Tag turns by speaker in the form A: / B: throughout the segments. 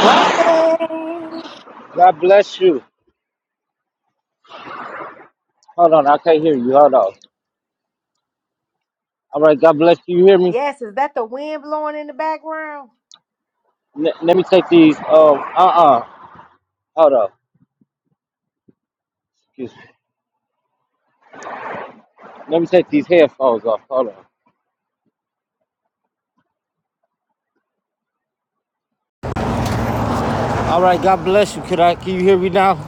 A: Blessings.
B: God bless you. Hold on, I can't hear you. Hold on. All right, God bless you. You hear me?
A: Yes, is that the wind blowing in the background?
B: Let let me take these. Um, uh, uh Hold on. Excuse me. Let me take these headphones off. Hold on. All right, God bless you. Could I? Can you hear me now?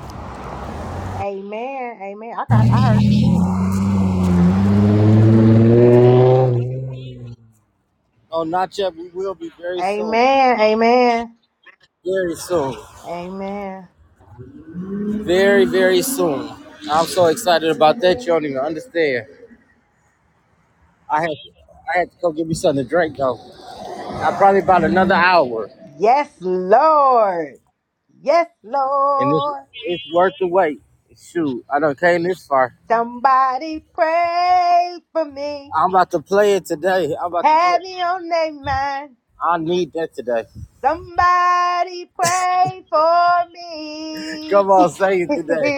A: Amen. Amen. I got, I heard you there.
B: Oh, not yet. We will be very soon.
A: Amen. Amen.
B: Very soon.
A: Amen.
B: Very, very soon. I'm so excited about that. You don't even understand. I had, I had to go get me something to drink though. I probably about another hour,
A: Yes, Lord. Yes,
B: and it's,
A: Lord.
B: it's worth the wait. Shoot, I done came this far.
A: Somebody pray for me.
B: I'm about to play it today. I'm about to play.
A: Have
B: it.
A: me on their mind.
B: I need that today.
A: Somebody pray for me.
B: Come on, sing it today.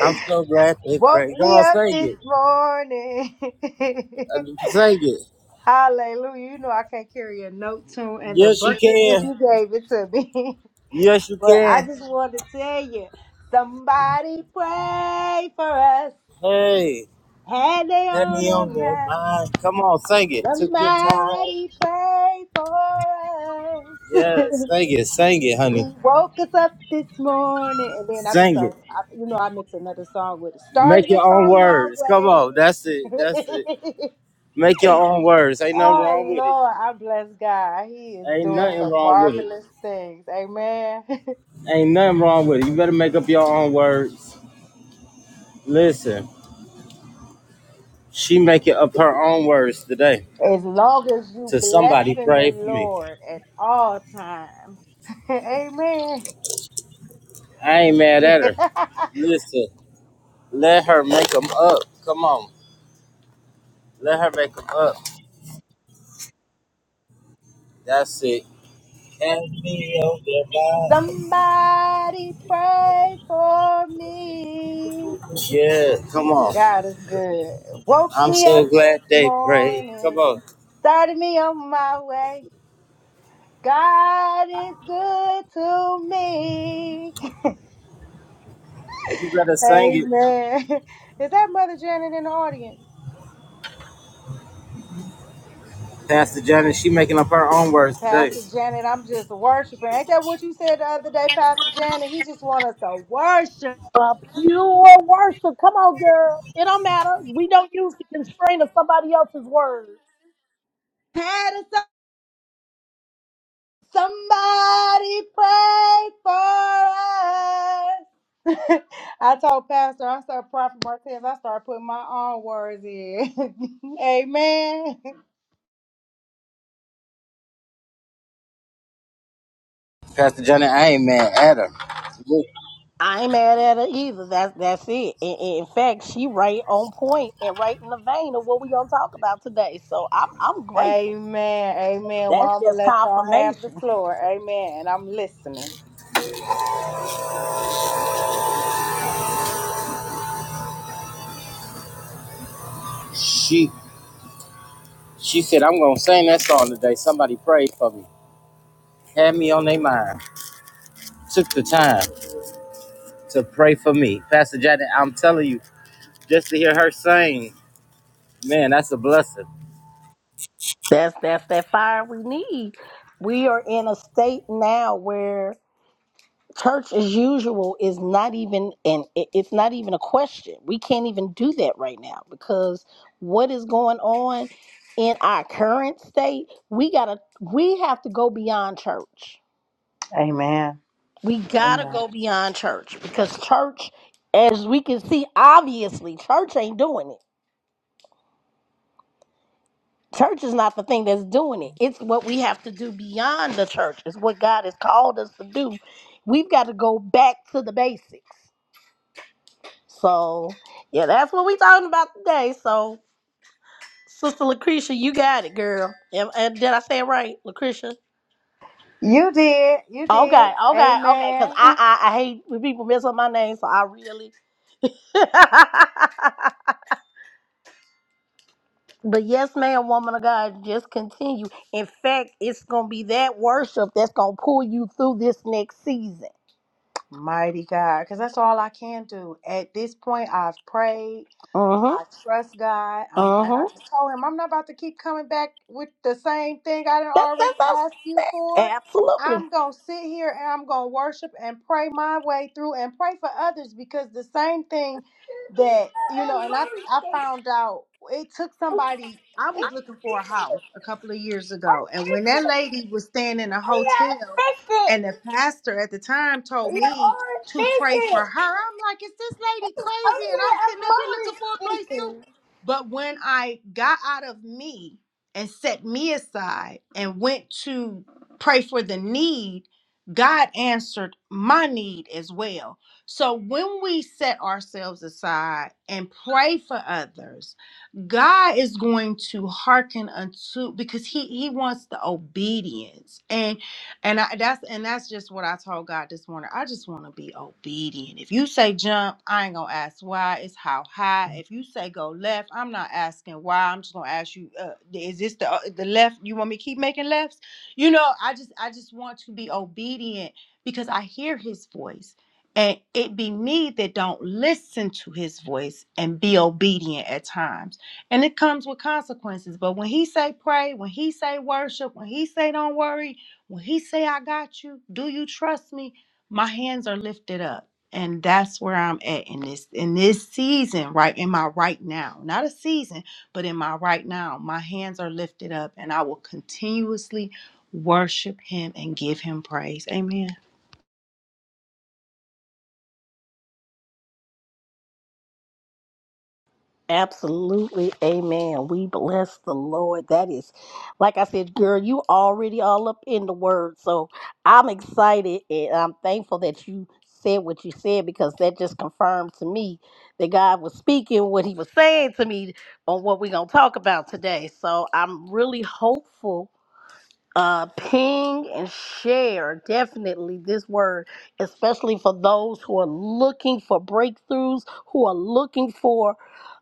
B: I'm so glad to hit
A: Woke
B: pray. Come
A: me
B: on,
A: up
B: sing
A: this
B: it.
A: morning.
B: Uh, Sing it.
A: Hallelujah. You know I can't carry a note tune and the
B: Yes, you
A: bucket which
B: can.
A: you gave it to me.
B: Yes, you
A: but I
B: can.
A: just wanted to tell you, somebody pray for us.
B: Hey,
A: Had they
B: let me
A: on
B: on
A: a
B: your
A: map.
B: mind. Come on, sing it. Took your time.
A: Somebody pray for us.
B: Yes, sing it. Sing it,
A: He
B: honey.
A: woke us up this morning. And then I be
B: Sing it.
A: starting, I, you know, I mix another song with it.
B: Make
A: Started the
B: your own
A: song my
B: words. Come on. That's it. That's it.
A: way.
B: Make your own words. Ain't nothing
A: Oh
B: wrong with it.
A: Lord, I bless God. He is
B: Ain't
A: doing
B: nothing
A: some
B: wrong with it.
A: marvelous things. Amen.
B: Ain't nothing wrong with it. You better make up your own words. Listen. She make it up her own words today.
A: As long as you
B: To somebody
A: blessing the
B: pray for me.
A: Lord at all times. Amen.
B: I ain't mad at her. Listen, let her make them up. Come on, let her make them up. That's it. Can't be on their
A: Somebody pray for me.
B: mind. Yeah, come on.
A: God is good. Woke
B: I'm
A: me
B: so
A: up
B: glad
A: this
B: they prayed. Come
A: morning.
B: on,
A: Started me on my way. God is good to me.
B: you better sing it,
A: Amen. Is that Mother Janet in the audience?
B: Pastor Janet. She making up her own words today.
A: Pastor Janet, I'm just worshiping. Ain't that what you said the other day, Pastor Janet? He just want us to worship.
C: A pure worship. Come on, girl. It don't matter. We don't use the constraint of somebody else's words.
A: Had us up- Somebody pray for us. I told Pastor, I started Prophet Martez, I started putting my own words in. Amen.
B: Pastor Janet, I ain't mad at her. Look,
C: I ain't mad at her either. That's that's it. In, in fact, she right on point and right in the vein of what we gonna talk about today. So I'm I'm grateful.
A: Amen. Amen. Well,
C: That's
A: I'm going to
C: just
A: let y'all have the
C: confirmation.
A: floor. Amen. And I'm listening.
B: She she said I'm gonna sing that song today. Somebody prayed for me. Had me on their mind. Took the time. to pray for me. Pastor Janet, I'm telling you, just to hear her sing, man, that's a blessing.
C: That's that's that fire we need. We are in a state now where. church as usual is not even and it's not even a question we can't even do that right now because what is going on in our current state we gotta we have to go beyond church
A: Amen.
C: we gotta
A: Amen.
C: go beyond church because church as we can see obviously church ain't doing it church is not the thing that's doing it it's what we have to do beyond the church it's what god has called us to do we've got to go back to the basics So yeah, that's what we talking about today. So Sister Lucretia, you got it, girl. And, and did I say it right, Lucretia?
A: You did. You did.
C: Okay, okay, okay. Cause I,
A: Amen.
C: I I hate when people mess up my name, so I really. but yes, ma'am, woman of God, just continue. In fact, it's gonna be that worship that's gonna pull you through this next season.
A: Mighty God. Because that's all I can do. At this point, I've prayed.
C: Uh huh.
A: I trust God. I'm,
C: Uh
A: and I
C: huh.
A: just told him I'm not about to keep coming back with the same thing I didn't
C: That's
A: already
C: that's
A: ask you for.
C: Absolutely.
A: I'm gonna sit here and I'm gonna worship and pray my way through and pray for others because the same thing that you know, and I I found out it took somebody. I was looking for a house a couple of years ago, and when that lady was staying in a hotel, and the pastor at the time told me to pray for her. I'm like, is this lady crazy? And I'm sitting up here looking for a place too. But when I got out of me and set me aside and went to pray for the need, God answered my need as well. So when we set ourselves aside and pray for others, God is going to hearken unto because he he wants the obedience. And and I, that's and that's just what I told God this morning. I just want to be obedient. If you say jump, I ain't gonna ask why. It's how high. If you say go left, I'm not asking why. I'm just gonna ask you, uh, is this the uh, the left? You want me to keep making lefts? You know, I just I just want to be obedient because I hear His voice, and it be me that don't listen to His voice and be obedient at times and it comes with consequences but when he say pray when he say worship when he say don't worry when he say I got you, do you trust me? My hands are lifted up. And that's where I'm at in this in this season, right? In my right now. Not a season, but in my right now. My hands are lifted up and I will continuously worship him and give him praise. Amen.
C: Absolutely. Amen. We bless the Lord. That is, like I said, girl, you already all up in the word. So I'm excited and I'm thankful that you said what you said because that just confirmed to me that God was speaking what he was saying to me on what we're going to talk about today. So I'm really hopeful uh, ping and share definitely this word, especially for those who are looking for breakthroughs, who are looking for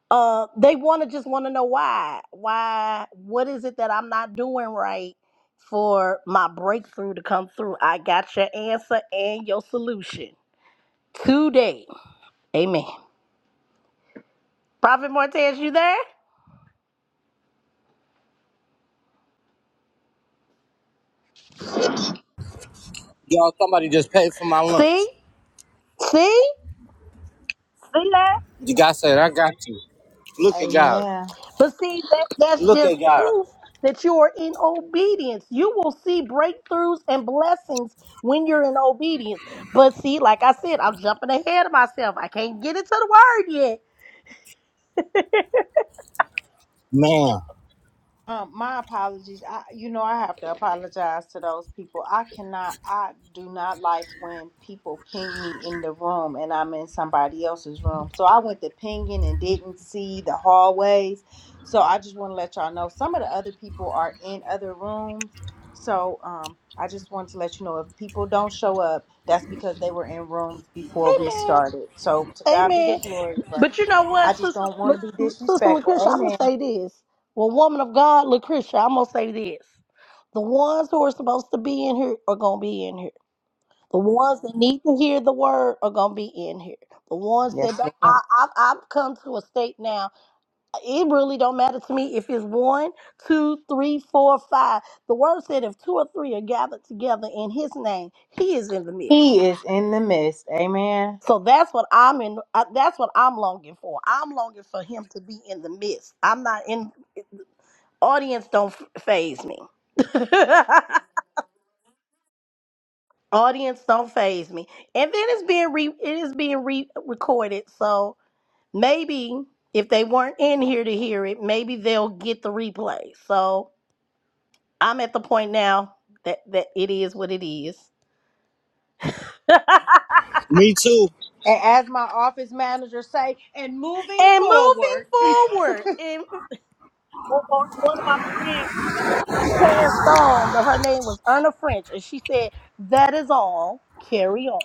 C: uh they want to just want to know why why what is it that i'm not doing right for my breakthrough to come through i got your answer and your solution today amen prophet martez you there
B: Y'all, somebody just paid for my lunch.
C: see see see
B: You guys said, I got you. Look at God.
A: Amen.
C: But see, that, that's
B: Look at
C: just
B: God.
C: proof that you are in obedience. You will see breakthroughs and blessings when you're in obedience. But see, like I said, I'm jumping ahead of myself. I can't get into the word yet.
B: Man,
A: Um, my apologies. I, you know, I have to apologize to those people. I cannot, I do not like when people ping me in the room and I'm in somebody else's room. So I went to pinging and didn't see the hallways. So I just want to let y'all know some of the other people are in other rooms. So um, I just want to let you know if people don't show up, that's because they were in rooms before we
C: Amen.
A: started. So to God be the
C: Amen.
A: glory, but
C: But you know
A: I
C: what,
A: just
C: Sister,
A: don't want to be
C: Lu- Sister
A: disrespectful.
C: Lucretia, I'm going to
A: Amen.
C: say this. Well, woman of God, Lucretia, I'm going to say this. The ones who are supposed to be in here are going to be in here. The ones that need to hear the word are going to be in here the ones that
A: Yes,
C: don't I, I i've come to a state now it really don't matter to me if it's one, two, three, four, five. The word said if two or three are gathered together in his name, he is in the midst.
A: He is in the midst. Amen.
C: So that's what I'm in uh, that's what I'm longing for. I'm longing for him to be in the midst. I'm not in audience don't phase me. audience don't phase me. And then it's being re it is being re recorded. So maybe if they weren't in here to hear it, maybe they'll get the replay. So I'm at the point now that that it is what it is. and
B: me too.
A: And as my office manager say, and moving
C: moving
A: forward,
C: forward, and or- or one of my friends, she passed on, but her name was Erna French, and she said, "That is all. Carry on.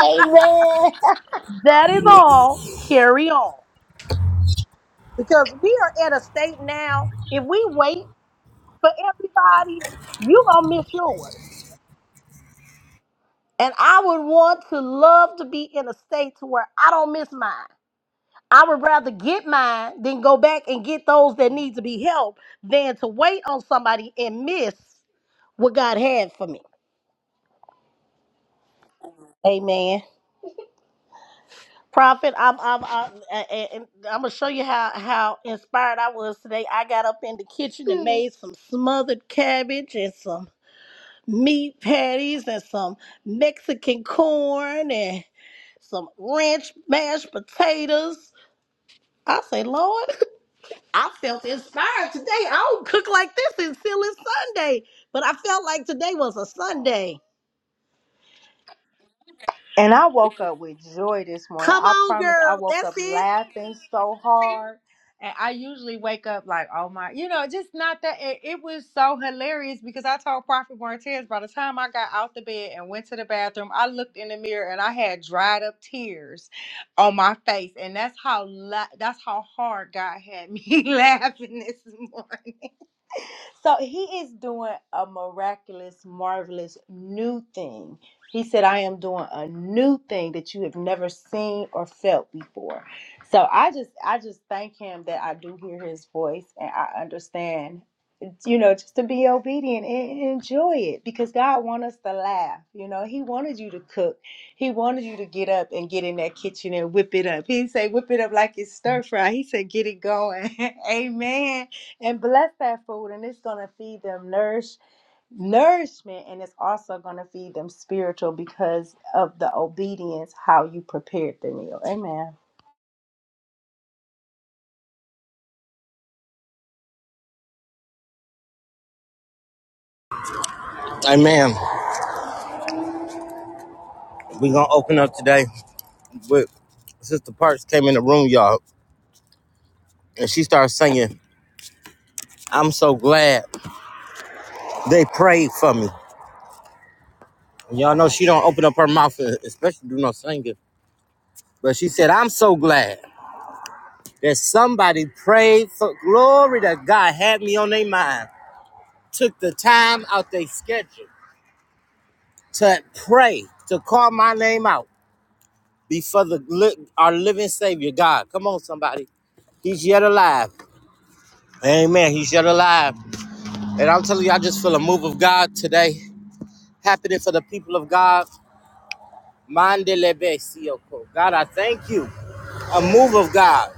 A: amen.
C: That is all. Carry on." Because we are at a state now. If we wait for everybody, you gonna miss yours. And I would want to love to be in a state to where I don't miss mine. I would rather get mine than go back and get those that need to be helped than to wait on somebody and miss what God had for me. Amen. Prophet, I'm I'm I'm, I'm gonna show you how how inspired I was today. I got up in the kitchen and made some smothered cabbage and some meat patties and some Mexican corn and some ranch mashed potatoes. I say, Lord. I felt inspired today. I don't cook like this until it's Sunday, but I felt like today was a Sunday.
A: And I woke up with joy this morning.
C: Come
A: I
C: on,
A: promise I
C: girl.
A: woke
C: That's
A: up
C: it.
A: laughing so hard. And I usually wake up like, oh my, you know, just not that. It, it was so hilarious because I told Prophet Martez by the time I got out the bed and went to the bathroom, I looked in the mirror and I had dried up tears on my face. And that's how la- that's how hard God had me laughing this morning. So he is doing a miraculous, marvelous new thing. He said, I am doing a new thing that you have never seen or felt before. So I just I just thank him that I do hear his voice and I understand you know just to be obedient and enjoy it because God wants us to laugh you know he wanted you to cook he wanted you to get up and get in that kitchen and whip it up he said whip it up like it's stir fry he said get it going amen and bless that food and it's going to feed them nourish nourishment and it's also going to feed them spiritual because of the obedience how you prepared the meal amen
B: Amen. we going to open up today with Sister Parks came in the room, y'all, and she started singing, I'm so glad they prayed for me. Y'all know she don't open up her mouth, especially do no singing. But she said, I'm so glad. that somebody prayed for glory to God, had me on their mind, took the time out their schedule to pray, to call my name out before the our living Savior God. Come on, somebody. He's yet alive. Amen. He's yet alive. And I'm telling you, I just feel a move of God today happening for the people of God. Mandelebe sioko. God, I thank you. A move of God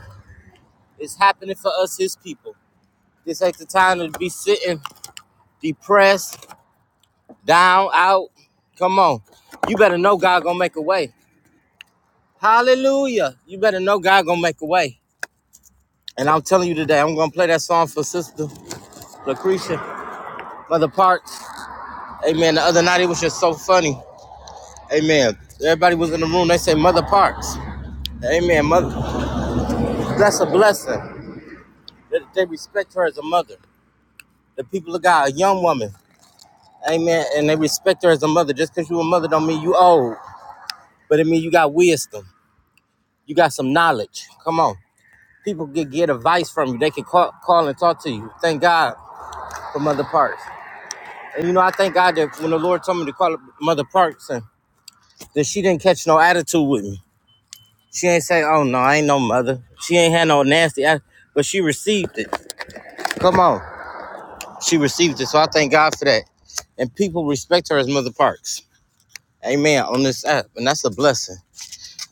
B: is happening for us, his people. This ain't the time to be sitting depressed, down, out. Come on. You better know God gonna make a way. Hallelujah. You better know God gonna make a way. And I'm telling you today, I'm gonna play that song for Sister Lucretia, Mother Parks. Amen. The other night it was just so funny. Amen. Everybody was in the room. They say Mother Parks. Amen. Mother, that's a blessing. They, they respect her as a mother. The people of God, a young woman. Amen. And they respect her as a mother. Just because you a mother don't mean you old, but it mean you got wisdom. You got some knowledge. Come on. People can get advice from you. They can call, call and talk to you. Thank God for Mother Parks. And you know, I thank God that when the Lord told me to call Mother Parks, and that she didn't catch no attitude with me. She ain't say, "Oh no, I ain't no mother." She ain't had no nasty, act- but she received it. Come on, she received it. So I thank God for that. And people respect her as Mother Parks. Amen. On this app, and that's a blessing.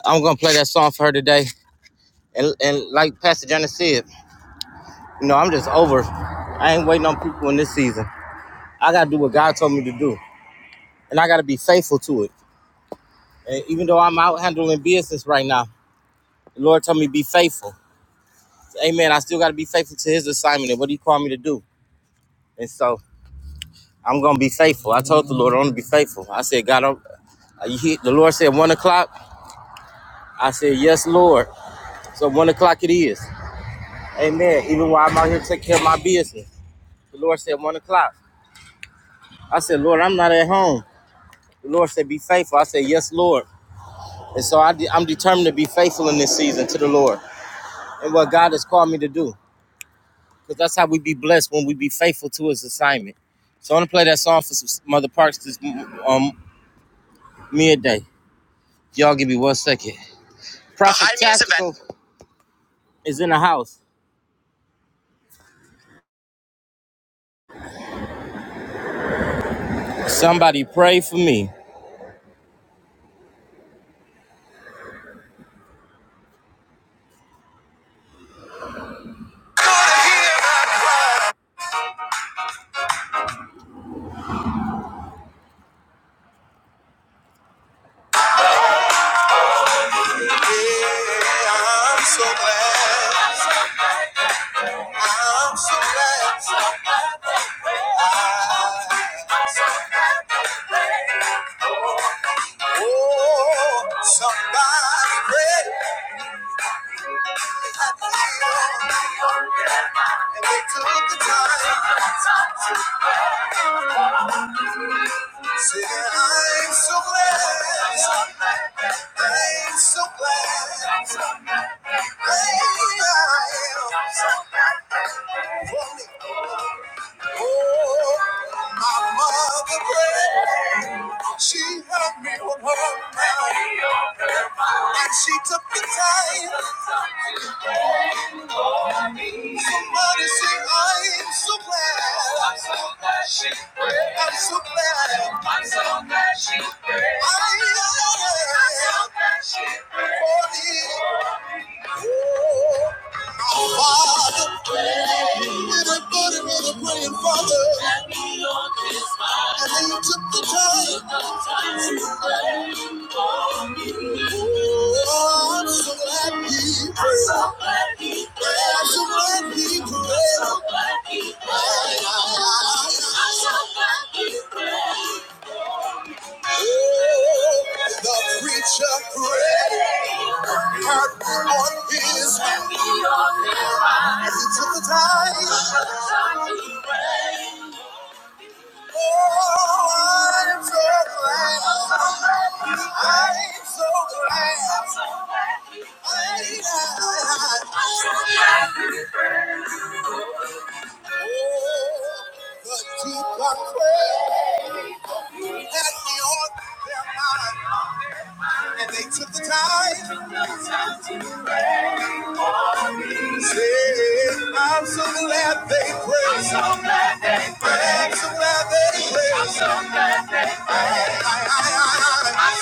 B: I'm gonna play that song for her today. And and like Pastor Johnny said, you know, I'm just over. I ain't waiting on people in this season. I got to do what God told me to do, and I got to be faithful to it. And even though I'm out handling business right now, the Lord told me be faithful. Amen. I still got to be faithful to His assignment and what He called me to do. And so I'm gonna be faithful. I told the Lord I'm gonna be faithful. I said, God, I'm, the Lord said one o'clock. I said, Yes, Lord. So one o'clock it is. Amen. Even while I'm out here taking care of my business, the Lord said one o'clock. I said, Lord, I'm not at home. The Lord said, Be faithful. I said, Yes, Lord. And so I de- I'm determined to be faithful in this season to the Lord. and what God has called me to do. Because that's how we be blessed when we be faithful to His assignment. So I'm gonna play that song for some Mother Parks this m- um midday. Y'all give me one second. Prophet i Tactical is in the house. Somebody pray for me. so so Oh, somebody pray. and they took the time. Say that I'm so glad, I'm so glad, I'm so glad. For me. Oh, my mother prayed, she had me on her mind, and she took the time. Somebody say I'm so glad, I'm so glad, I'm so glad she prayed. I am, I'm so glad she prayed. For me, my father. And I thought it was a praying father. And then you took the time. Oh, I'm so glad he prayed. I'm so glad he prayed. I'm so glad he prayed. I'm so glad he prayed. Oh, the preacher prayed. Heart on his mind. He took the time. I'm so glad. I'm so glad. I'm so glad. And they took the time. Say, I'm so glad they prayed. I'm so glad they prayed. I, I, I, I,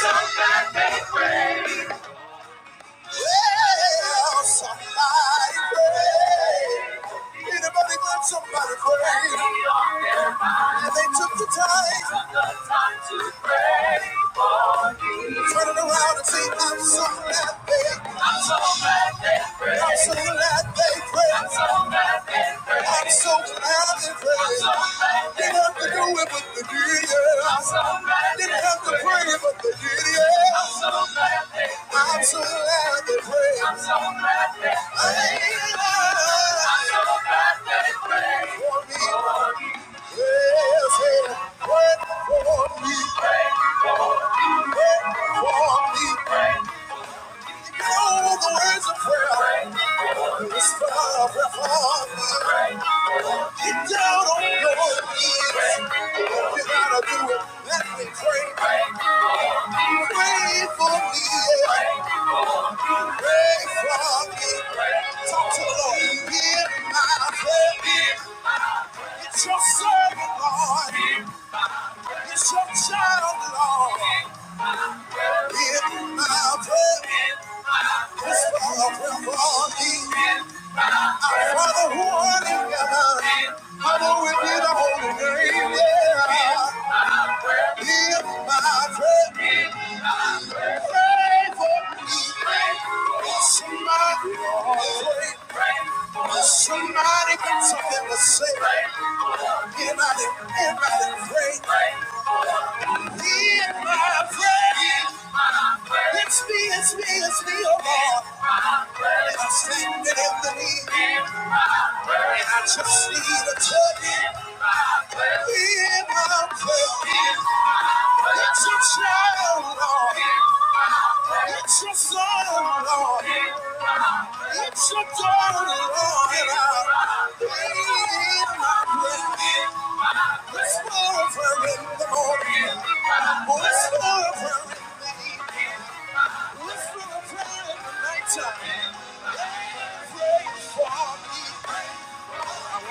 B: Well, somebody prayed. Anybody but somebody prayed. And they took the time, turning around and see. I'm so glad they I'm so glad they I'm so glad they prayed. I'm so glad they, I'm so glad they prayed. Didn't have to do it, but they did, yeah. I'm so glad they Didn't have to pray, but they did, yeah. I'm so so glad they prayed. I'm so glad. they pray. It's your servant, Lord. It's your child, Lord. Somebody got something to say. Anybody, anybody pray. Hear my prayer. It's me, it's me, it's me, oh Lord. And I'm standing in the need. And I just need a touch in my faith. It's your child, Lord. It's your son, Lord. It's your daughter, Lord. And I need my faith. It's more of her in the morning. It's more of her in the evening. It's more of her in the nighttime. Pray for me. I I'll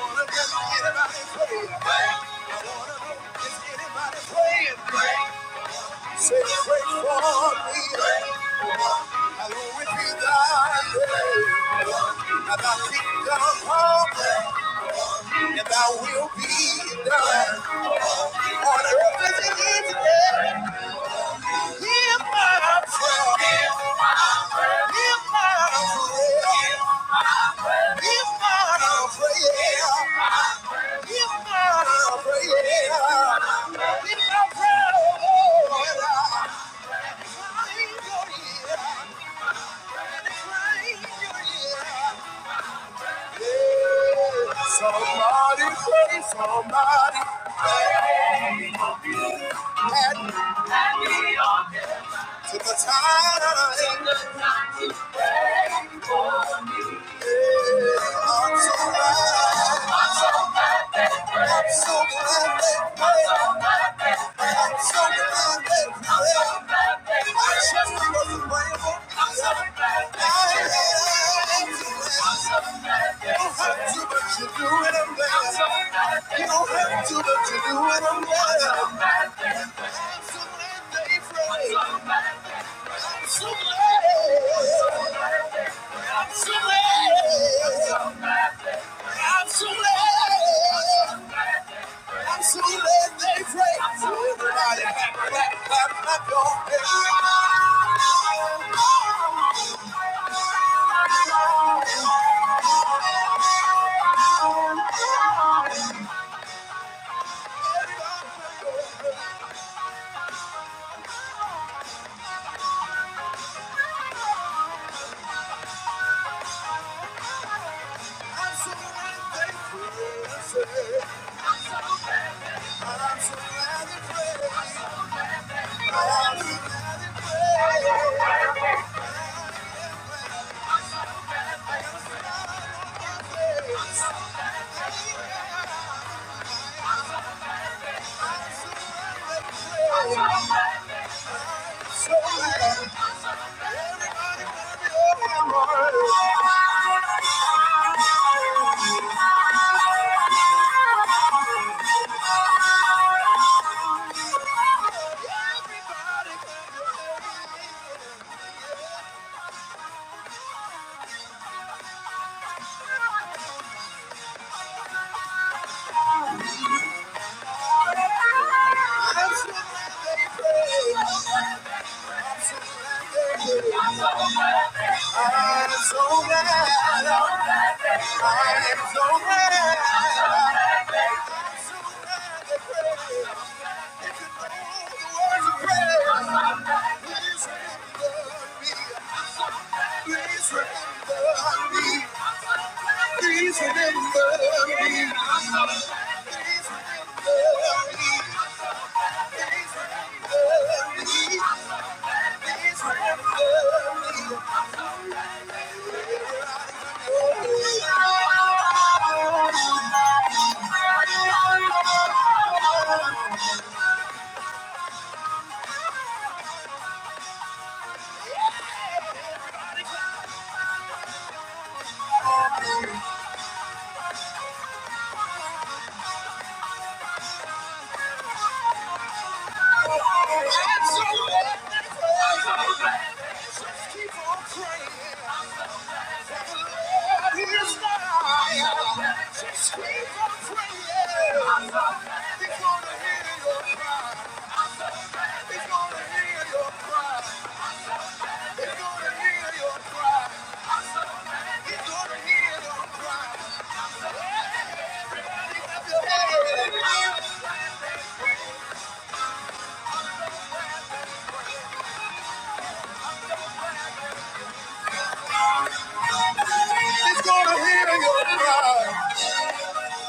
B: Pray, will if if Yeah. Somebody pray, somebody had to the time. I'm so glad, I'm so glad they prayed. I'm so glad they prayed. I just wasn't grateful. I'm so glad they prayed. You don't have to, but you do it, I'm glad. You don't have to, but you do it, I'm glad. I'm so glad they prayed. I'm so glad I'm so glad, I'm so glad they pray. I'm so glad. they pray. I'm so glad they pray. I'm so glad. I'm so glad. I'm so glad you. If you know the words of prayer, please remember me. Please remember me. Please remember me. Please remember me. Please remember me. Please remember me. gonna gonna hear hear your your cry. It's gonna hear your cry. He's gonna hear your cry.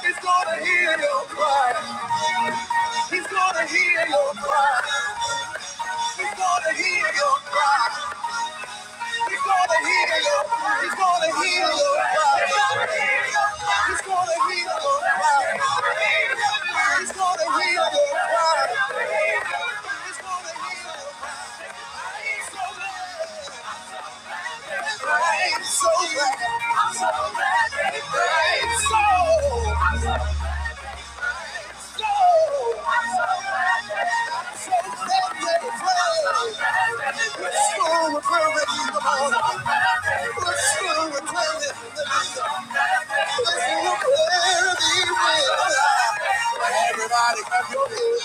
B: He's gonna hear your cry. He's gonna hear your cry. He's gonna hear your cry. He's gonna hear your. cry. He's gonna hear your cry. He's gonna hear your cry. He's gonna hear your cry. He's gonna hear your cry. I'm so glad, I'm so glad they prayed. So, I'm so glad they prayed. So, I'm so glad they prayed. So, glad they prayed. Let's go with her in the morning. Let's go with her in the morning. Let's go with her in the morning. Everybody clap your hands.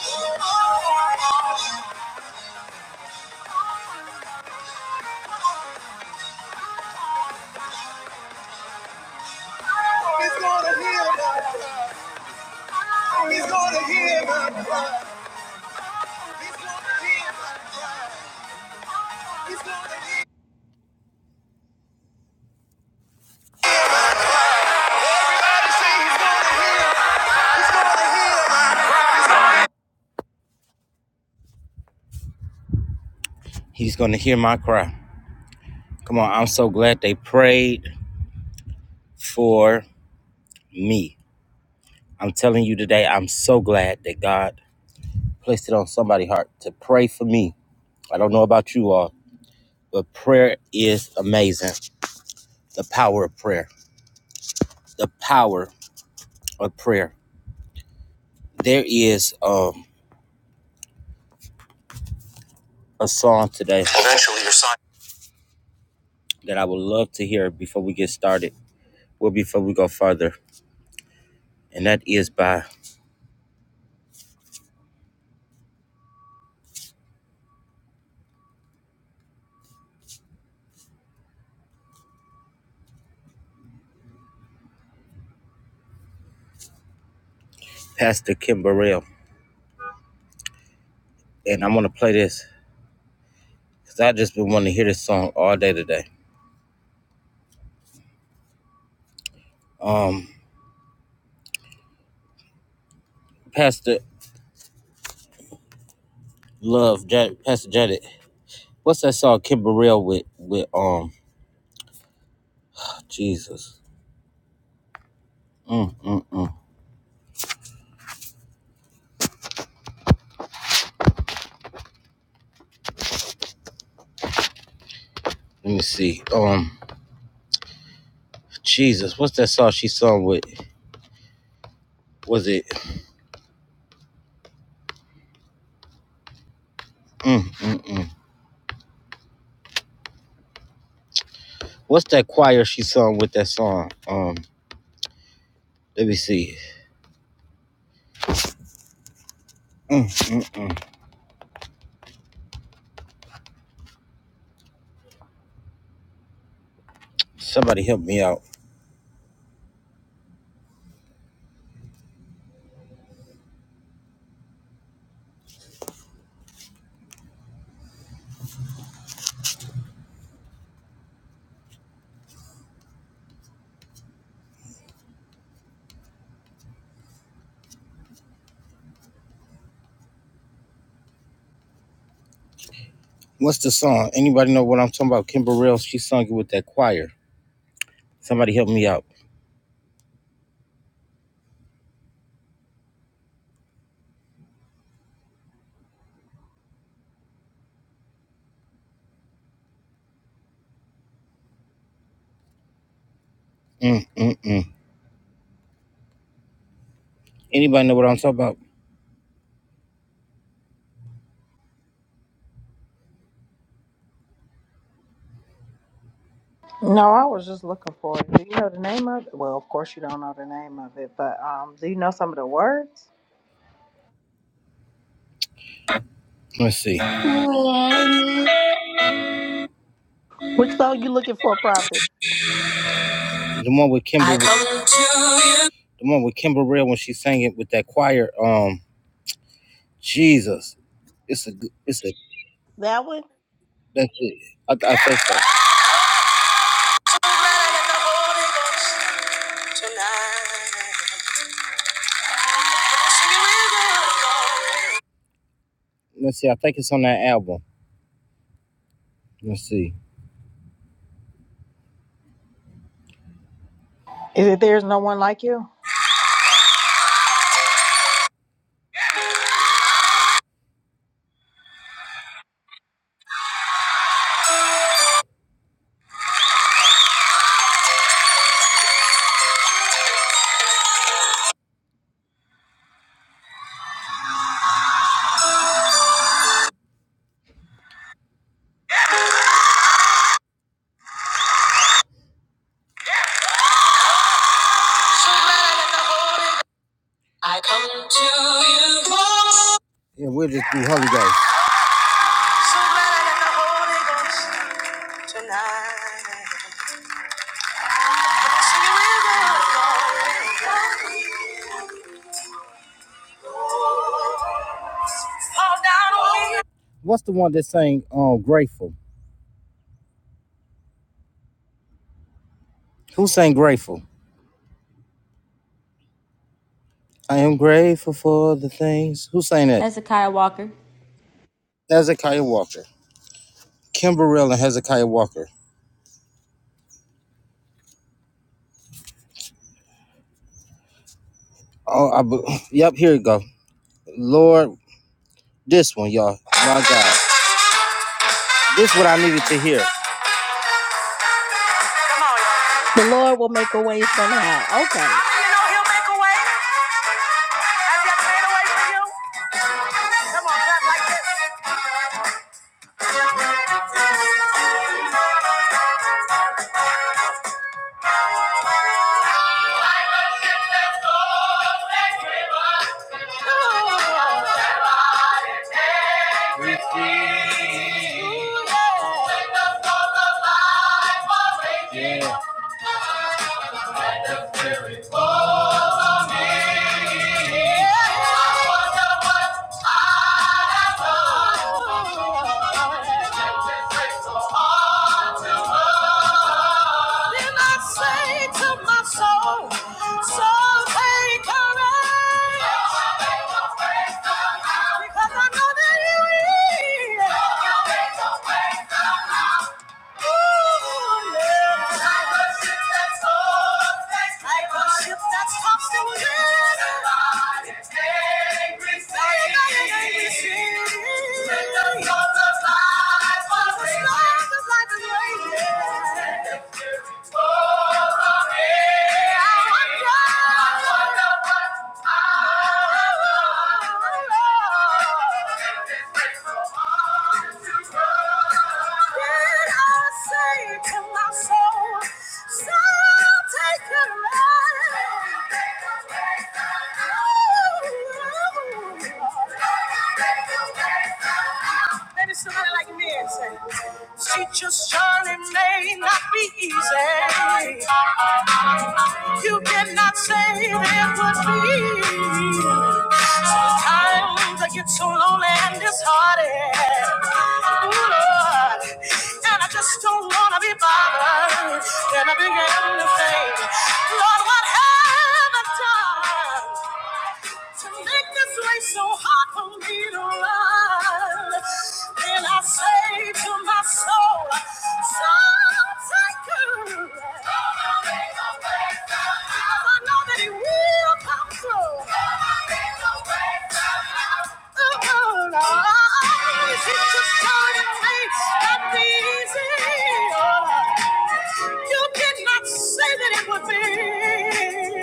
B: He's gonna hear my cry. He's gonna hear my cry. He's going to hear my cry. Come on, I'm so glad they prayed for me. I'm telling you today, I'm so glad that God placed it on somebody's heart to pray for me. I don't know about you all, but prayer is amazing. The power of prayer. The power of prayer. There is um, a song today. that I would love to hear before we get started, well, before we go further, and that is by Pastor Kim Burrell. And I'm gonna play this because I just been wanting to hear this song all day today. Um, Pastor Love, Jan- Pastor Janet, what's that song Kim Burrell with with um Jesus? Mm, mm, mm. Let me see. Um, Jesus, what's that song she sung with? Was it? Mm, mm, mm. What's that choir she sung with that song? Um, let me see. Mm, mm, mm. Somebody help me out. What's the song? Anybody know what I'm talking about? Kimber Rails, she sung it with that choir. Somebody help me out. Mm, mm, mm. Anybody know what I'm talking about?
A: No, I was just looking for it. Do you know the name of it? Well, of course you don't know the name of it, but um, do you know some of the words?
B: Let's see. The
C: Which song you looking for, Prophet?
B: one with Kimber. I The one with Kimber Rail when she sang it with that choir. Um, Jesus, it's a, it's a,
C: That one?
B: that's it. I, I think so. Let's see. I think it's on that album. Let's see.
A: Is it "There's no one like you"?
B: I come to you. Lord. Yeah, we'll just do Holy Ghost. So glad I got the Holy Ghost tonight. Come on, sing it with me. Fall down on me. What's the one that sang um, Grateful? Who sang Grateful? I am grateful for the things. Who sang that?
D: Hezekiah Walker.
B: Hezekiah Walker. Kimberell and Hezekiah Walker. Oh, I, be- yep, here you go. Lord, this one, y'all. My God. This is what I needed to hear. Come on. y'all.
C: The Lord will make a way somehow.
B: I
C: Okay.
B: mean, you know he'll make a way. Has he ever made a way for you? Come on, clap like this. Soul, soul, take courage. Because I know that you will. Yeah take Thank you. Maybe somebody like me and say, Teacher's journey may not be easy. You did not say it would be. Sometimes I get so lonely and disheartened. Ooh, Lord. And I just don't want to be bothered. Then I began to think, Lord, what have I done? to make this way so hard for me to run. Then I say to my soul, Soul, take courage. Someone is I know that he will come through. Someone is a breakthrough. Oh, oh, Lord. Is it just time to me? Not easy. You did not say that it would be.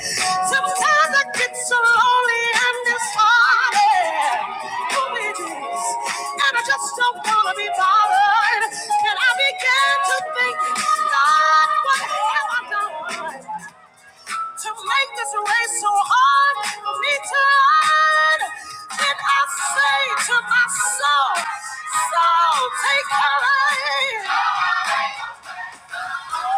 B: Sometimes I get so lonely and disheartened. Oh, it is. And I just don't want to be bothered. And I began to think, God, what have I done? to make this race so hard for me to learn. Then I say to my soul, soul, take courage. Somehow.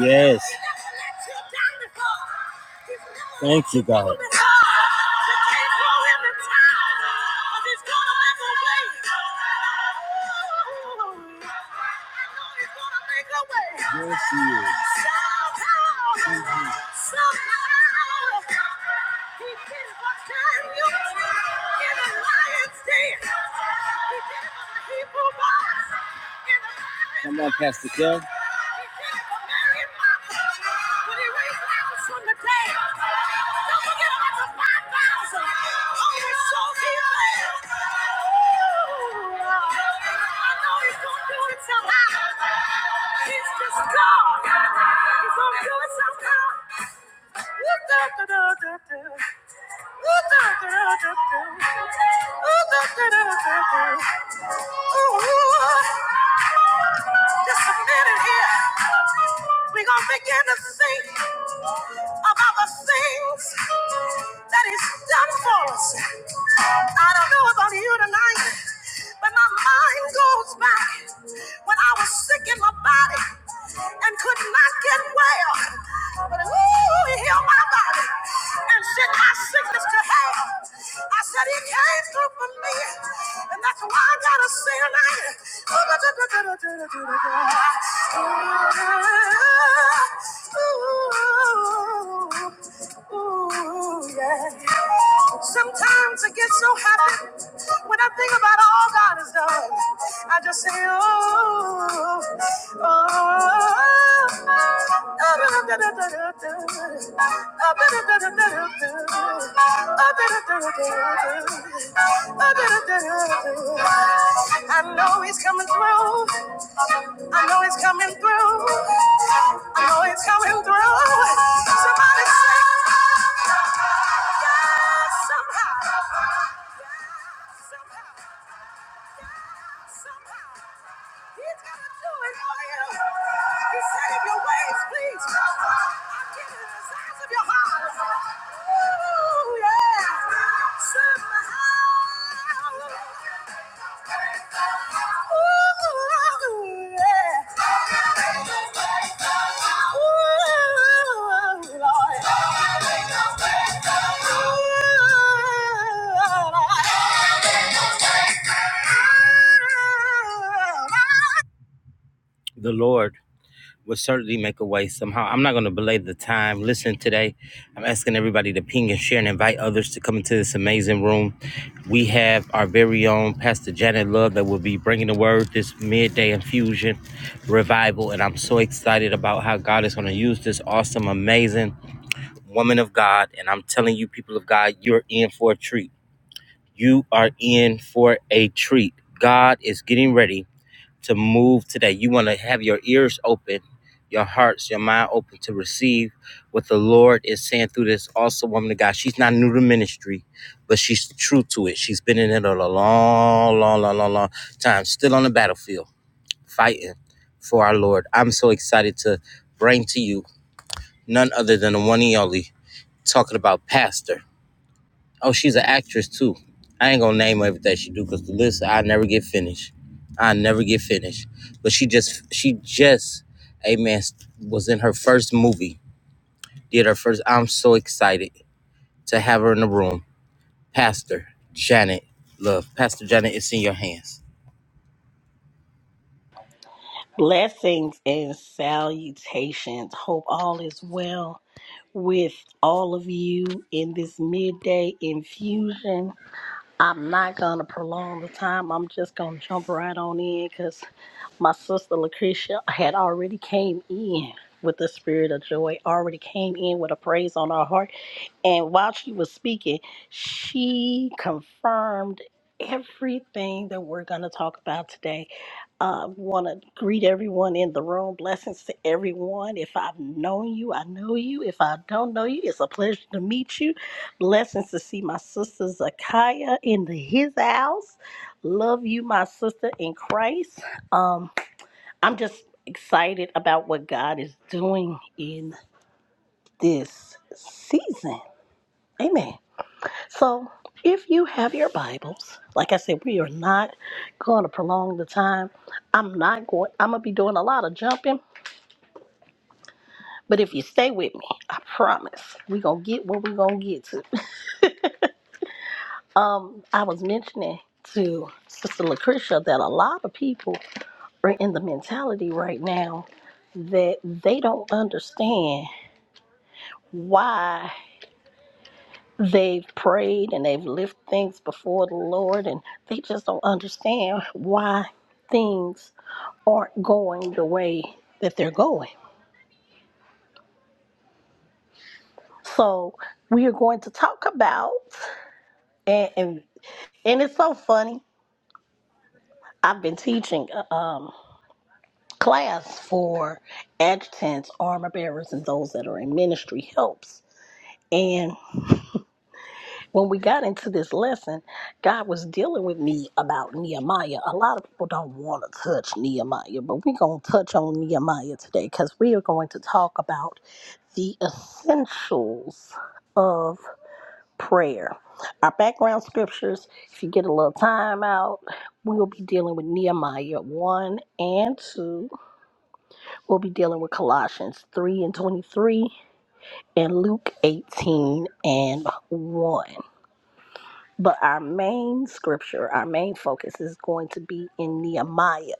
B: Yes. Thank you, God. Yes, he is. Mhm. Come on, Pastor Doug. When he raised Lazarus from the dead, don't forget about the 5,000 on his souls he fed. I know he's going to do it somehow. He's just God. He's going to do it somehow. Woo-da-da-da-da-da. Woo-da-da-da-da-da. Woo-da-da-da-da-da. Ooh, Just a minute here. We're going to begin to think about the things that He's done for us. I don't know about you tonight, but my mind goes back when I was sick in my body and could not get well. But ooh, He healed my body and sent my sickness to hell. I said he came through for me, and that's why I gotta say tonight. Ooh, yeah. Sometimes I get so happy when I think about all God has done. I just say, oh, oh, oh, I know he's coming through. I know he's coming through. I know he's coming through. Somebody say, "God, somehow, Yeah, somehow, Yeah, somehow, he's gonna do it for you." He said he your ways, please. I'm giving the size of your heart. Ooh, yeah. Somehow. Ooh, yeah. Ooh, Lord. The Lord will certainly make a way somehow. I'm not going to belay the time. Listen, today, I'm asking everybody to ping and share and invite others to come into this amazing room. We have our very own Pastor Janet Love that will be bringing the word this midday infusion revival. And I'm so excited about how God is going to use this awesome, amazing woman of God. And I'm telling you, people of God, you're in for a treat. You are in for a treat. God is getting ready to move today. You want to have your ears open, your hearts, your mind open to receive what the Lord is saying through this also woman of God. She's not new to ministry, but she's true to it. She's been in it a long, long, long, long, long time, still on the battlefield, fighting for our Lord. I'm so excited to bring to you none other than the one and only talking about Pastor. Oh, she's an actress too. I ain't gonna name everything she do because the list I never get finished. I never get finished. But she just she just amen was in her first movie. Did her first. I'm so excited to have her in the room. Pastor Janet Love. Pastor Janet, it's in your hands.
C: Blessings and salutations. Hope all is well with all of you in this midday infusion. I'm not gonna prolong the time. I'm just gonna jump right on in because my sister Lucretia had already came in with the spirit of joy, already came in with a praise on her heart. And while she was speaking, she confirmed everything that we're gonna talk about today. I want to greet everyone in the room. Blessings to everyone. If I've known you, I know you. If I don't know you, it's a pleasure to meet you. Blessings to see my sister Zakaya in the, his house. Love you, my sister in Christ. Um, I'm just excited about what God is doing in this season. Amen. So, if you have your Bibles, like I said, we are not going to prolong the time. I'm not going, I'm going to be doing a lot of jumping, but if you stay with me, I promise we're going to get what we're going to get to. Um, I was mentioning to Sister Lucretia that a lot of people are in the mentality right now that they don't understand why. they've prayed and they've lifted things before the Lord and they just don't understand why things aren't going the way that they're going. So we are going to talk about and and, and it's so funny. I've been teaching uh, um class for adjutants, armor bearers and those that are in ministry helps. And when we got into this lesson, God was dealing with me about Nehemiah. A lot of people don't want to touch Nehemiah, but we're going to touch on Nehemiah today because we are going to talk about the essentials of prayer. Our background scriptures, if you get a little time out, we will be dealing with Nehemiah 1 and 2. We'll be dealing with Colossians 3 and 23 and Luke 18 and 1. But our main scripture, our main focus is going to be in Nehemiah.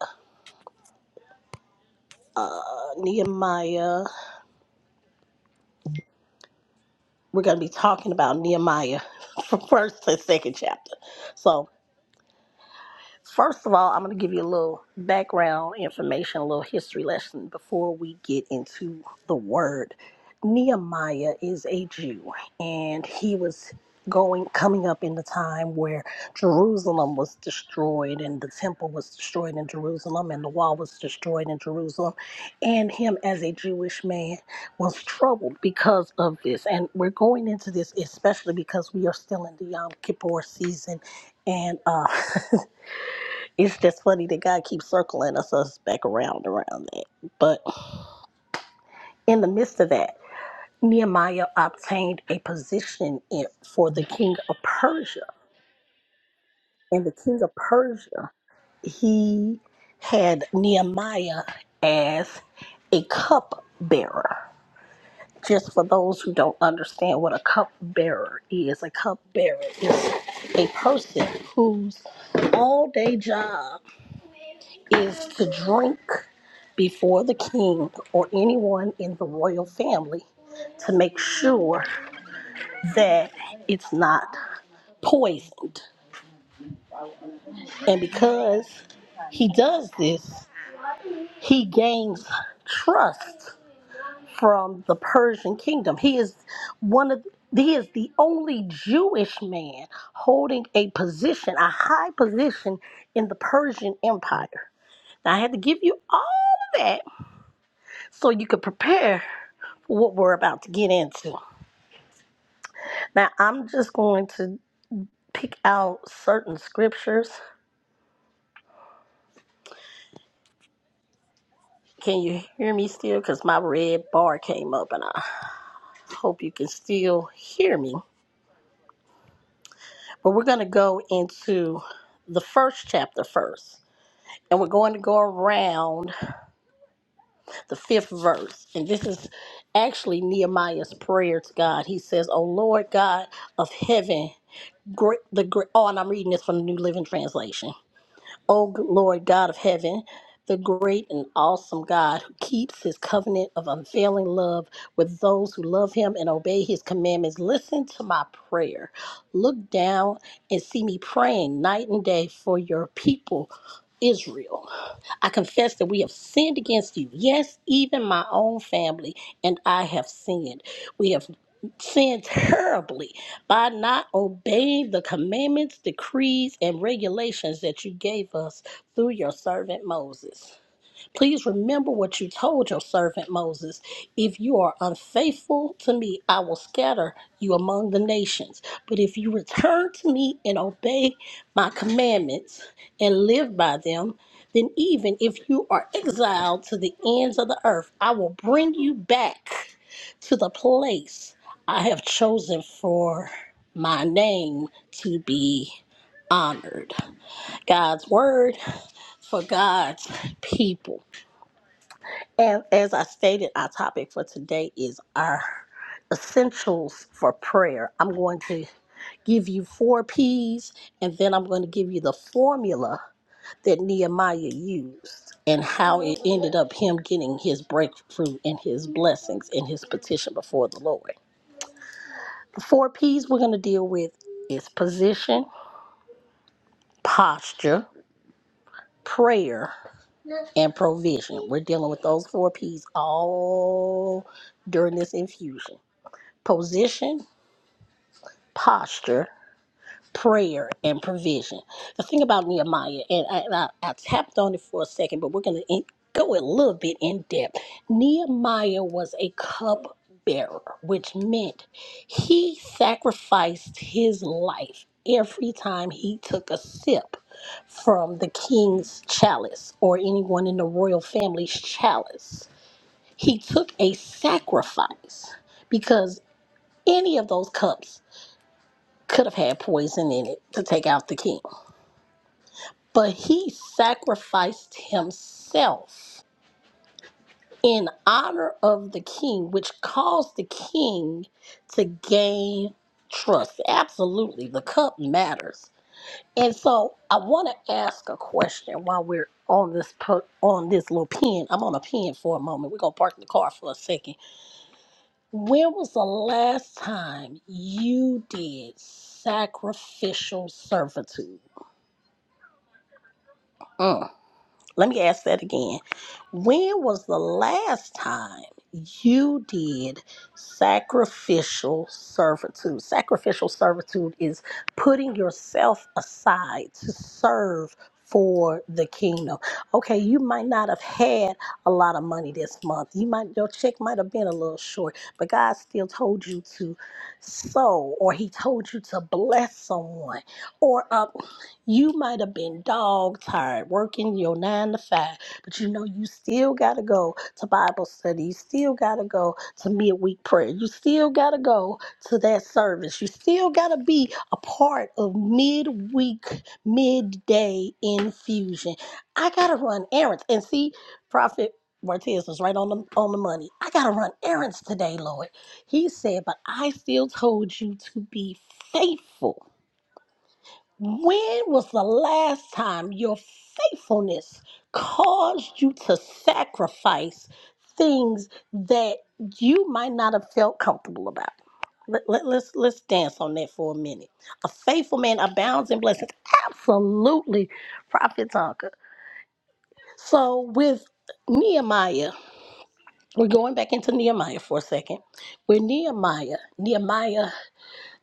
C: Uh, Nehemiah, we're going to be talking about Nehemiah from first to second chapter. So First of all, I'm going to give you a little background information, a little history lesson before we get into the word. Nehemiah is a Jew, and he was going coming up in the time where Jerusalem was destroyed and the temple was destroyed in Jerusalem and the wall was destroyed in Jerusalem and him as a Jewish man was troubled because of this and we're going into this especially because we are still in the Yom Kippur season and uh It's just funny that God keeps circling us, us back around around that. But in the midst of that, Nehemiah obtained a position in, for the king of Persia. And the king of Persia, he had Nehemiah as a cup bearer. Just for those who don't understand what a cup bearer is, a cup bearer is a person whose all day job is to drink before the king or anyone in the royal family to make sure that it's not poisoned. And because he does this, he gains trust from the Persian kingdom. He is one of he is the only Jewish man holding a position, a high position in the Persian Empire. Now I had to give you all of that so you could prepare for what we're about to get into. Now, I'm just going to pick out certain scriptures. Can you hear me still? Because my red bar came up and I hope you can still hear me. But we're going to go into the first chapter first. And we're going to go around the fifth verse. And this is actually Nehemiah's prayer to God. He says, O Lord God of heaven, great, the great, oh, and I'm reading this from the New Living Translation. O Lord God of heaven, the great and awesome God who keeps his covenant of unfailing love with those who love him and obey his commandments, listen to my prayer. Look down and see me praying night and day for your people, Israel. I confess that we have sinned against you. Yes, even my own family and I have sinned. We have sinned terribly by not obeying the commandments, decrees, and regulations that you gave us through your servant Moses. Please remember what you told your servant Moses. If you are unfaithful to me, I will scatter you among the nations. But if you return to me and obey my commandments and live by them, then even if you are exiled to the ends of the earth, I will bring you back to the place I have chosen for my name to be honored. God's word for God's people. And as I stated, our topic for today is our essentials for prayer. I'm going to give you four P's, and then I'm going to give you the formula that Nehemiah used and how it ended up him getting his breakthrough and his blessings and his petition before the Lord. The four P's we're going to deal with is position, posture, prayer, and provision. We're dealing with those four P's all during this infusion. position, posture, prayer, and provision. The thing about Nehemiah, and I, and I, I tapped on it for a second, but we're going to go a little bit in depth. Nehemiah was a cup bearer, which meant he sacrificed his life every time he took a sip from the king's chalice or anyone in the royal family's chalice. He took a sacrifice because any of those cups could have had poison in it to take out the king. But he sacrificed himself in honor of the king, which caused the king to gain trust. Absolutely, the cup matters. And so I want to ask a question while we're on this po- on this little pen. I'm on a pen for a moment. We're gonna park the car for a second. When was the last time you did sacrificial servitude? Mm. Let me ask that again. When was the last time you did sacrificial servitude? Sacrificial servitude is putting yourself aside to serve for the kingdom. Okay, you might not have had a lot of money this month. You might your check might have been a little short, but God still told you to sow or he told you to bless someone or uh, you might have been dog tired working your nine to five, but you know you still got to go to Bible study. You still got to go to midweek prayer. You still got to go to that service. You still got to be a part of midweek, midday infusion. I got to run errands. And see, Prophet Martez was right on the, on the money. I got to run errands today, Lord. He said, but I still told you to be faithful when was the last time your faithfulness caused you to sacrifice things that you might not have felt comfortable about? Let, let, let's let's dance on that for a minute. A faithful man abounds in blessings. Absolutely, Prophet Tonka. So with Nehemiah, we're going back into Nehemiah for a second. With Nehemiah, Nehemiah.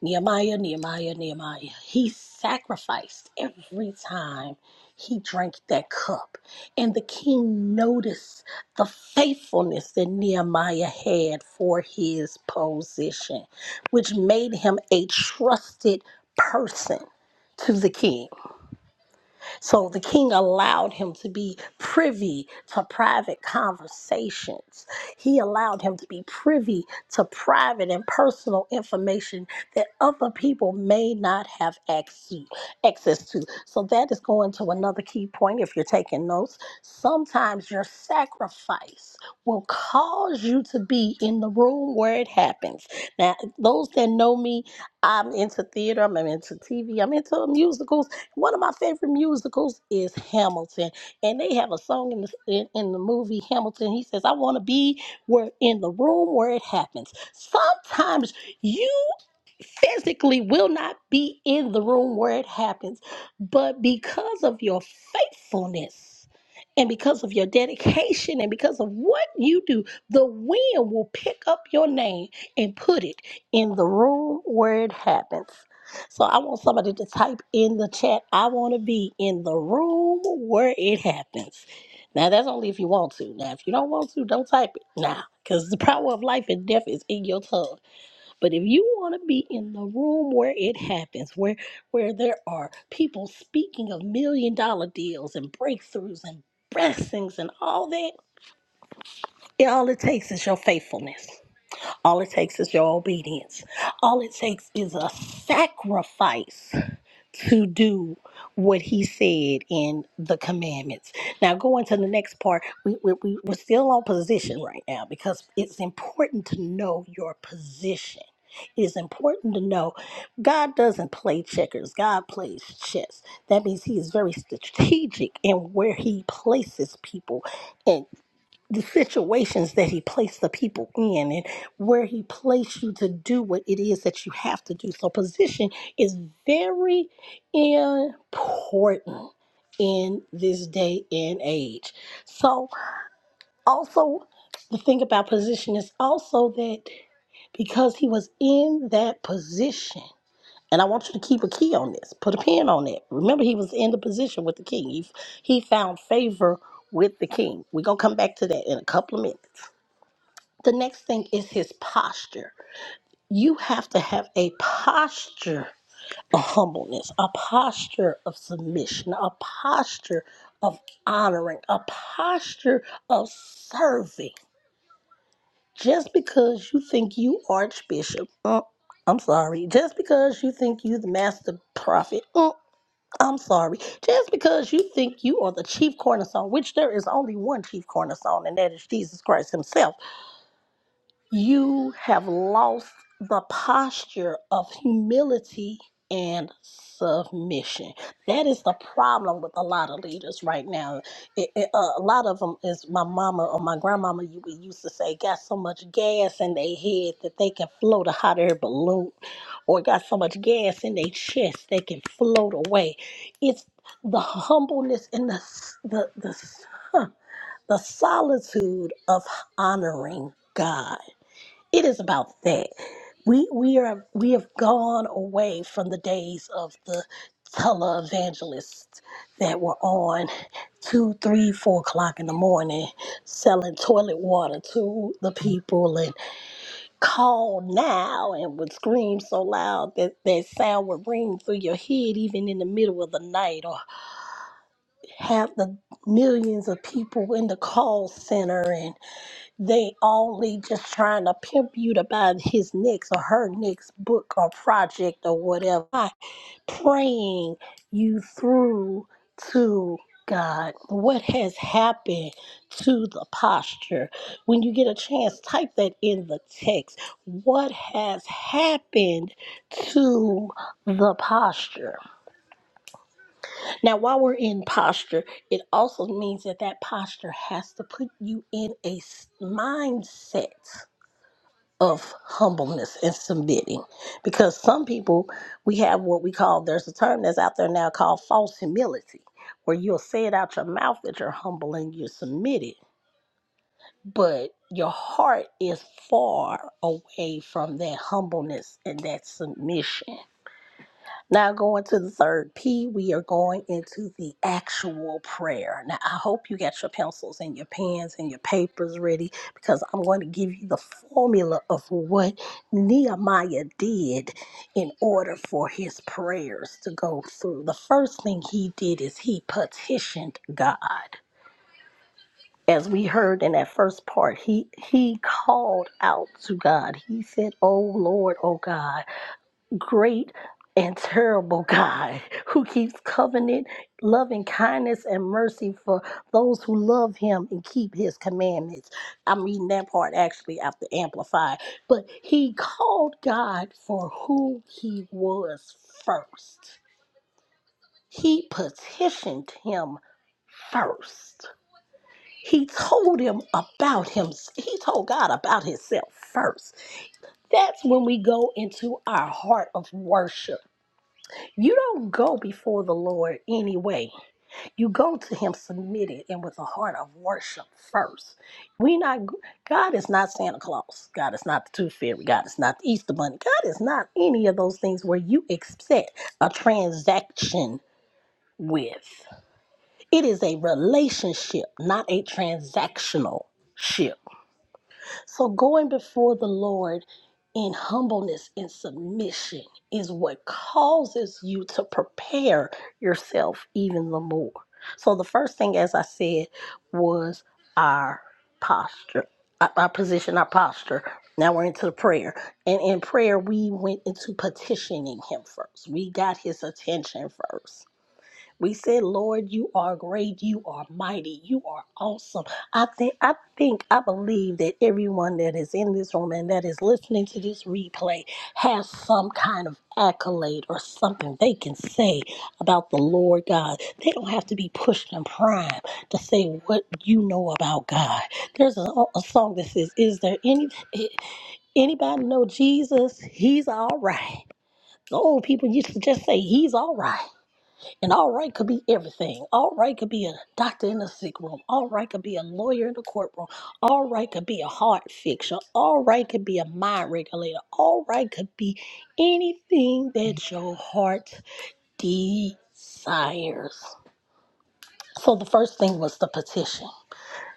C: Nehemiah, Nehemiah, Nehemiah. He sacrificed every time he drank that cup. And the king noticed the faithfulness that Nehemiah had for his position, which made him a trusted person to the king. So the king allowed him to be privy to private conversations. He allowed him to be privy to private and personal information that other people may not have access access to. So that is going to another key point if you're taking notes. Sometimes your sacrifice will cause you to be in the room where it happens. Now, those that know me, I'm into theater, I'm into TV, I'm into musicals. One of my favorite musicals is Hamilton, and they have a song in the in, in the movie Hamilton. He says, "I want to be where in the room where it happens." Sometimes you physically will not be in the room where it happens, but because of your faithfulness and because of your dedication and because of what you do, the wind will pick up your name and put it in the room where it happens. So I want somebody to type in the chat, I want to be in the room where it happens. Now that's only if you want to. Now if you don't want to, don't type it now because the power of life and death is in your tongue. But if you want to be in the room where it happens, where where there are people speaking of million dollar deals and breakthroughs and blessings and all that, all it takes is your faithfulness. All it takes is your obedience. All it takes is a sacrifice to do what he said in the commandments. Now, going to the next part, we, we, we- we're still on position right now because it's important to know your position. It is important to know God doesn't play checkers, God plays chess. That means He is very strategic in where He places people the situations that he placed the people in and where he placed you to do what it is that you have to do. So position is very important in this day and age. So also the thing about position is also that because he was in that position and I want you to keep a key on this. Put a pin on it. Remember, he was in the position with the king. He, he found favor with the king. We're going to come back to that in a couple of minutes. The next thing is his posture. You have to have a posture of humbleness, a posture of submission, a posture of honoring, a posture of serving. Just because you think you archbishop, uh, I'm sorry. Just because you think you the master prophet, uh, I'm sorry. Just because you think you are the chief cornerstone, which there is only one chief cornerstone, and that is Jesus Christ himself You have lost the posture of humility and submission. That is the problem with a lot of leaders right now. It- it- uh, a lot of them is my mama or my grandmama you we used to say got so much gas in their head that they can float a hot air balloon or got so much gas in their chest they can float away. It's the humbleness and the s- the the, s- huh, the solitude of honoring God it is about that. We we are we have gone away from the days of the televangelists that were on two, three, four o'clock in the morning selling toilet water to the people and call now and would scream so loud that that sound would ring through your head even in the middle of the night or have the millions of people in the call center and. They only just trying to pimp you to buy his next or her next book or project or whatever. Not praying you through to God. What has happened to the posture? When you get a chance, type that in the text. What has happened to the posture? Now, while we're in posture, it also means that that posture has to put you in a s- mindset of humbleness and submitting because some people we have what we call there's a term that's out there now called false humility where you'll say it out your mouth that you're humble and you're submitted but your heart is far away from that humbleness and that submission now, going to the third P, we are going into the actual prayer. Now, I hope you got your pencils and your pens and your papers ready because I'm going to give you the formula of what Nehemiah did in order for his prayers to go through. The first thing he did is he petitioned God. As we heard in that first part, he he called out to God. He said, "Oh Lord, oh God." great and terrible God who keeps covenant, loving kindness, and mercy for those who love him and keep his commandments. I'm reading that part actually after Amplified. But he called God for who he was first, he petitioned him first. He told him about him. He told God about himself first. That's when we go into our heart of worship You don't go before the Lord anyway. You go to him submitted and with a heart of worship first. We not God is not Santa Claus. God is not the Tooth Fairy. God is not the Easter Bunny. God is not any of those things where you accept a transaction with. It is a relationship, not a transactional ship. So going before the Lord in humbleness and submission is what causes you to prepare yourself even the more. So the first thing, as I said, was our posture, our our position, our posture. Now we're into the prayer. And in prayer, we went into petitioning him first. We got his attention first. We said, Lord, you are great, you are mighty, you are awesome. I think I think I believe that everyone that is in this room and that is listening to this replay has some kind of accolade or something they can say about the Lord God. They don't have to be pushed and primed to say what you know about God. There's a, a song that says, Is there any eh, anybody know Jesus? He's all right. The old people used to just say he's all right. And all right could be everything. All right could be a doctor in a sick room. All right could be a lawyer in the courtroom. All right could be a heart fixer. All right could be a mind regulator. All right could be anything that your heart desires. So the first thing was the petition.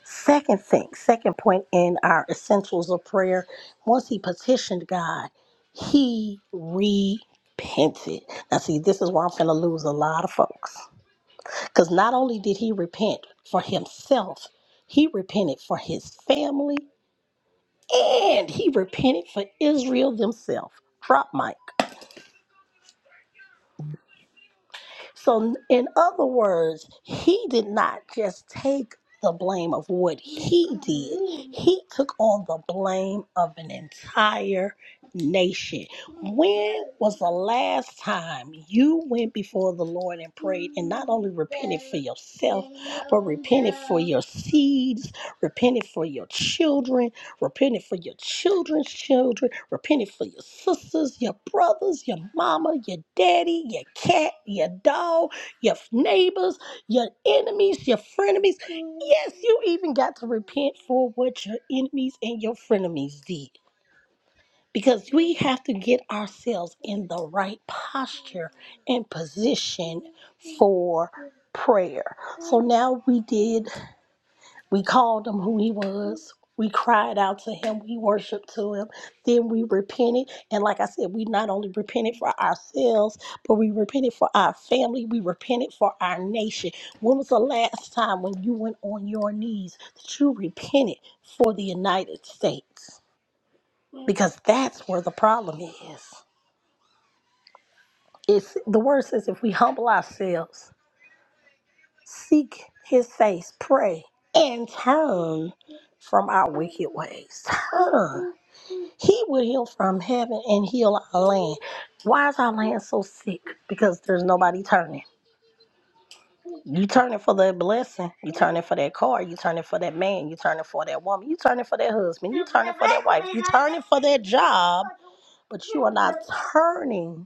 C: Second thing, second point in our essentials of prayer, once he petitioned God, he repented. Now, see, this is where I'm going to lose a lot of folks because not only did he repent for himself, he repented for his family and he repented for Israel themselves. Drop mic. So, in other words, he did not just take the blame of what he did, he took on the blame of an entire nation. When was the last time you went before the Lord and prayed and not only repented for yourself, but repented for your seeds, repented for your children, repented for your children's children? Repenting for your sisters, your brothers, your mama, your daddy, your cat, your dog, your neighbors, your enemies, your frenemies. Yes, you even got to repent for what your enemies and your frenemies did. Because we have to get ourselves in the right posture and position for prayer. So now we did we called him who he was. We cried out to him. We worshiped to him. Then we repented. And like I said, we not only repented for ourselves, but we repented for our family. We repented for our nation. When was the last time when you went on your knees that you repented for the United States? Because that's where the problem is. It's the word says if we humble ourselves. Seek his face, pray, and turn from our wicked ways. Turn. He will heal from heaven and heal our land. Why is our land so sick? Because there's nobody turning. You turning for that blessing. You turning for that car. You turning for that man. You turning for that woman. You turning for that husband. You turning for that wife. You turning for that job. But you are not turning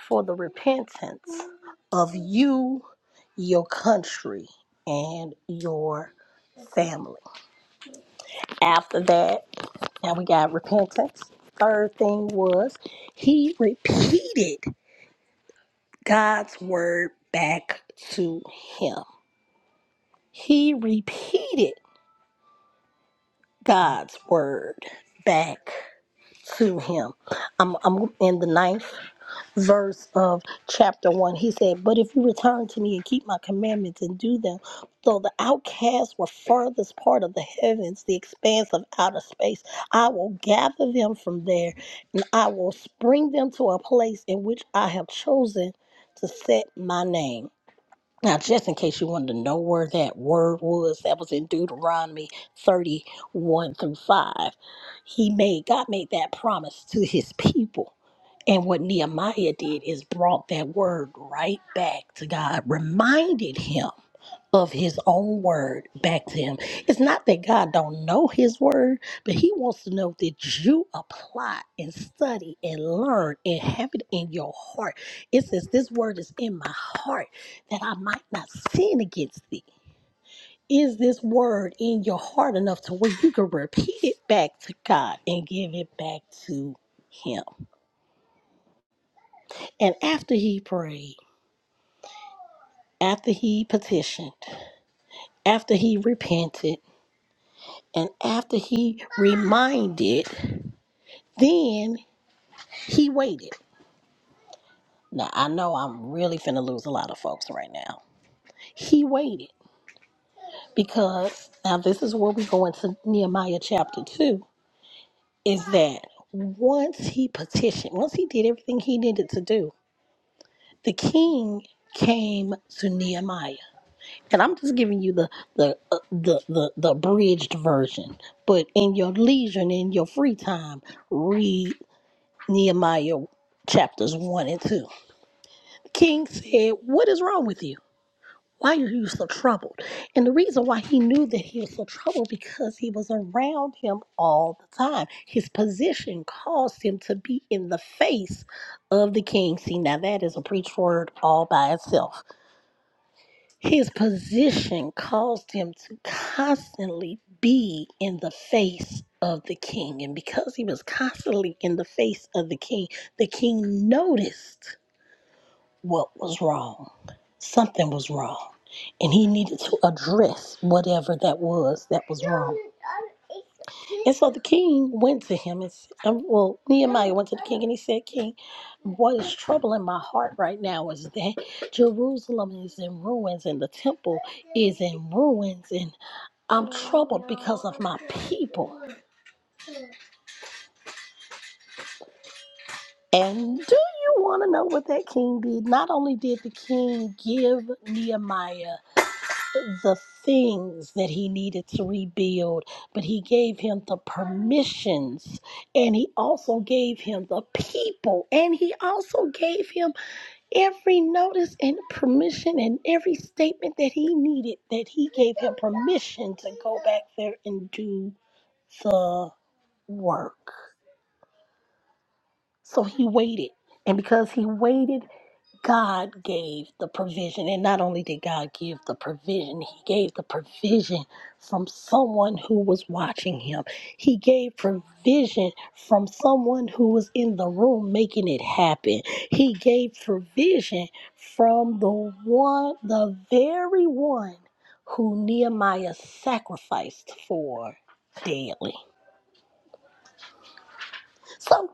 C: for the repentance of you, your country, and your family. After that, now we got repentance. Third thing was he repeated God's word back to him. He repeated God's word back to him. I'm, I'm in the ninth verse of chapter one. He said, But if you return to me and keep my commandments and do them, though the outcasts were farthest part of the heavens, the expanse of outer space, I will gather them from there and I will spring them to a place in which I have chosen to set my name. Now, just in case you wanted to know where that word was, that was in Deuteronomy 31 through 5. He made, God made that promise to his people. And what Nehemiah did is brought that word right back to God, reminded him of his own word back to him. It's not that God don't know his word, but he wants to know that you apply and study and learn and have it in your heart. It says, This word is in my heart that I might not sin against thee. Is this word in your heart enough to where you can repeat it back to God and give it back to him? And after he prayed, after he petitioned, after he repented, And after he reminded, then he waited. Now, I know I'm really finna lose a lot of folks right now. He waited because now this is where we go into Nehemiah chapter 2 is that once he petitioned, once he did everything he needed to do, the king came to Nehemiah. And I'm just giving you the the uh, the the, the abridged version, but in your leisure and in your free time, read. Nehemiah chapters 1 and 2. The king said, What is wrong with you? Why are you so troubled? And the reason why he knew that he was so troubled because he was around him all the time. His position caused him to be in the face of the king. See, now that is a preach word all by itself. His position caused him to constantly be in the face of the king. And because he was constantly in the face of the king, the king noticed what was wrong. Something was wrong. And he needed to address whatever that was that was wrong. And so the king went to him and said, um, well, Nehemiah went to the king and he said, King, what is troubling my heart right now is that Jerusalem is in ruins and the temple is in ruins and I'm troubled because of my people. And do you want to know what that king did? Not only did the king give Nehemiah the things that he needed to rebuild, but he gave him the permissions and he also gave him the people and he also gave him every notice and permission and every statement that he needed that he gave him permission to go back there and do the work. So he waited. And because he waited, God gave the provision. And not only did God give the provision, He gave the provision from someone who was watching Him. He gave provision from someone who was in the room making it happen. He gave provision from the one, the very one who Nehemiah sacrificed for daily. So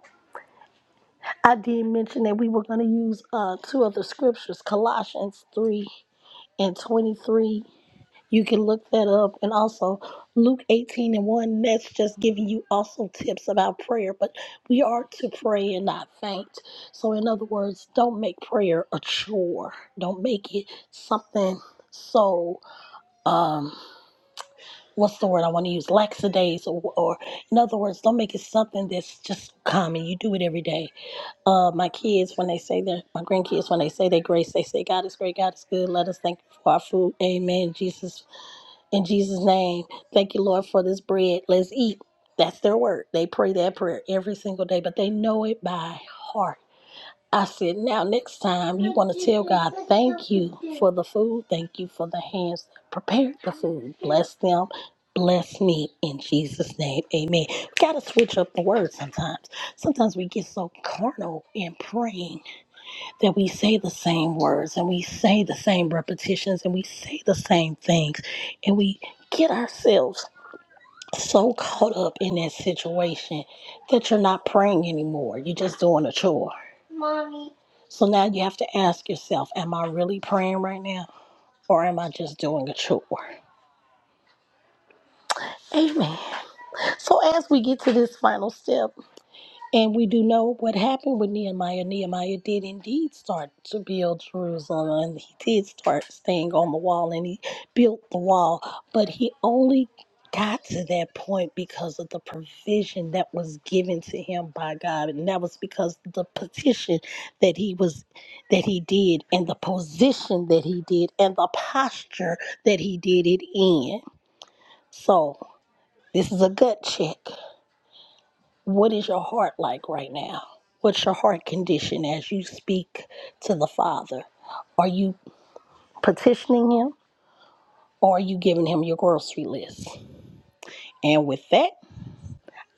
C: I did mention that we were going to use uh, two other scriptures Colossians 3 and 23. You can look that up. And also, Luke 18 and 1, that's just giving you also tips about prayer. But we are to pray and not faint. So, in other words, don't make prayer a chore, don't make it something so. Um, What's the word I want to use? Laxadays, or, or in other words, don't make it something that's just common. You do it every day. Uh, my kids, when they say their, my grandkids, when they say their grace, they say, God is great, God is good. Let us thank you for our food. Amen. Jesus in Jesus' name, thank you, Lord, for this bread. Let's eat. That's their word. They pray that prayer every single day, but they know it by heart. I said, now next time you want to tell God, thank you for the food. Thank you for the hands that prepared the food. Bless them. Bless me in Jesus' name. Amen. We got to switch up the word sometimes. Sometimes we get so carnal in praying that we say the same words and we say the same repetitions and we say the same things and we get ourselves so caught up in that situation that you're not praying anymore. You're just doing a chore. Mommy. So now you have to ask yourself, am I really praying right now? Or am I just doing a chore? Amen. So as we get to this final step, And we do know what happened with Nehemiah. Nehemiah did indeed start to build Jerusalem, and he did start staying on the wall, and he built the wall. But he only got to that point because of the provision that was given to him by God, and that was because the petition that he was that he did, and the position that he did, and the posture that he did it in. So this is a gut check. What is your heart like right now? What's your heart condition as you speak to the Father? Are you petitioning Him or are you giving Him your grocery list? And with that,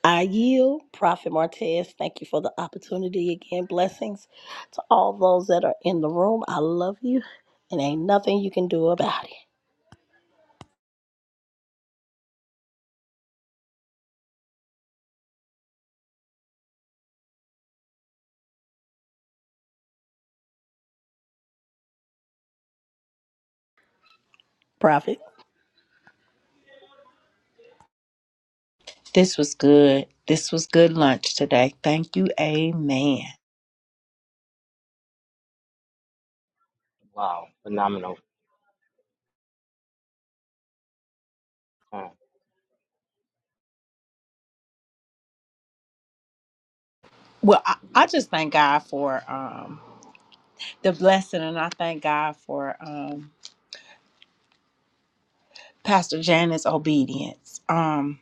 C: I yield. Prophet Martez, thank you for the opportunity again. Blessings to all those that are in the room. I love you and ain't nothing you can do about it. Prophet.
A: This was good. This was good lunch today. Thank you. Amen.
B: Wow, phenomenal. Uh,
A: Well, I, I just thank God for um, the blessing, and I thank God for. um, Pastor Janet's obedience. Um,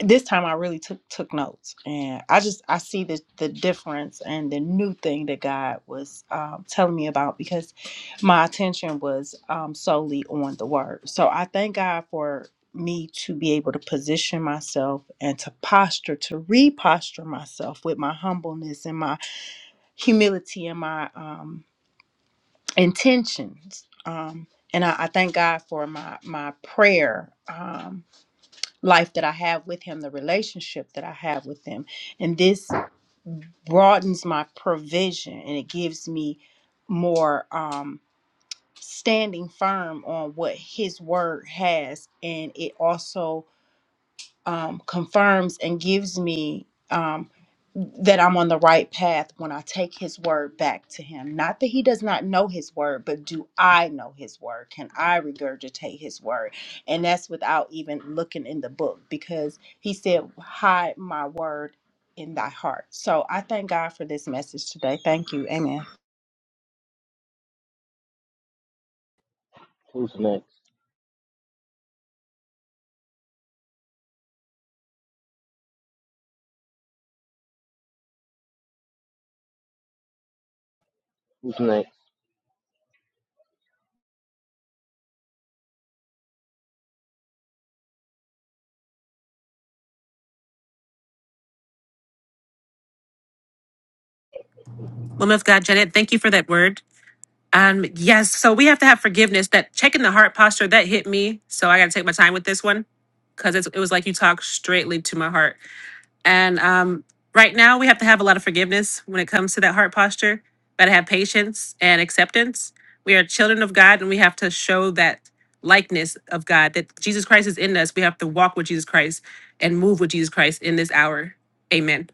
A: this time I really took took notes, and I just I see the the difference and the new thing that God was um, telling me about because my attention was um, solely on the Word. So I thank God for me to be able to position myself and to posture to reposture myself with my humbleness and my humility and my um, intentions. Um, and I, I thank God for my my prayer. Um, life that I have with him, the relationship that I have with him. And this broadens my provision and it gives me more um standing firm on what his word has and it also um, confirms and gives me um, that I'm on the right path when I take his word back to him. Not that he does not know his word, but do I know his word? Can I regurgitate his word? And that's without even looking in the book because he said, Hide my word in thy heart. So I thank God for this message today. Thank you. Amen.
B: Who's next? Who's next?
E: Woman of God, Janet, thank you for that word. Um, yes, so we have to have forgiveness. That checking the heart posture that hit me, so I got to take my time with this one because it was like you talked straightly to my heart. And um, right now, we have to have a lot of forgiveness when it comes to that heart posture. Got to have patience and acceptance. We are children of God, and we have to show that likeness of God that Jesus Christ is in us. We have to walk with Jesus Christ and move with Jesus Christ in this hour. Amen.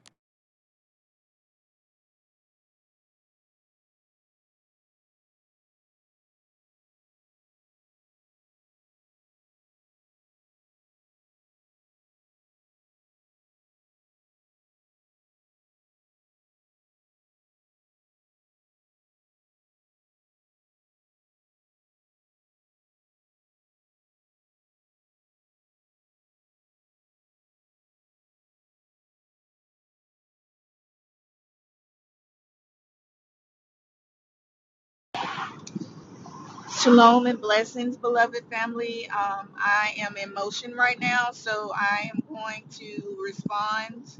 F: Shalom and blessings, beloved family. Um, I am in motion right now, so I am going to respond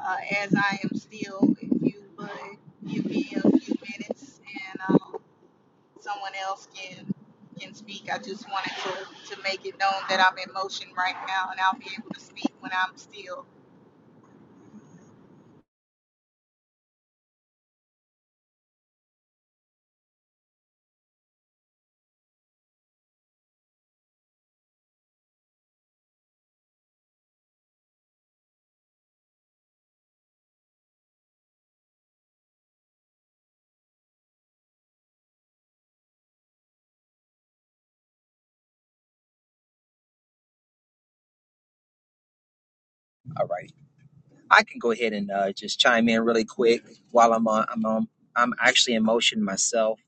F: uh, as I am still. If you would give me a few minutes and um, someone else can can speak, I just wanted to, to make it known that I'm in motion right now and I'll be able to speak when I'm still.
G: All right, I can go ahead and uh, just chime in really quick while I'm on. I'm on. I'm actually in motion myself,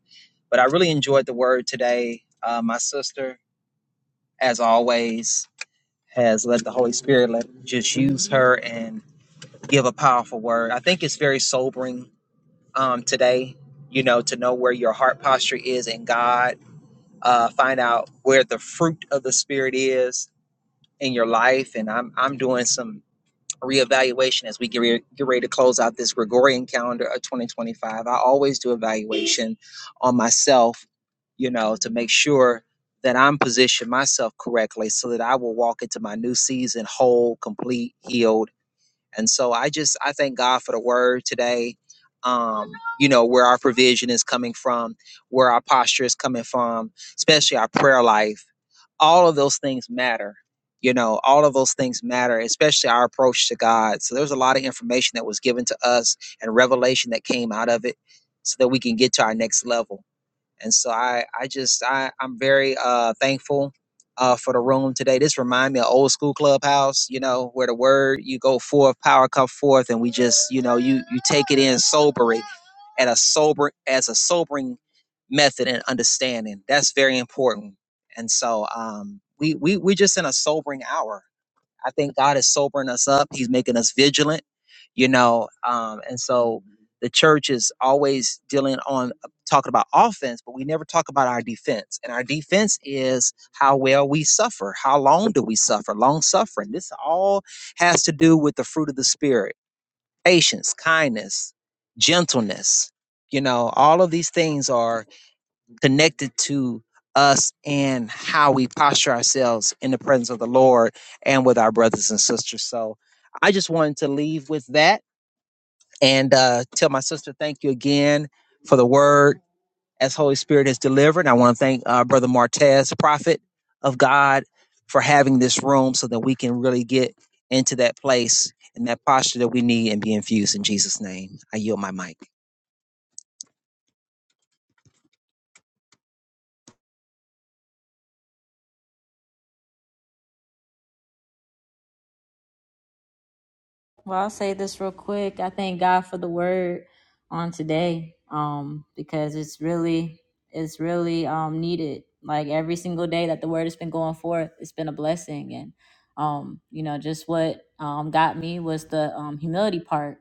G: but I really enjoyed the word today. Uh, my sister, as always, has let the Holy Spirit let just use her and give a powerful word. I think it's very sobering um, today. You know, to know where your heart posture is in God, uh, find out where the fruit of the Spirit is in your life, and I'm I'm doing some reevaluation as we get, re- get ready to close out this Gregorian calendar of 2025. I always do evaluation on myself, you know, to make sure that I'm positioned myself correctly so that I will walk into my new season whole, complete, healed. And so I just I thank God for the word today. Um, you know, where our provision is coming from, where our posture is coming from, especially our prayer life all of those things matter. You know, all of those things matter, especially our approach to God. So there's a lot of information that was given to us and revelation that came out of it so that we can get to our next level and so I I just I I'm very uh thankful uh for the room today. This remind me of old school clubhouse, you know, where the word you go forth, power come forth, and we just you know you you take it in sobering, at a sober as a sobering method and understanding. That's very important. And so um we we we're just in a sobering hour I think God is sobering us up. He's making us vigilant, you know. Um, and so the church is always dealing on uh, talking about offense, but we never talk about our defense. And our defense is how well we suffer. How long do we suffer? Long suffering. This all has to do with the fruit of the spirit: patience, kindness, gentleness. You know, all of these things are connected to us and how we posture ourselves in the presence of the Lord and with our brothers and sisters. So I just wanted to leave with that and uh, tell my sister thank you again for the word as Holy Spirit has delivered. I want to thank uh, Brother Martez, prophet of God, for having this room so that we can really get into that place and that posture that we need and be infused in Jesus' name. I yield my mic.
D: Well, I'll say this real quick. I thank God for the word on today, um, because it's really, it's really um, needed. Like every single day that the word has been going forth, it's been a blessing. And um, you know, just what um, got me was the um, humility part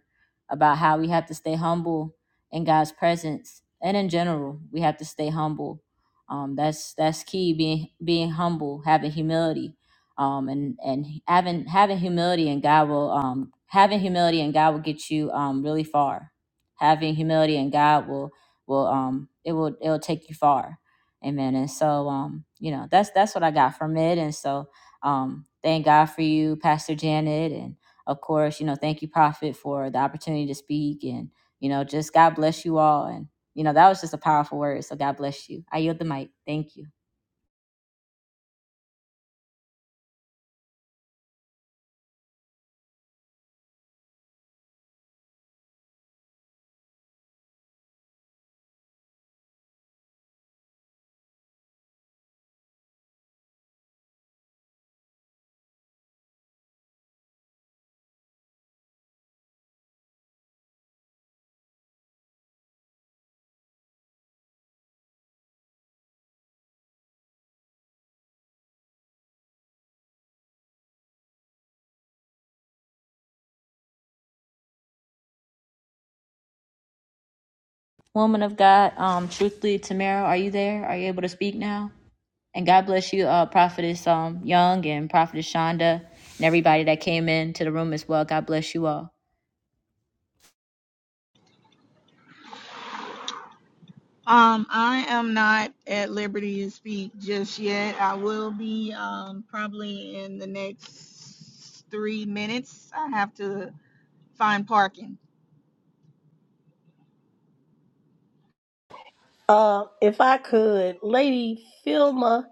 D: about how we have to stay humble in God's presence, and in general, we have to stay humble. Um, that's that's key. Being being humble, having humility um, and and having having humility and God will um, having humility and God will get you um, really far. Having humility and God will will um, it will it will take you far. Amen. And so um, you know that's that's what I got from it. And so um, thank God for you, Pastor Janet, and of course you know thank you, Prophet, for the opportunity to speak. And you know just God bless you all. And you know that was just a powerful word. So God bless you. I yield the mic. Thank you. Woman of God, um, truthfully, Tamara, are you there? Are you able to speak now? And God bless you, uh, Prophetess um, Young and Prophetess Shonda and everybody that came into the room as well. God bless you all.
F: Um, I am not at liberty to speak just yet. I will be um, probably in the next three minutes. I have to find parking.
C: Uh, if I could, Lady Filma.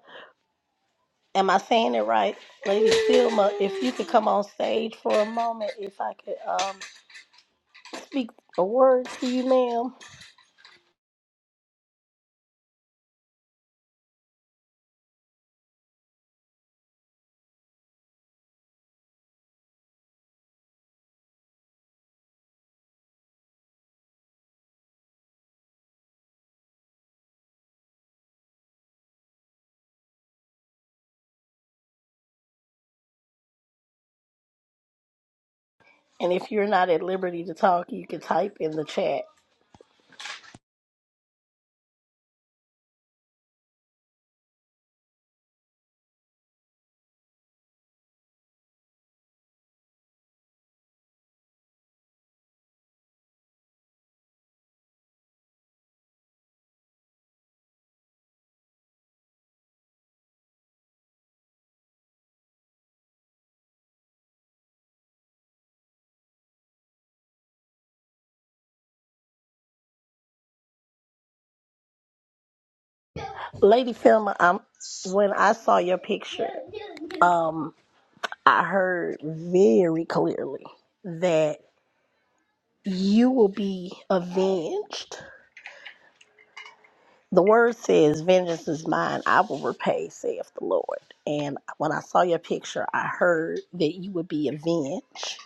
C: Am I saying it right? Lady Filma, if you could come on stage for a moment, if I could um, speak a word to you, ma'am. And if you're not at liberty to talk, you can type in the chat. Lady Filma, I'm, when I saw your picture, um, I heard very clearly that you will be avenged The word says, Vengeance is mine, I will repay, saith the Lord. And when I saw your picture, I heard that you would be avenged.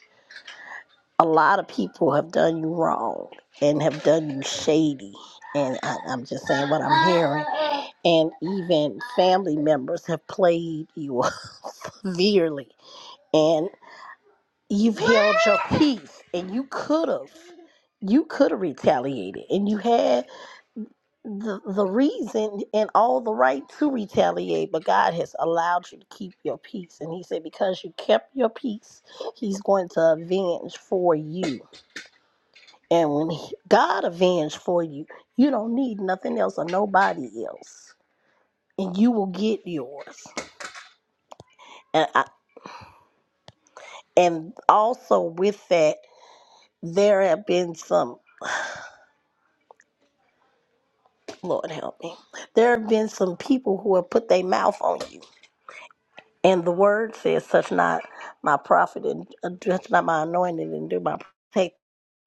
C: A lot of people have done you wrong and have done you shady. And I, I'm just saying what I'm hearing. And even family members have played you severely. And you've held your peace. And you could have. You could have retaliated. And you had the, the reason and all the right to retaliate, but God has allowed you to keep your peace. And He said, because you kept your peace, He's going to avenge for you. And when he, God avenge for you, you don't need nothing else or nobody else, and you will get yours. And I, and also with that, there have been some Lord help me. There have been some people who have put their mouth on you And the word says, "Such not my prophet and uh, touch not my anointed and do my take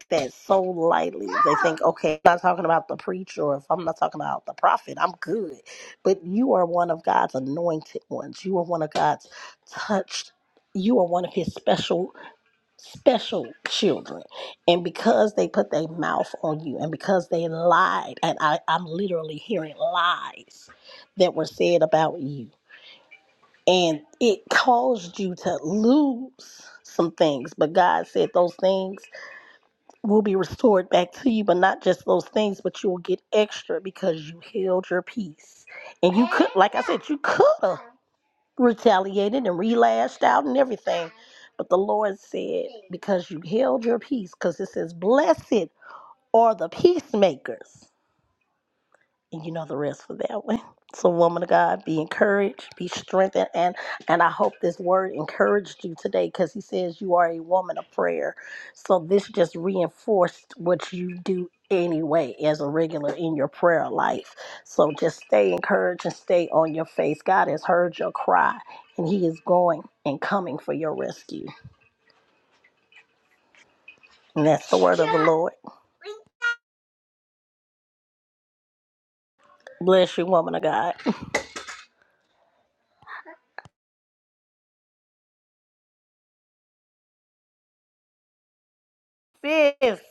C: that so lightly." They think, "Okay, I'm not talking about the preacher, or if I'm not talking about the prophet, I'm good." But you are one of God's anointed ones. You are one of God's touched. You are one of His special special children and because they put their mouth on you and because they lied and I, i'm literally hearing lies that were said about you and it caused you to lose some things. But God said those things will be restored back to you, but not just those things, but you will get extra because you held your peace. And you could, like I said, you could have retaliated and relashed out and everything. But the Lord said, because you held your peace, because it says, blessed are the peacemakers and you know the rest for that one. So, woman of God, be encouraged, be strengthened, and and I hope this word encouraged you today because he says you are a woman of prayer. So this just reinforced what you do anyway as a regular in your prayer life. So just stay encouraged and stay on your face. God has heard your cry, and He is going and coming for your rescue. And that's the word of the Lord. Bless you, woman of God. Fifth.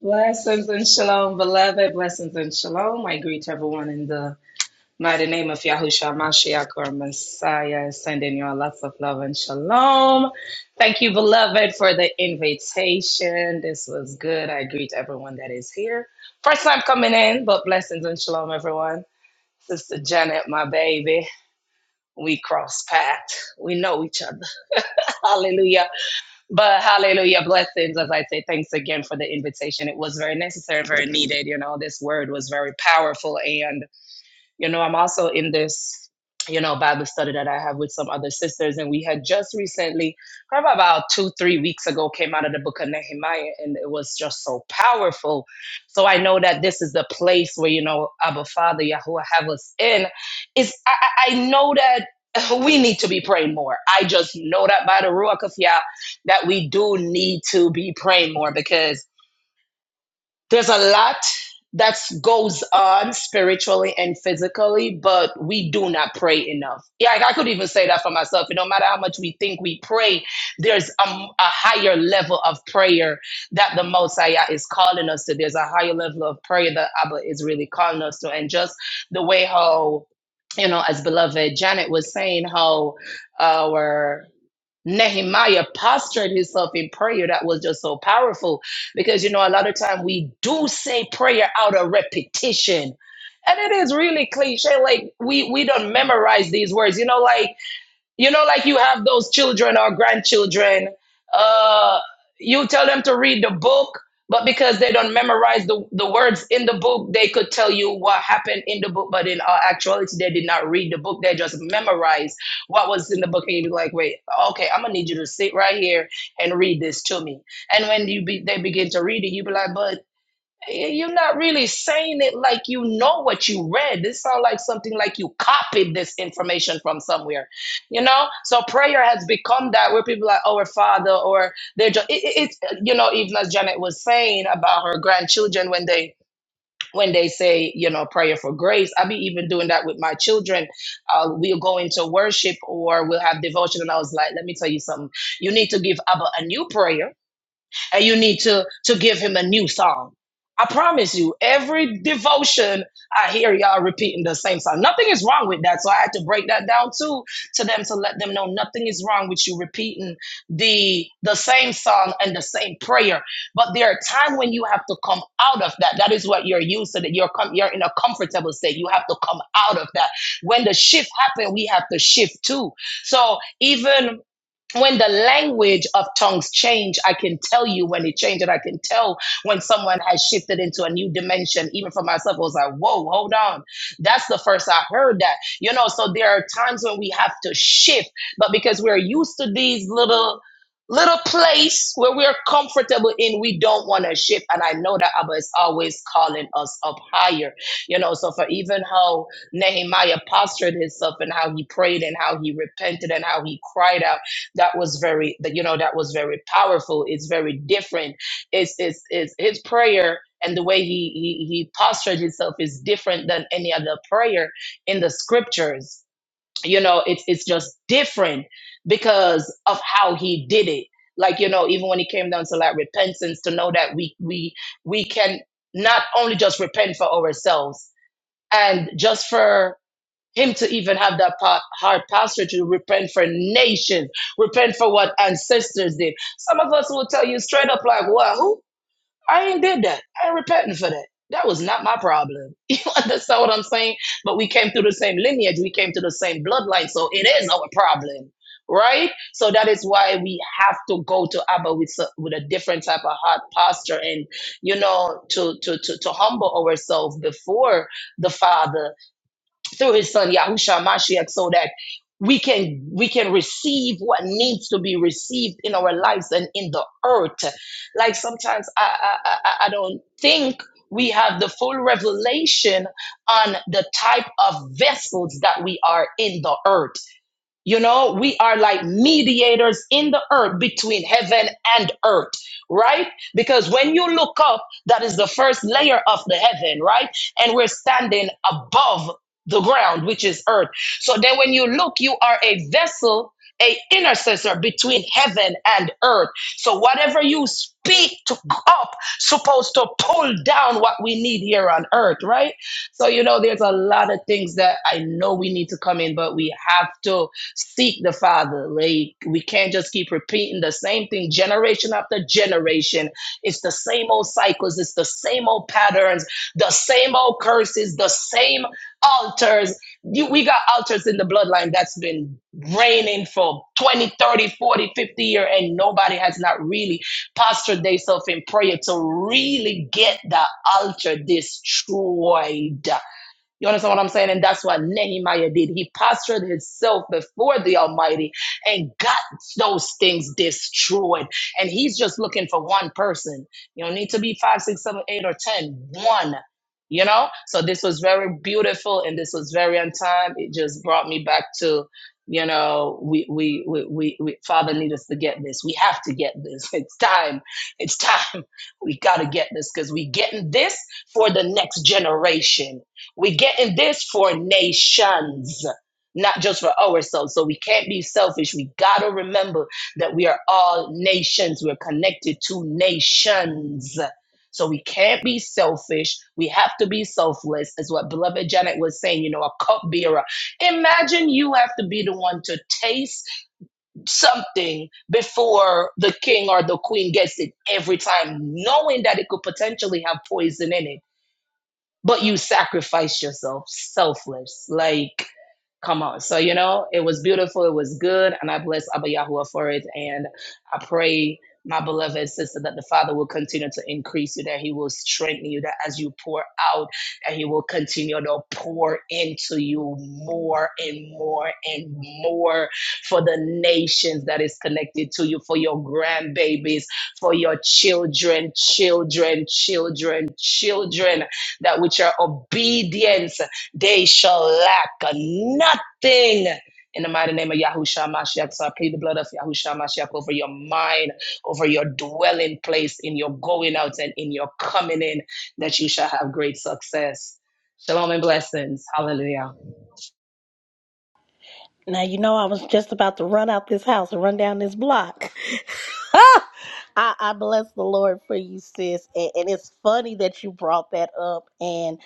H: Blessings and shalom, beloved. Blessings and shalom. I greet everyone in the mighty name of Yahushua Mashiach or Messiah, sending you all lots of love and shalom. Thank you, beloved, for the invitation. This was good. I greet everyone that is here. First time coming in, but blessings and shalom, everyone. Sister Janet, my baby, we cross paths. We know each other. Hallelujah. But hallelujah, blessings. As I say, thanks again for the invitation. It was very necessary, very needed. You know, this word was very powerful. and. You know, I'm also in this, you know, Bible study that I have with some other sisters, and we had just recently, probably about two, three weeks ago, came out of the book of Nehemiah, and it was just so powerful. So I know that this is the place where, you know, Abba Father, Yahuwah have us in. Is I, I I know that we need to be praying more. I just know that by the Ruach of Yah, that we do need to be praying more because there's a lot that goes on spiritually and physically, but we do not pray enough. Yeah, like I could even say that for myself. It no matter how much we think we pray, there's a, a higher level of prayer that the Mosiah is calling us to. There's a higher level of prayer that Abba is really calling us to. And just the way how, you know, as beloved Janet was saying, how our Nehemiah postured himself in prayer. That was just so powerful because you know a lot of time we do say prayer out of repetition, and it is really cliche. Like we we don't memorize these words. You know, like you know, like you have those children or grandchildren, uh, you tell them to read the book, but because they don't memorize the, the words in the book, they could tell you what happened in the book, but in uh, actuality, they did not read the book. They just memorized what was in the book. And you'd be like, wait, okay, I'm going to need you to sit right here and read this to me. And when you be, they begin to read it, you'd be like, "But." You're not really saying it like you know what you read. This sounds like something like you copied this information from somewhere, you know. So prayer has become that where people are our Father, or they're just it, it- it's you know even as Janet was saying about her grandchildren when they when they say you know prayer for grace. I be even doing that with my children. Uh, we'll go into worship or we'll have devotion, and I was like, let me tell you something. You need to give Abba a new prayer and you need to to give him a new song. I promise you, every devotion I hear y'all repeating the same song. Nothing is wrong with that. So I had to break that down too to them to let them know nothing is wrong with you repeating the the same song and the same prayer. But there are times when you have to come out of that. That is what you're used to. That you're com- you're in a comfortable state. You have to come out of that. When the shift happens, we have to shift too. So even when the language of tongues change i can tell you when it changed and i can tell when someone has shifted into a new dimension even for myself i was like whoa hold on that's the first i heard that you know so there are times when we have to shift but because we're used to these little little place where we're comfortable in we don't want to shift and i know that abba is always calling us up higher you know so for even how nehemiah postured himself and how he prayed and how he repented and how he cried out that was very that you know that was very powerful it's very different it's it's, it's his prayer and the way he, he he postured himself is different than any other prayer in the scriptures you know it's it's just different because of how he did it like you know even when he came down to like repentance to know that we we we can not only just repent for ourselves and just for him to even have that pa- hard posture to repent for nations, repent for what ancestors did. Some of us will tell you straight up, like, "Wow, who? I ain't did that. I ain't repenting for that. That was not my problem." You understand what I'm saying? But we came through the same lineage, we came through the same bloodline, so it is our problem. Right, so that is why we have to go to Abba with s- with a different type of heart posture, and you know, to to to, to humble ourselves before the Father through his son Yahusha Mashiach so that we can we can receive what needs to be received in our lives and in the earth. Like sometimes I I, I I- I don't think we have the full revelation on the type of vessels that we are in the earth. You know, we are like mediators in the earth between heaven and earth, right? Because when you look up, that is the first layer of the heaven, right? And we're standing above the ground, which is earth. So then when you look, you are a vessel, a intercessor between heaven and earth. So whatever you speak to up, supposed to pull down what we need here on earth, right? So you know, there's a lot of things that I know we need to come in, but we have to. Seek the Father. Like we can't just keep repeating the same thing generation after generation. It's the same old cycles, it's the same old patterns, the same old curses, the same altars. You, we got altars in the bloodline that's been reigning for 20, 30, 40, fifty years, and nobody has not really postured themselves in prayer to really get the altar destroyed. You understand what I'm saying? And that's what Nehemiah did. He postured himself before the Almighty and got those things destroyed. And he's just looking for one person. You don't need to be five, six, seven, eight, or ten. One. You know? So this was very beautiful and this was very on time. It just brought me back to, you know, we we we we, we Father need us to get this. We have to get this. It's time. It's time. We gotta get this because we getting this for the next generation. We're getting this for nations, not just for ourselves. So we can't be selfish. We got to remember that we are all nations. We're connected to nations. So we can't be selfish. We have to be selfless, is what beloved Janet was saying, you know, a cupbearer. Imagine you have to be the one to taste something before the king or the queen gets it every time, knowing that it could potentially have poison in it but you sacrificed yourself selfless like come on so you know it was beautiful it was good and i bless abba yahuwah for it and i pray my beloved sister that the father will continue to increase you that he will strengthen you that as you pour out that he will continue to pour into you more and more and more for the nations that is connected to you for your grandbabies for your children children children children that with your obedience they shall lack nothing. In the mighty name of Yahushua Mashiach, so I plead the blood of Yahushua Mashiach over your mind, over your dwelling place, in your going out and in your coming in, that you shall have great success. Shalom and blessings. Hallelujah.
C: Now you know I was just about to run out this house and run down this block. I, I bless the Lord for you, sis. And, and it's funny that you brought that up. And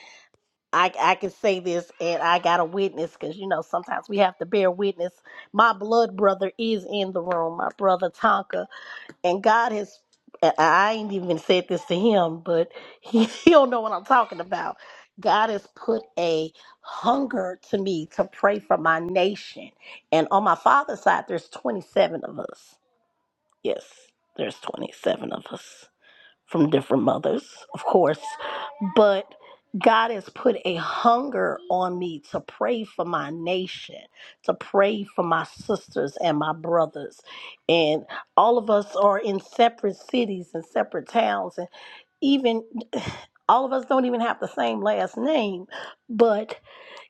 C: I, I can say this, and I got a witness because you know sometimes we have to bear witness. My blood brother is in the room. My brother Tonka and God has and I ain't even said this to him, but he, he don't know what I'm talking about. God has put a hunger to me to pray for my nation. And on my father's side, there's 27 of us. Yes, there's 27 of us from different mothers, of course, but God has put a hunger on me to pray for my nation, to pray for my sisters and my brothers. And all of us are in separate cities and separate towns, and even all of us don't even have the same last name, but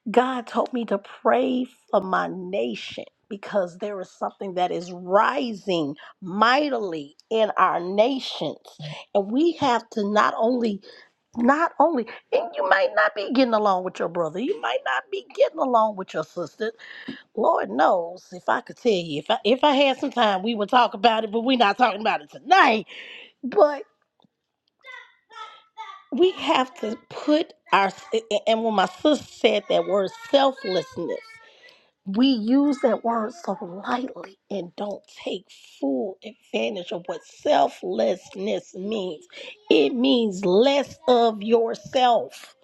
C: God told me to pray for my nation because there is something that is rising mightily in our nations and we have to not only not only and you might not be getting along with your brother you might not be getting along with your sister lord knows if i could tell you if i if i had some time we would talk about it but we're not talking about it tonight but we have to put our and when my sister said that word selflessness we use that word so lightly and don't take full advantage of what selflessness means. It means less of yourself.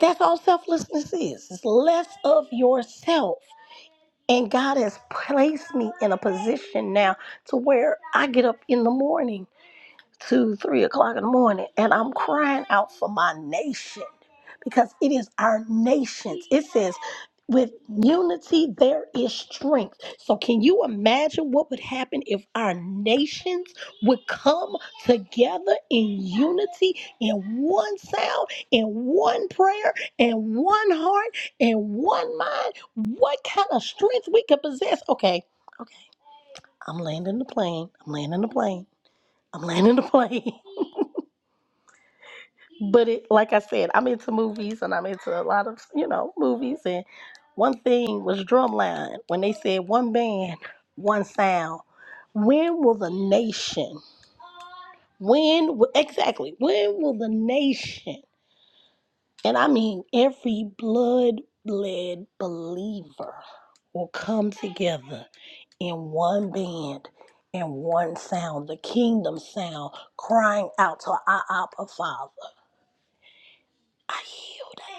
C: That's all selflessness is. It's less of yourself. And God has placed me in a position now to where I get up in the morning two, three o'clock in the morning, and I'm crying out for my nation because it is our nation's. It says, with unity, there is strength. So, can you imagine what would happen if our nations would come together in unity, in one sound, in one prayer, in one heart, in one mind? What kind of strength we could possess? Okay, okay. I'm landing the plane. I'm landing the plane. I'm landing the plane. But it, like I said, I'm into movies and I'm into a lot of, you know, movies. And one thing was Drumline when they said one band, one sound. When will the nation, when, wi- exactly, when will the nation, and I mean every blood led believer, will come together in one band and one sound, the kingdom sound, crying out to our Abba Father. I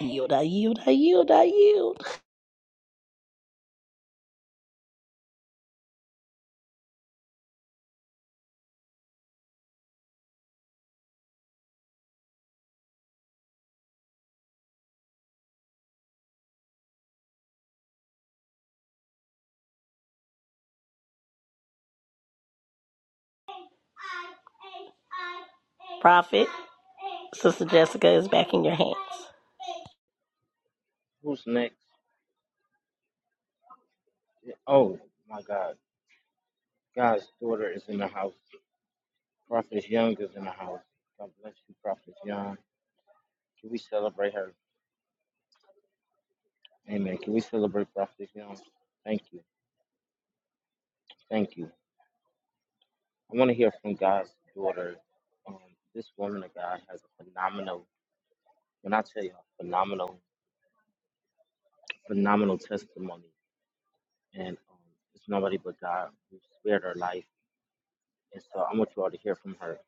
C: yield, I yield, I yield, I yield, I yield. Prophet, Sister Jessica is back in your hands.
B: Who's next? Oh my God. God's daughter is in the house. Prophet Young is in the house. God bless you, Prophet Young. Can we celebrate her? Amen. Can we celebrate Prophet Young? Thank you. Thank you. I want to hear from God's daughter. Um, this woman of God has a phenomenal, when I tell you, a phenomenal, phenomenal testimony. And it's nobody but God who spared her life. And so I want you all to hear from her.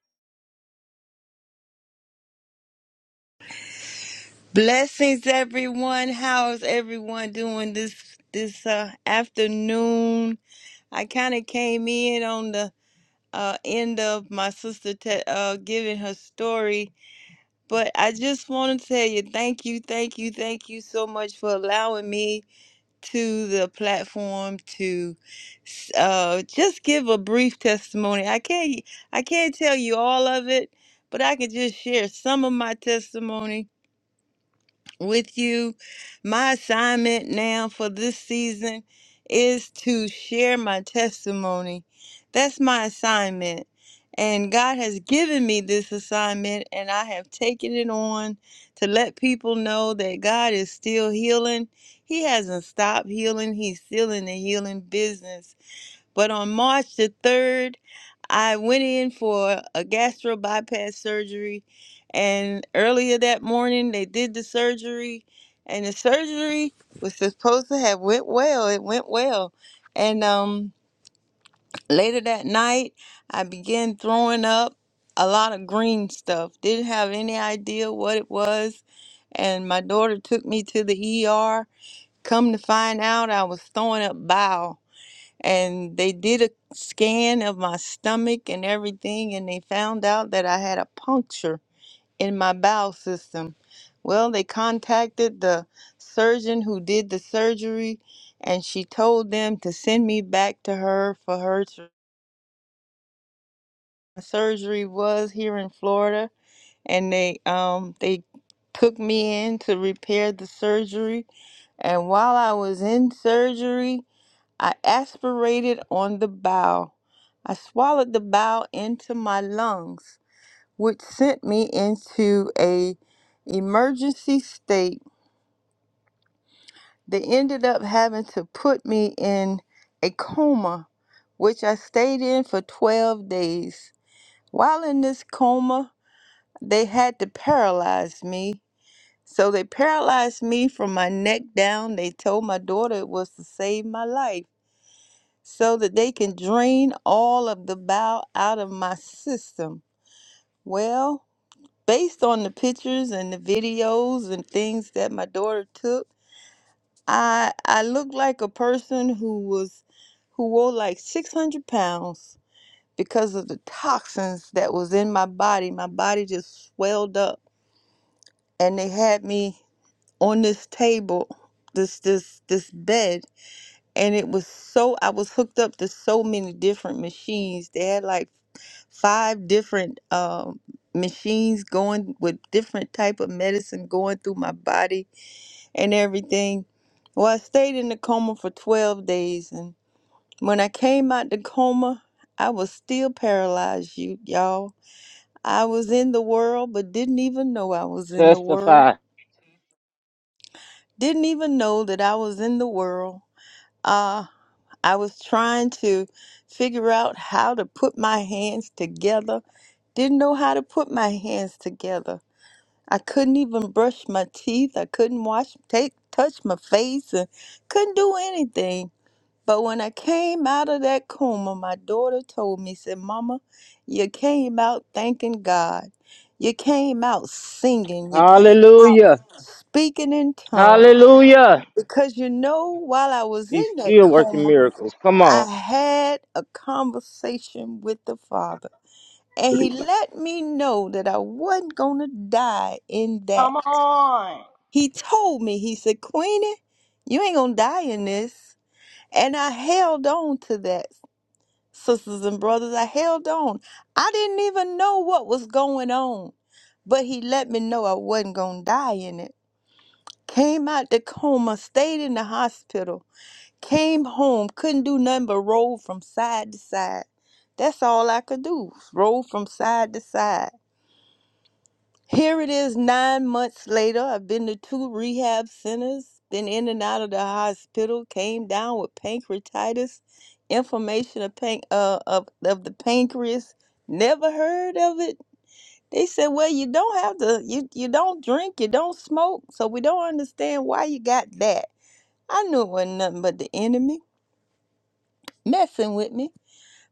I: Blessings, everyone. How is everyone doing this this uh, afternoon? I kind of came in on the uh, end of my sister te- uh, giving her story, but I just want to tell you thank you, thank you, thank you so much for allowing me to the platform to s- uh, just give a brief testimony. I can't I can't tell you all of it, but I can just share some of my testimony with you. My assignment now for this season is to share my testimony. That's my assignment. And God has given me this assignment, and I have taken it on to let people know that God is still healing. He hasn't stopped healing, He's still in the healing business. But on March the 3rd, I went in for a gastro bypass surgery. And earlier that morning, they did the surgery. And the surgery was supposed to have went well. It went well. And um, later that night, I began throwing up a lot of green stuff. Didn't have any idea what it was. And my daughter took me to the ER. Come to find out, I was throwing up bile and they did a scan of my stomach and everything and they found out that I had a puncture in my bowel system. Well, they contacted the surgeon who did the surgery and she told them to send me back to her for her sur- surgery was here in Florida and they um they took me in to repair the surgery and while I was in surgery I aspirated on the bow. I swallowed the bow into my lungs, which sent me into a emergency state. They ended up having to put me in a coma, which I stayed in for 12 days. While in this coma, they had to paralyze me. So they paralyzed me from my neck down. They told my daughter it was to save my life. so that they can drain all of the bile out of my system. Well, based on the pictures and the videos and things that my daughter took, I I look like a person who was who wore like 600 pounds because of the toxins that was in my body. My body just swelled up and they had me on this table, this this this bed and it was so I was hooked up to so many different machines. They had like five different um, machines going with different type of medicine going through my body and everything. Well, I stayed in the coma for 12 days, and when I came out the coma, I was still paralyzed, you y'all. I was in the world, but didn't even know I was in the world.
B: Testify.
I: Didn't even know that I was in the world. Uh, I was trying to figure out how to put my hands together. Didn't know how to put my hands together I couldn't even brush my teeth. I couldn't wash, take, touch my face, and couldn't do anything. But when I came out of that coma, my daughter told me, said, Mama, you came out thanking God. You came out singing. You came
B: Hallelujah.
I: speaking in tongues.
B: Hallelujah.
I: Because you know, while I was
B: He's
I: in that
B: still working
I: coma,
B: miracles. Come on.
I: I had a conversation with the Father. And he let me know that I wasn't going to die in that.
C: Come on.
I: He told me, he said, Queenie, you ain't gonna die in this. And I held on to that, sisters and brothers. I held on. I didn't even know what was going on, but he let me know I wasn't gonna die in it. Came out the coma, stayed in the hospital, came home, couldn't do nothing but roll from side to side. That's all I could do, roll from side to side. Here it is nine months later. I've been to two rehab centers, been in and out of the hospital, came down with pancreatitis, inflammation of pan- uh, of, of the pancreas. Never heard of it. They said, well, you don't have to, you, you don't drink, you don't smoke, so we don't understand why you got that. I knew it wasn't nothing but the enemy messing with me.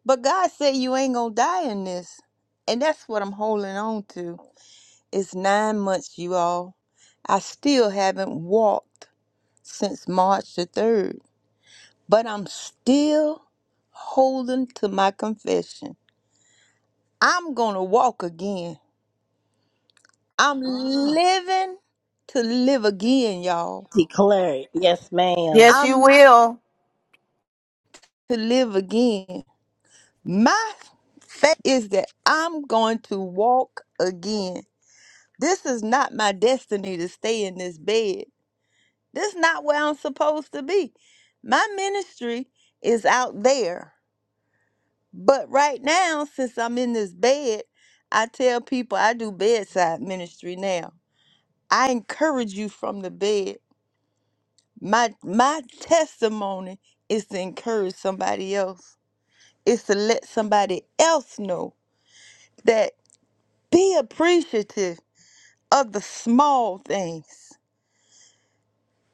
I: But God said you ain't gonna die in this. And that's what I'm holding on to. It's nine months, you all. I still haven't walked since March the 3rd, but I'm still holding to my confession. I'm going to walk again. I'm living to live again, y'all.
C: Declare it. Yes, ma'am.
F: Yes, you
I: I'm
F: will.
I: to live again. My faith is that I'm going to walk again. This is not my destiny to stay in this bed. This is not where I'm supposed to be. My ministry is out there. But right now, since I'm in this bed, I tell people I do bedside ministry now. I encourage you from the bed. My my testimony is to encourage somebody else. It's to let somebody else know that be appreciative of the small things.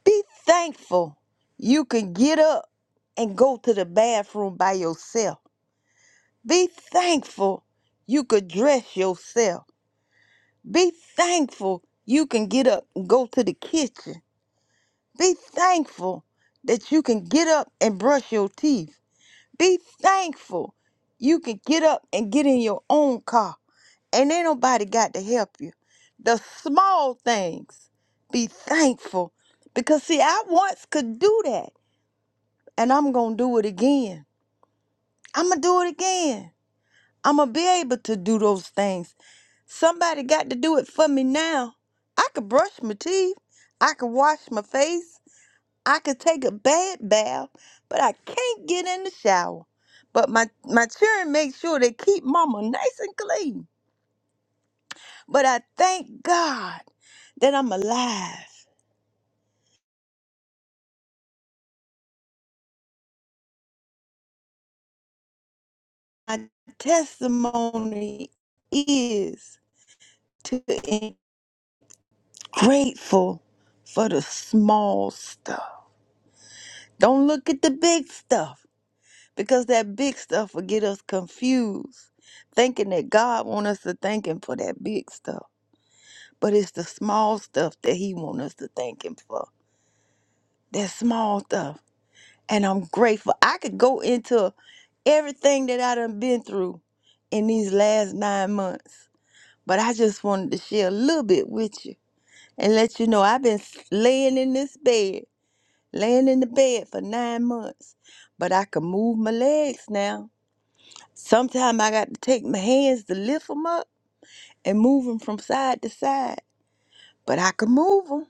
I: Be thankful you can get up and go to the bathroom by yourself. Be thankful you could dress yourself. Be thankful you can get up and go to the kitchen. Be thankful that you can get up and brush your teeth. Be thankful you can get up and get in your own car and ain't nobody got to help you. The small things, be thankful because see, I once could do that. and I'm going to do it again. I'm going to do it again. I'm going to be able to do those things. Somebody got to do it for me now. I could brush my teeth. I could wash my face. I could take a bad bath, but I can't get in the shower. But my, my children make sure they keep mama nice and clean. But I thank God that I'm alive. My testimony is to Grateful for the small stuff. Don't look at the big stuff because that big stuff will get us confused, thinking that God want us to thank Him for that big stuff. But it's the small stuff that He want us to thank Him for. That small stuff. And I'm grateful. I could go into everything that I done been through in these last nine months, but I just wanted to share a little bit with you and let you know I've been laying in this bed laying in the bed for nine months, but I can move my legs now. Sometimes I got to take my hands to lift them up and move them from side to side, but I can move them.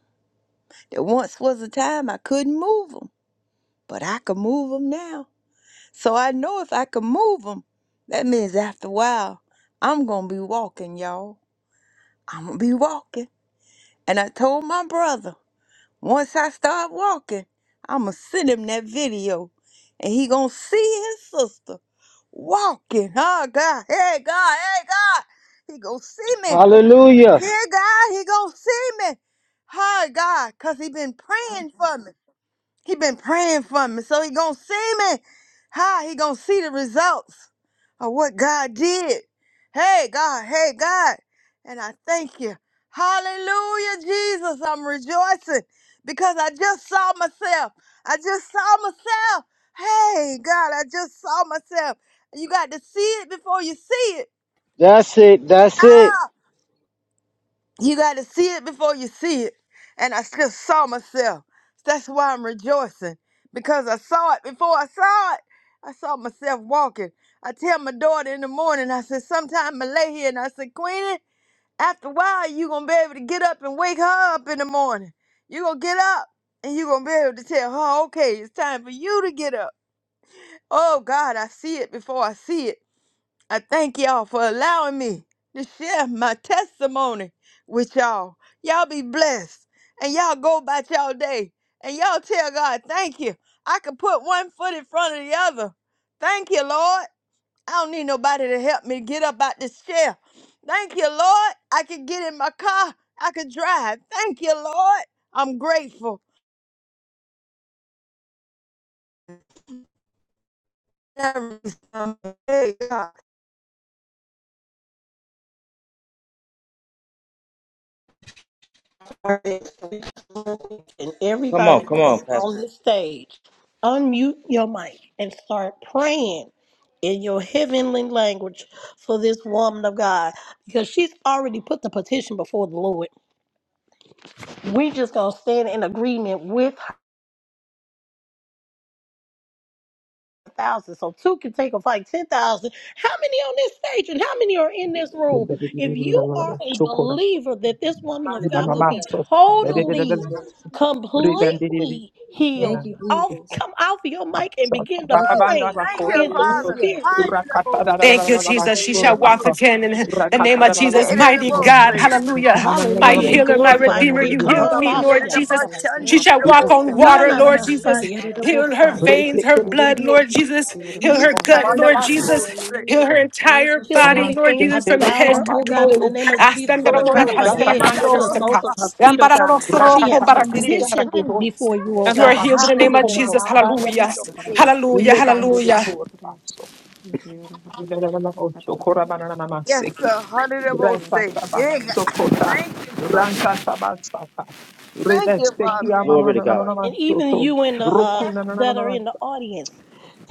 I: There once was a time I couldn't move them, but I can move them now. So I know if I can move them, that means after a while, I'm going to be walking, y'all. I'm going to be walking. And I told my brother, Once I start walking, I'ma send him that video, and he gonna see his sister walking. Oh God, hey God, hey God, he gonna see me.
B: Hallelujah.
I: Yeah, God, he gonna see me. Oh God, cause he been praying for me. He been praying for me, so he gonna see me. How he gonna see the results of what God did? Hey God, hey God, and I thank you. Hallelujah, Jesus. I'm rejoicing because I just saw myself. I just saw myself. Hey God, I just saw myself. You got to see it before you see it.
B: That's it. That's it.
I: Ah, you got to see it before you see it. And I just saw myself. That's why I'm rejoicing because I saw it before I saw it. I saw myself walking. I tell my daughter in the morning, I said, sometime I lay here and I said, Queenie, after a while, you going to be able to get up and wake her up in the morning. you going to get up and you going to be able to tell her, okay, it's time for you to get up. Oh, God, I see it before I see it. I thank y'all for allowing me to share my testimony with y'all. Y'all be blessed and y'all go about y'all day and y'all tell God, thank you. I can put one foot in front of the other. Thank you, Lord. I don't need nobody to help me get up out this chair. Thank you, Lord. I can get in my car. I can drive. Thank you, Lord. I'm grateful. Every time. Hey, God.
C: And
B: Come on.
C: everybody
B: Come on,
C: that's on
B: Pastor.
C: this stage, unmute your mic and start praying in your heavenly language for this woman of God because she's already put the petition before the Lord. We just gonna stand in agreement with thousand. So two can take a fight. ten thousand. How many on this stage and how many are in this room? If you are a believer that this woman of God will be totally,
G: Ribandiri-
C: completely healed, off come off your mic and begin to
I: Woo!
G: Babanda
C: pray
I: Thank
G: Bakora,
I: you,
C: in the
I: Father.
C: spirit.
I: Hallelujah.
E: Thank you, Jesus. She shall walk again in the name of Jesus.
I: Yeah, that's the
E: Mighty
I: most
E: God.
I: thing.
E: Hallelujah. My
C: Hallelujah. We
B: Thank you,
E: healer, my
B: Jesus.
C: glorify
E: redeemer, you healed
I: Oh,
E: me, Lord
J: God,
E: Jesus. She shall walk on water,
I: Yeridabashandidabosai.
E: Lord Jesus. Heal her
C: you.
E: veins, her blood, Lord Jesus. Heal her gut,
I: Yeridabosai.
E: Lord Jesus. Heal her entire
C: Kill
E: body, Lord
C: everything
E: Jesus, from
C: about
E: head
C: her,
E: to
C: oh God, in the
E: toe.
C: name of Jesus, from the crown of
I: Woo,
C: her head to the soles
I: Yeridabosai.
C: of her feet, oh God. She
G: Rakata
C: has
G: mandiri
C: petitioned it before you, oh
G: and
E: You
G: a
E: are
C: God.
E: healed in the name
C: Hallelujah.
E: of
G: basuko
E: Jesus.
G: mama
E: Hallelujah. Hallelujah.
G: Levando de
E: Hallelujah.
G: corpasso.
I: Yes,
G: Seki.
I: sir. Hundredabosai.
G: Resataba
I: Yeah.
G: sokota.
I: Thank you, Father.
G: Rantatabasata.
I: Thank you,
G: Rebesteki
I: Father.
B: Glory to God.
C: And even
G: amamanamastoto.
C: you in the uh
G: Rokuna
C: that are
G: nananamas.
C: in the audience,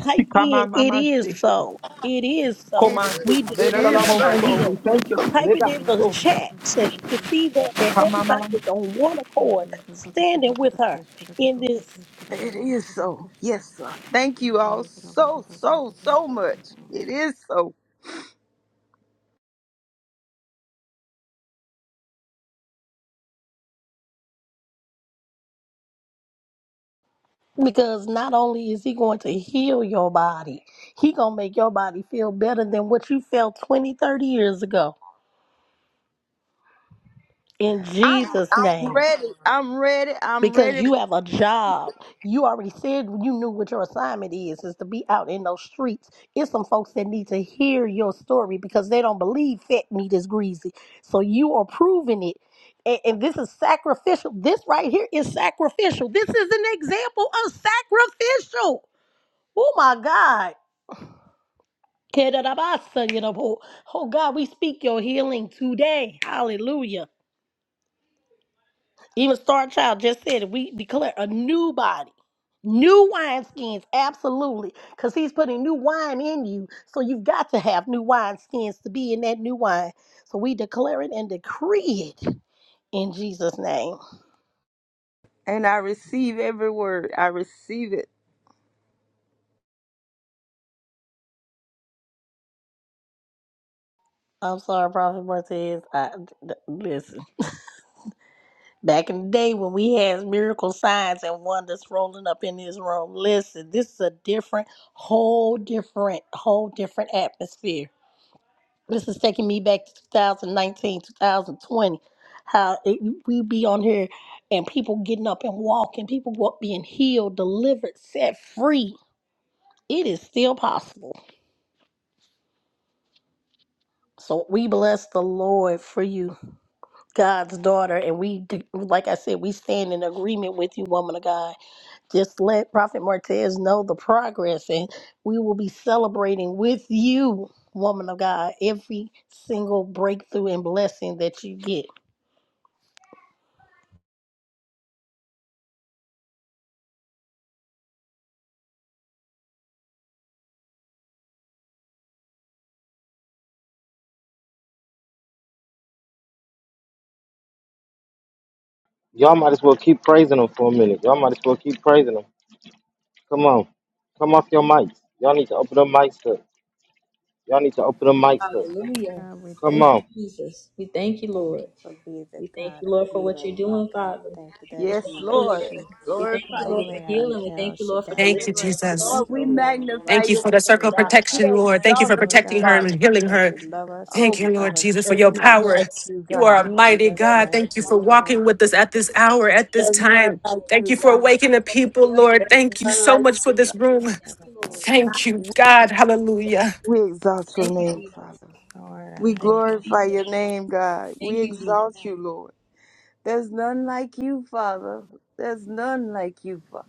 C: type
G: Sikama
C: in it is
G: mamashi.
C: so. It is so.
I: It
G: Koman.
I: is.
C: We
I: It is
C: declare her
I: so.
G: Adelalamoso.
C: healing.
G: We thank you.
C: Type it
G: Leba.
C: in the
G: so
C: chat so she can see that that
G: Kama mama.
C: everybody is on one accord, standing with her in this.
I: It is so. Yes, sir. Thank you all so, so, so much. It is so.
C: Because not only is he going to heal your body, he going to make your body feel better than what you felt 20, 30 years ago. In
I: I'm
C: Jesus'
I: I'm
C: name.
I: ready. I'm ready. I'm
C: Because
I: ready.
C: you have a job. You already said you knew what your assignment is, is to be out in those streets. It's some folks that need to hear your story because they don't believe fat meat is greasy. So you are proving it. And, and this is sacrificial. This right here is sacrificial. This is an example of sacrificial. Oh my God. Kedarabasa, you know, Oh oh God, we speak your healing today. Hallelujah. Even Star Child just said it. We declare a new body, new wineskins. Absolutely. Because he's putting new wine in you. So you've got to have new wineskins to be in that new wine. So we declare it and decree it in Jesus' name.
I: And I receive every word. I receive it.
C: I'm sorry, Prophet Martez. I, th- listen. Back in the day when we had miracle signs and wonders rolling up in this room, listen, this is a different, whole different, whole different atmosphere. This is taking me back to 2019, 2020. How it, we be on here and people getting up and walking, people wa- being healed, delivered, set free. It is still possible. So we bless the Lord for you, God's daughter, and we, de- like I said, we stand in agreement with you, woman of God. Just let Prophet Martez know the progress, and we will be celebrating with you, woman of God, every single breakthrough and blessing that you get.
B: Y'all might as well keep praising him for a minute. Y'all might as well keep praising him. Come on. Come off your mics. Y'all need to open the mics up. Y'all need to open the mics up.
J: we
B: Come
D: Thank
J: thank
D: you,
J: you.
B: on.
D: Jesus. We thank you,
J: Thank
D: Lord.
J: you for being the
D: We thank
J: God
D: you,
J: of
D: Lord, for what you're
J: healing, Lord
D: doing,
J: God. We
D: Father.
J: thank you that
D: We thank
I: Yes,
J: you
D: you,
J: are
D: Lord.
I: Lord.
J: she.
D: We thank
J: Not
I: Glorify
D: you, Lord,
I: you.
J: only
D: for
J: are you
D: healing. We thank
J: El
D: you, Lord, for
J: Shaddai,
E: Thank you,
D: deliverance.
J: you know
D: We
J: you
E: Jesus.
J: are
I: Oh,
D: thank
I: we
D: Lord.
J: Jehovah
I: magnify
E: Thank you
I: your
E: for
J: Rapha
E: the
D: Thank
I: name,
D: you,
E: circle
J: too,
E: of
I: God.
J: Lord
I: We
E: protection,
J: God.
E: Lord. Thank you for
I: exalt you,
J: Lord
E: protecting
J: God, I
E: her
J: thank
I: Father.
E: and
J: you
E: healing
J: that
E: her.
J: you love us, but
E: Thank
I: Oh,
J: you
E: you,
J: love
I: God.
E: Lord
J: us
E: Jesus, for
I: There's
J: too
E: your
I: none
J: much
E: power.
I: like you,
E: You are
I: God.
E: a
J: to leave
E: mighty
J: us
E: God.
J: as
E: Thank you
J: we
E: for
J: are.
E: walking with us at this hour, at this
I: There's none
E: time.
I: like
E: Thank
I: you,
E: you for
I: God.
E: awakening the
D: Lord, for
E: people,
D: healing and
E: Lord.
I: There's
D: deliverance,
E: Thank you
I: none
E: so
D: Father.
I: like
E: much for
I: you,
D: Hallelujah.
E: this
I: God.
E: room.
J: Lord, I thank you.
E: Thank you, God. Hallelujah.
I: We exalt your
D: Thank you,
I: name,
D: Jesus.
I: Father.
J: Lord, I
I: We
D: Thank
J: thank
D: you,
I: glorify your
D: Jesus.
I: name, God. We
D: Thank you, Jesus.
I: exalt you, Lord. There's none like you, Father. There's none like you, Father.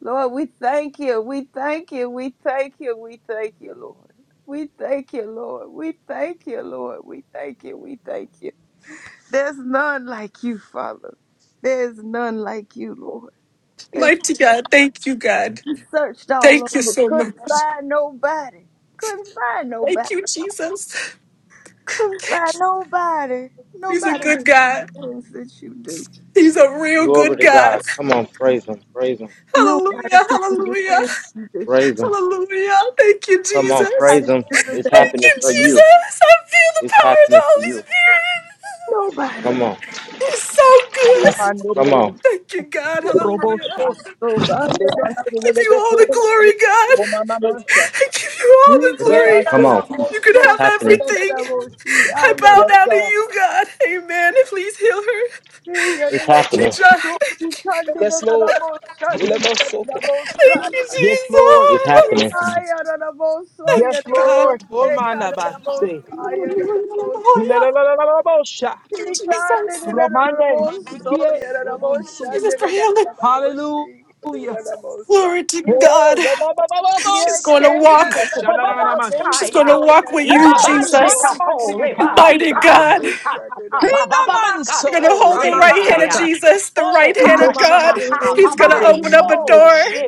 I: Lord, we thank you. We thank you. We thank you. We thank you, Lord. We thank you, Lord. We thank you, Lord. We thank you. We thank you. There's none like you, Father. There's none like you, Lord. It's
E: Mighty God. Thank you, God.
I: searched all
E: Thank you
I: over,
E: so much.
I: couldn't find nobody. Couldn't find
E: Thank
I: nobody.
E: you, Jesus.
I: Couldn't find nobody.
E: He's a
I: Nobody to
E: good
I: do the
E: God.
I: things that you do.
E: He's a real
B: Glory
E: good
B: to
E: God.
B: God. Come on. Praise him. Praise him.
I: Nobody
E: Hallelujah.
I: could do the
E: Hallelujah.
I: things you do.
B: Praise him.
E: Hallelujah. Thank you,
B: Come on.
E: Jesus.
I: I
B: Praise
I: didn't
B: him.
I: do
B: It's
I: the
E: Thank
I: things.
B: happening
E: you,
B: for you.
E: Jesus. I feel the
B: It's
E: power of the
B: happening for
E: Holy
B: you.
I: Nobody.
B: Come on.
E: Spirit. He's so good.
B: Come
G: Matamandelelele.
B: on.
E: Thank you, God. Hallelujah.
G: Robosha.
I: So
E: I
I: God, under the
E: give
I: bush.
E: you all the
G: Lebandeleleleko.
E: glory, God.
G: Komamamasha.
E: I give you all the
I: He can't
E: glory.
B: Come
G: Rebase.
B: on.
I: allow
E: You can
I: so
B: It's
E: have
B: happening.
I: under
E: everything.
I: the
E: I bow
G: Yes,
E: down to
G: God.
E: you, God. Amen. Please heal her.
B: It's
I: bush.
E: Thank you,
B: happening.
E: John. Thank you.
G: Yes, Lord. Ilebosoko.
E: Thank you,
G: Yes, Lord.
E: Jesus.
G: Yes,
E: Thank you, God.
G: Lord. Oh, my
J: you.
G: nabase.
E: Hallelujah. Hallelujah. Hallelujah.
G: Ilelelelelelebosha.
E: Thank you, Jesus.
G: Romande. Sikie. Romonsu.
E: Jesus for healing.
G: Hallelujah.
E: Glory
G: Hey,
E: to God. She's going to
G: robobobobobosi.
E: walk.
G: I- shandananamasha.
E: She's going to
H: Bababakaya.
E: walk with you,
G: Hey,
H: Ibabande
E: Jesus.
G: Shandamanda
H: kato reba.
E: Mighty
G: de
H: Ika.
G: shandamandedekabasaya.
E: God.
H: Ikata.
E: You're going
G: Hinamanso.
E: to
H: Bababakato
E: hold the right hand of
H: rebaya.
G: Ramanshata.
E: Jesus, the
H: Oh,
E: right hand of
H: kash
E: God.
G: Ikomamamasha.
H: kata
E: He's going to
H: baba
E: open up a
H: iko
E: door.
H: she